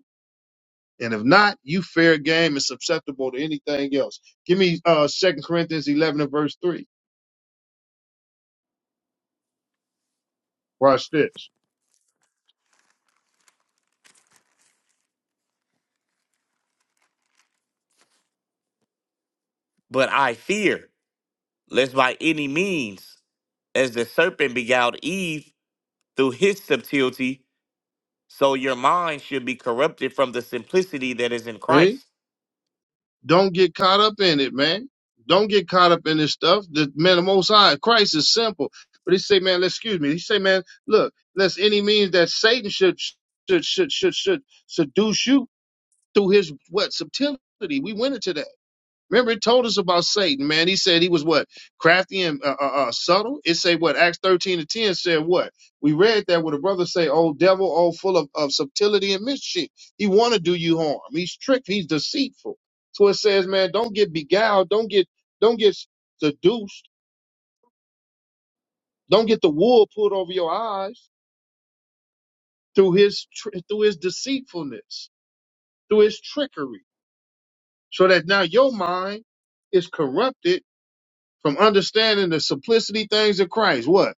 Speaker 1: And if not, you fair game and susceptible to anything else. Give me uh Second Corinthians eleven and verse three. Watch this.
Speaker 3: But I fear. lest by any means, as the serpent beguiled Eve through his subtlety, so your mind should be corrupted from the simplicity that is in
Speaker 1: Right?
Speaker 3: Christ.
Speaker 1: Don't get caught up in it, man. Don't get caught up in this stuff. The man, the most high, Christ is simple. But he say, man, let's excuse me. He say, man, look, lest any means that Satan should should should should should seduce you through his what subtlety. We went into that. Remember, it told us about Satan, man. He said he was what crafty and uh, uh, uh, subtle. It said what Acts thirteen to ten said what we read that where the brother say, "Oh devil, oh full of, of subtlety and mischief. He want to do you harm. He's tricked. He's deceitful." So it says, man, don't get beguiled. Don't get don't get seduced. Don't get the wool pulled over your eyes through his tr- through his deceitfulness, through his trickery, so that now your mind is corrupted from understanding the simplicity things of Christ. What?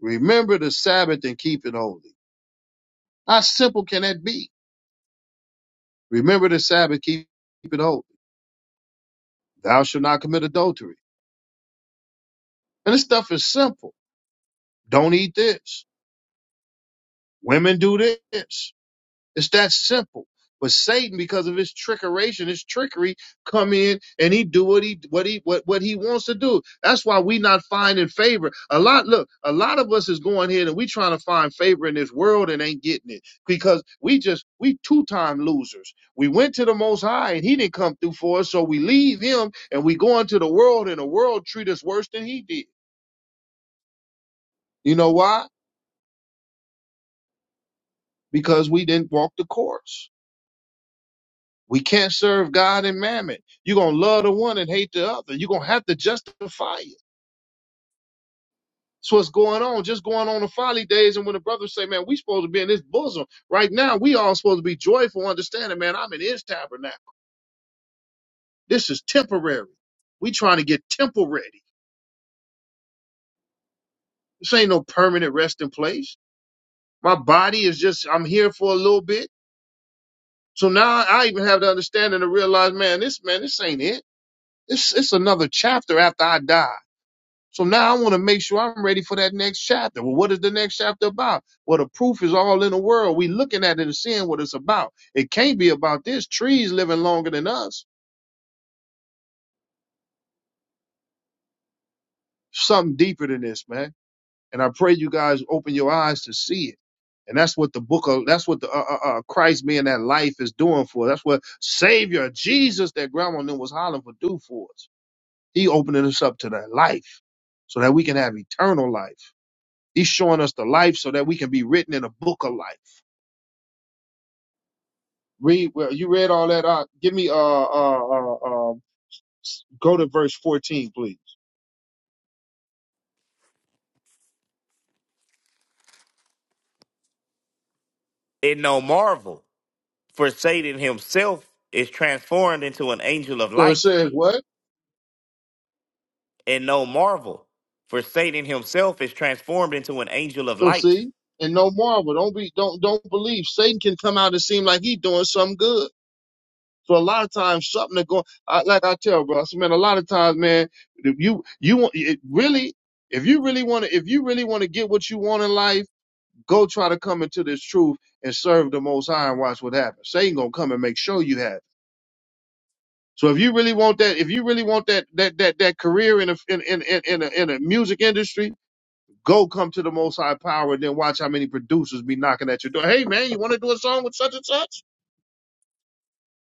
Speaker 1: Remember the Sabbath and keep it holy. How simple can that be? Remember the Sabbath, keep it holy. Thou shalt not commit adultery. And this stuff is simple. Don't eat this. Women do this. It's that simple. But Satan, because of his trickeration, his trickery, come in and he do what he what he what, what he wants to do. That's why we not finding favor. A lot, look, a lot of us is going here and we trying to find favor in this world and ain't getting it because we just we two time losers. We went to the Most High and He didn't come through for us, so we leave Him and we go into the world and the world treat us worse than He did. You know why? Because we didn't walk the course. We can't serve God and mammon. You're going to love the one and hate the other. You're going to have to justify it. That's what's going on, just going on the folly days. And when the brothers say, man, we supposed to be in this bosom right now, we all supposed to be joyful, understanding, man, I'm in his tabernacle. This is temporary. We trying to get temple ready. This ain't no permanent resting place. My body is just, I'm here for a little bit. So now I even have the understanding to realize, man, this, man, this ain't it. This, it's another chapter after I die. So now I want to make sure I'm ready for that next chapter. Well, what is the next chapter about? Well, the proof is all in the world. We looking at it and seeing what it's about. It can't be about this. Trees living longer than us. Something deeper than this, man. And I pray you guys open your eyes to see it. And that's what the book of, that's what the uh, uh, uh, Christ being that life is doing for us. That's what Savior Jesus, that grandma knew was hollering for, do for us. He opening us up to that life so that we can have eternal life. He's showing us the life so that we can be written in a book of life. Read well, you read all that out. Give me uh uh uh um go to verse 14, please.
Speaker 3: And no marvel, for Satan himself is transformed into an angel of
Speaker 1: So it
Speaker 3: light.
Speaker 1: says what?
Speaker 3: And no marvel, for Satan himself is transformed into an angel of
Speaker 1: So
Speaker 3: light.
Speaker 1: see, and no marvel. Don't be don't don't believe Satan can come out and seem like he doing something good. So a lot of times something that go I, like I tell bro, I said, man, a lot of times, man, if you you want it really if you really want to if you really want to get what you want in life Go try to come into this truth and serve the Most High and watch what happens. Satan gonna come and make sure you have it. So if you really want that, if you really want that that that that career in a, in in in in a, in a music industry, go come to the Most High power and then watch how many producers be knocking at your door. Hey man, you want to do a song with such and such?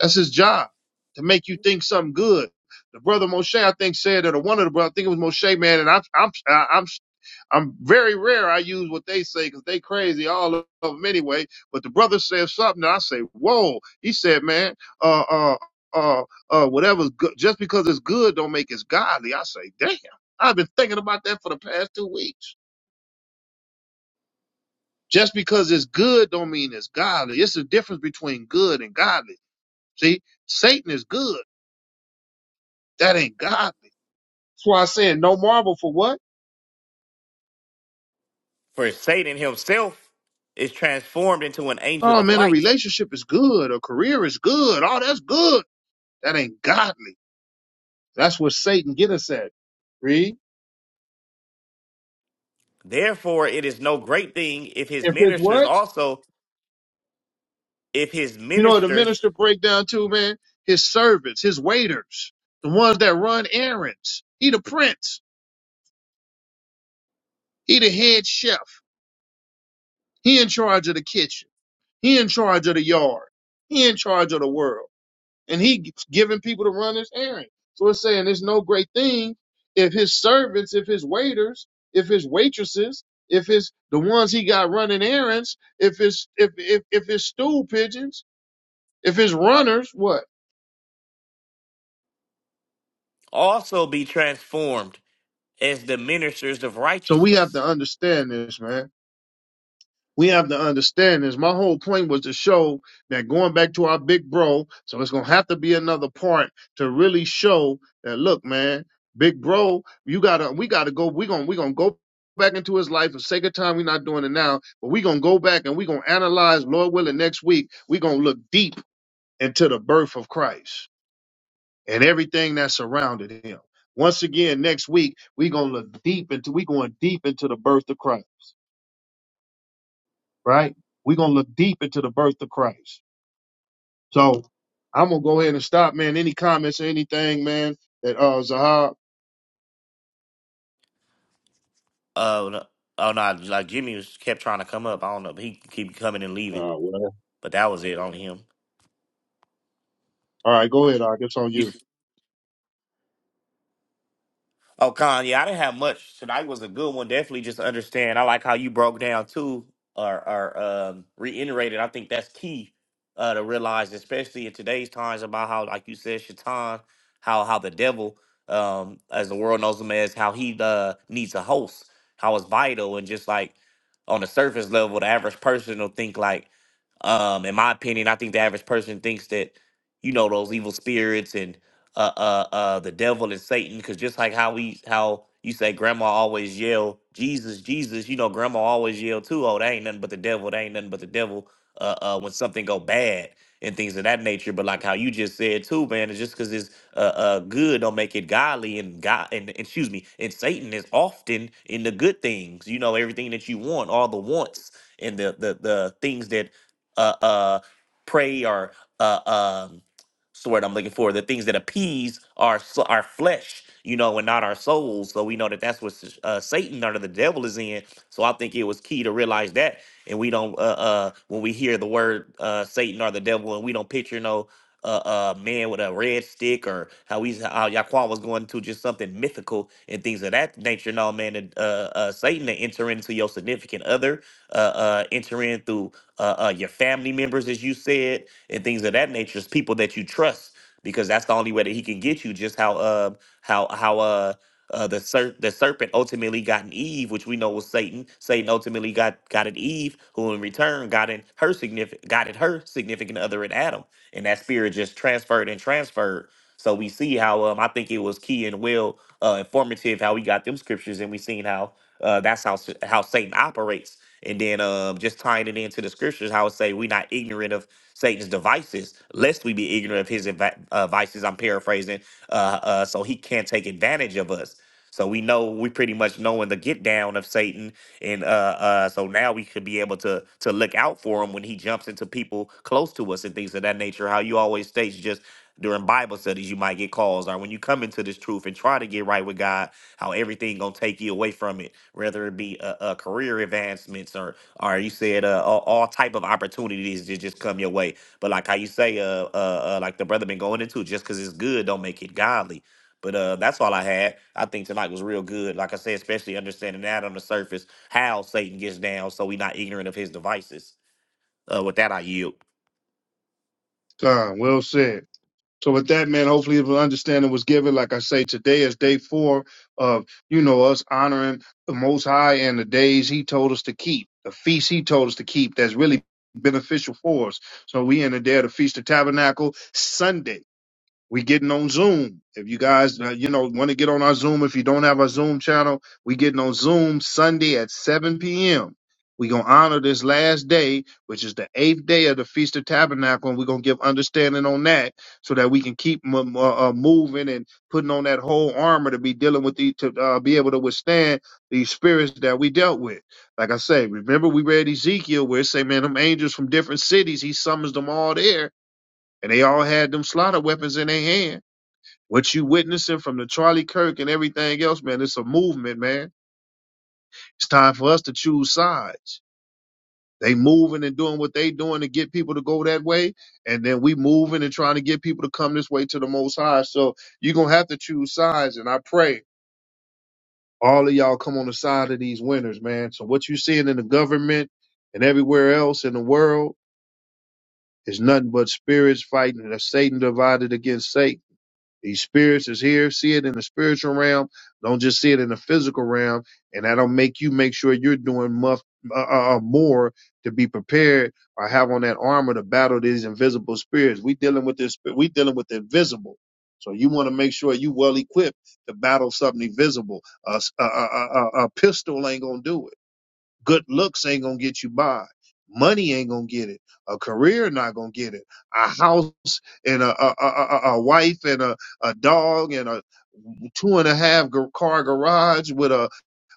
Speaker 1: That's his job to make you think something good. The brother Moshe, I think, said that, or one of the brothers, I think it was Moshe, man, and I'm, I'm, I'm very rare. I use what they say because they crazy, all of them anyway. But the brother said something. And I say, whoa. He said, man, uh, uh, uh, uh, whatever's good, just because it's good don't make it godly. I say, damn. I've been thinking about that for the past two weeks. Just because it's good don't mean it's godly. It's the difference between good and godly. See, Satan is good. That ain't godly. That's why I said no marvel for what?
Speaker 3: For Satan himself is transformed into an angel
Speaker 1: Oh
Speaker 3: of
Speaker 1: man, a
Speaker 3: light.
Speaker 1: relationship is good. A career is good. Oh, that's good. That ain't godly. That's what Satan get us at. Read.
Speaker 3: Therefore, it is no great thing if his
Speaker 1: If it's
Speaker 3: ministers
Speaker 1: what?
Speaker 3: also, if his
Speaker 1: You know what the
Speaker 3: ministers
Speaker 1: minister break down too, man? His servants, his waiters, the ones that run errands. He the prince. He the head chef. He in charge of the kitchen. He in charge of the yard. He in charge of the world. And he g- giving people to run his errand. So it's saying it's no great thing if his servants, if his waiters, if his waitresses, if it's the ones he got running errands, if it's if if if it's stool pigeons, If it's runners, what?
Speaker 3: also be transformed as the ministers of
Speaker 1: So we have to
Speaker 3: righteousness.
Speaker 1: understand this, man. We have to understand this. My whole point was to show that going back to our big bro, so it's gonna have to be another part to really show that look, man, big bro, you gotta we gotta go, we gonna we gonna go back into his life for sake of time, we're not doing it now, but we gonna go back and we gonna analyze, Lord willing, next week. we gonna look deep into the birth of Christ and everything that surrounded him. Once again, next week, we're gonna look deep into we going deep into the birth of Christ, right? We're gonna look deep into the birth of Christ. So I'm gonna go ahead and stop, man. Any comments or anything, man, that uh Zahab?
Speaker 3: Uh, no- oh no, like Jimmy was kept trying to come up. I don't know, but he keep coming and leaving.
Speaker 1: Uh, well.
Speaker 3: But that was it on him.
Speaker 1: All right, go ahead, Ark. It's on you.
Speaker 3: Oh, Con, yeah, I didn't have much. Tonight was a good one. Definitely just understand. I like how you broke down too, or, or um, reiterated. I think that's key uh, to realize, especially in today's times, about how, like you said, Shaitan, how how the devil, um, as the world knows him as, how he uh, needs a host, how it's vital, and just like on the surface level, the average person will think like um, in my opinion, I think the average person thinks that, you know, those evil spirits and uh uh uh the devil and Satan, because just like how we how you say grandma always yell, Jesus, Jesus, you know, grandma always yell too, oh, that ain't nothing but the devil, that ain't nothing but the devil, uh uh when something go bad and things of that nature. But like how you just said too, man, it's just cause it's uh uh good don't make it godly and God and excuse me, and Satan is often in the good things, you know, everything that you want, all the wants and the the the things that uh, uh, pray or uh, um, what's the word I'm looking for? The things that appease our s- our flesh, you know, and not our souls. So we know that that's what s- uh, Satan under the devil is in. So I think it was key to realize that, and we don't uh, uh, when we hear the word uh, Satan or the devil, and we don't picture no. uh a man with a red stick, or how he's how Yaquan was going to just something mythical and things of that nature. No man, uh, uh, Satan to enter into your significant other, uh, uh, enter in through uh, uh, your family members, as you said, and things of that nature. It's people that you trust because that's the only way that he can get you. Just how uh, how how uh, uh, the ser- the serpent ultimately got an Eve, which we know was Satan. Satan ultimately got got an Eve, who in return got in her significant got in her significant other in Adam, and that spirit just transferred and transferred. So we see how um I think it was key and will uh informative how we got them scriptures and we seen how uh that's how s- how Satan operates. And then um just tying it into the scriptures, how it say we not ignorant of Satan's devices, lest we be ignorant of his advi- uh, vices. I'm paraphrasing, uh, uh, so he can't take advantage of us. So we know we pretty much knowing the get down of Satan, and uh, uh, so now we could be able to to look out for him when he jumps into people close to us and things of that nature. How you always states just during Bible studies, you might get calls, or when you come into this truth and try to get right with God, how everything gonna take you away from it, whether it be uh, uh, career advancements or or you said uh, all, all type of opportunities that just come your way. But like how you say, uh, uh, uh like the brother been going into, just because it's good don't make it godly but uh, that's all I had. I think tonight was real good. Like I said, especially understanding that on the surface, how Satan gets down, so we not ignorant of his devices. Uh, with that, I yield.
Speaker 1: Con, well said. So with that, man, hopefully if an understanding was given, like I say, today is day four of, you know, us honoring the Most High and the days he told us to keep, the feast he told us to keep that's really beneficial for us. So we in the day of the Feast of Tabernacle Sunday. We getting on Zoom. If you guys, uh, you know, want to get on our Zoom, if you don't have our Zoom channel, we getting on Zoom Sunday at 7 p.m. we going to honor this last day, which is the eighth day of the Feast of Tabernacle, and we're going to give understanding on that so that we can keep m- m- uh, uh, moving and putting on that whole armor to be dealing with the, to uh, be able to withstand these spirits that we dealt with. Like I say, remember we read Ezekiel where it say, man, them angels from different cities, he summons them all there, and they all had them slaughter weapons in their hand what you witnessing from the Charlie Kirk and everything else, man, it's a movement, man. It's time for us to choose sides. They moving and doing what they doing to get people to go that way, and then we moving and trying to get people to come this way to the Most High. So you're gonna have to choose sides, and I pray all of y'all come on the side of these winners, man. So what you seeing in the government and everywhere else in the world is nothing but spirits fighting and Satan divided against Satan. These spirits is here. See it in the spiritual realm. Don't just see it in the physical realm. And that'll make you make sure you're doing muff, uh, uh, uh, more to be prepared or have on that armor to battle these invisible spirits. We dealing with this. We dealing with the invisible. So you want to make sure you well equipped to battle something invisible. A, s- a, a, a, a a pistol ain't gonna do it. Good looks ain't gonna get you by. Money ain't gonna get it. A career not gonna get it. A house and a a, a, a a wife and a, a dog and a two and a half gar- car garage with a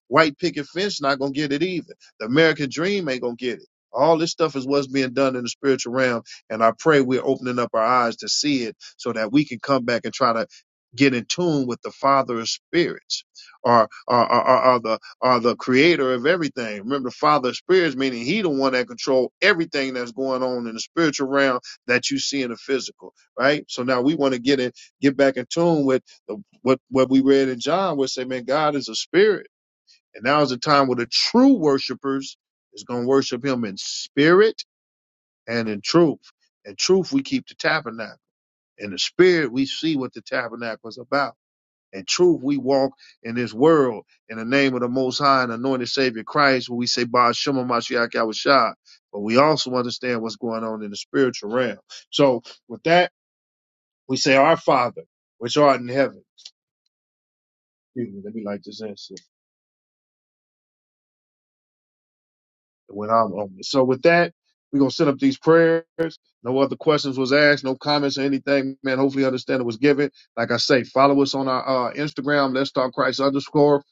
Speaker 1: White picket fence not gonna get it either. The American dream ain't gonna get it. All this stuff is what's being done in the spiritual realm, and I pray we're opening up our eyes to see it, so that we can come back and try to get in tune with the Father of spirits, or or, or, or, or the or the Creator of everything. Remember, the Father of spirits meaning He the one that control everything that's going on in the spiritual realm that you see in the physical, right? So now we want to get in, get back in tune with the, what what we read in John, where it say, man, God is a spirit and now is the time where the true worshipers is going to worship him in spirit and in truth. In truth, we keep the tabernacle. In the spirit, we see what the tabernacle is about. In truth, we walk in this world in the name of the Most High and anointed Savior Christ, where we say, Baal Shem Mashiach Yahushua. But we also understand what's going on in the spiritual realm. So with that, we say, Our Father, which art in heaven. Excuse me, let me light this in. when I'm on it. So with that, we're gonna set up these prayers. No other questions was asked, no comments or anything. Man, hopefully understanding was given. Like I say, follow us on our uh, Instagram, let's talk Christ underscore.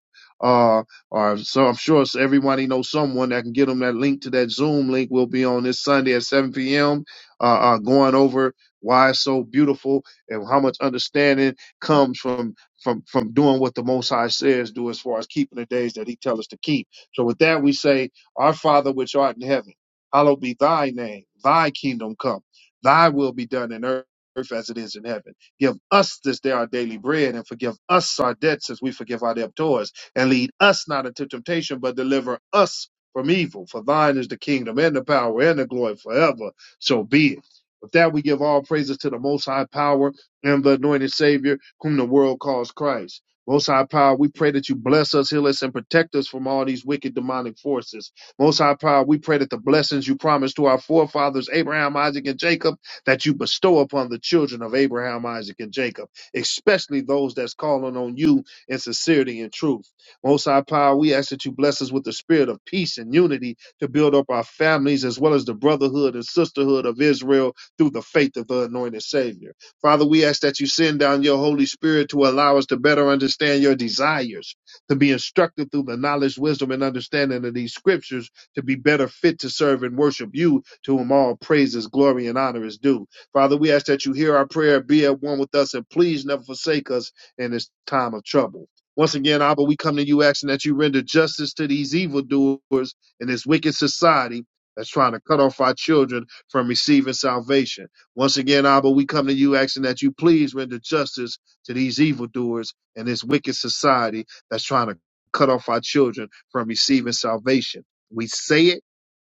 Speaker 1: Uh, or so I'm sure so everybody knows someone that can get them that link to that Zoom link. We'll be on this Sunday at 7 p.m. Uh, uh, going over why it's so beautiful and how much understanding comes from from from doing what the Most High says do as far as keeping the days that He tells us to keep. So with that, we say our Father which art in heaven, hallowed be thy name, thy kingdom come, thy will be done in earth. as it is in heaven. Give us this day our daily bread and forgive us our debts as we forgive our debtors. And lead us not into temptation, but deliver us from evil. For thine is the kingdom and the power and the glory forever. So be it. With that, we give all praises to the Most High Power and the anointed Savior, whom the world calls Christ. Most High Power, we pray that you bless us, heal us, and protect us from all these wicked demonic forces. Most High Power, we pray that the blessings you promised to our forefathers, Abraham, Isaac, and Jacob, that you bestow upon the children of Abraham, Isaac, and Jacob, especially those that's calling on you in sincerity and truth. Most High Power, we ask that you bless us with the spirit of peace and unity to build up our families as well as the brotherhood and sisterhood of Israel through the faith of the anointed Savior. Father, we ask that you send down your Holy Spirit to allow us to better understand your desires, to be instructed through the knowledge, wisdom, and understanding of these scriptures to be better fit to serve and worship you, to whom all praises, glory, and honor is due. Father, we ask that you hear our prayer, be at one with us, and please never forsake us in this time of trouble. Once again, Abba, we come to you asking that you render justice to these evildoers in this wicked society that's trying to cut off our children from receiving salvation. Once again, Abba, we come to you asking that you please render justice to these evildoers and this wicked society that's trying to cut off our children from receiving salvation. We say it,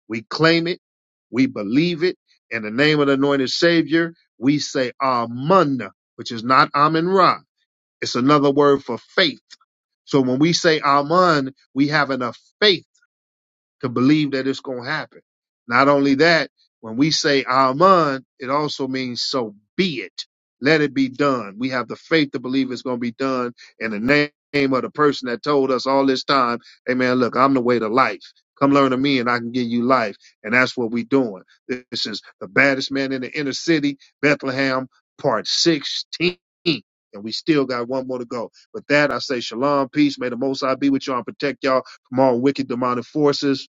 Speaker 1: we claim it, we believe it. In the name of the anointed Savior, we say Amun, which is not Amen Ra. It's another word for faith. So when we say Amun, we have enough faith to believe that it's going to happen. Not only that, when we say Amen, it also means so be it. Let it be done. We have the faith to believe it's going to be done in the name of the person that told us all this time, hey man, look, I'm the way to life. Come learn of me and I can give you life. And that's what we're doing. This is the baddest man in the inner city, Bethlehem, part 16. And we still got one more to go. With that, I say shalom, peace. May the Most High be with y'all and protect y'all from all wicked demonic forces.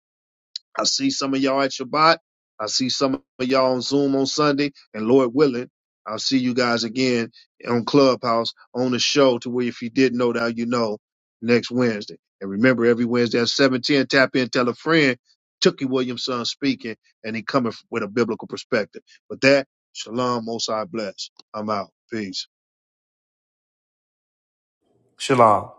Speaker 1: I see some of y'all at Shabbat. I see some of y'all on Zoom on Sunday. And Lord willing, I'll see you guys again on Clubhouse on the show to where if you didn't know now you know next Wednesday. And remember every Wednesday at 710, tap in, tell a friend, Tookie Williamson speaking, and he coming with a biblical perspective. But that, Shalom, Most I bless. I'm out. Peace.
Speaker 3: Shalom.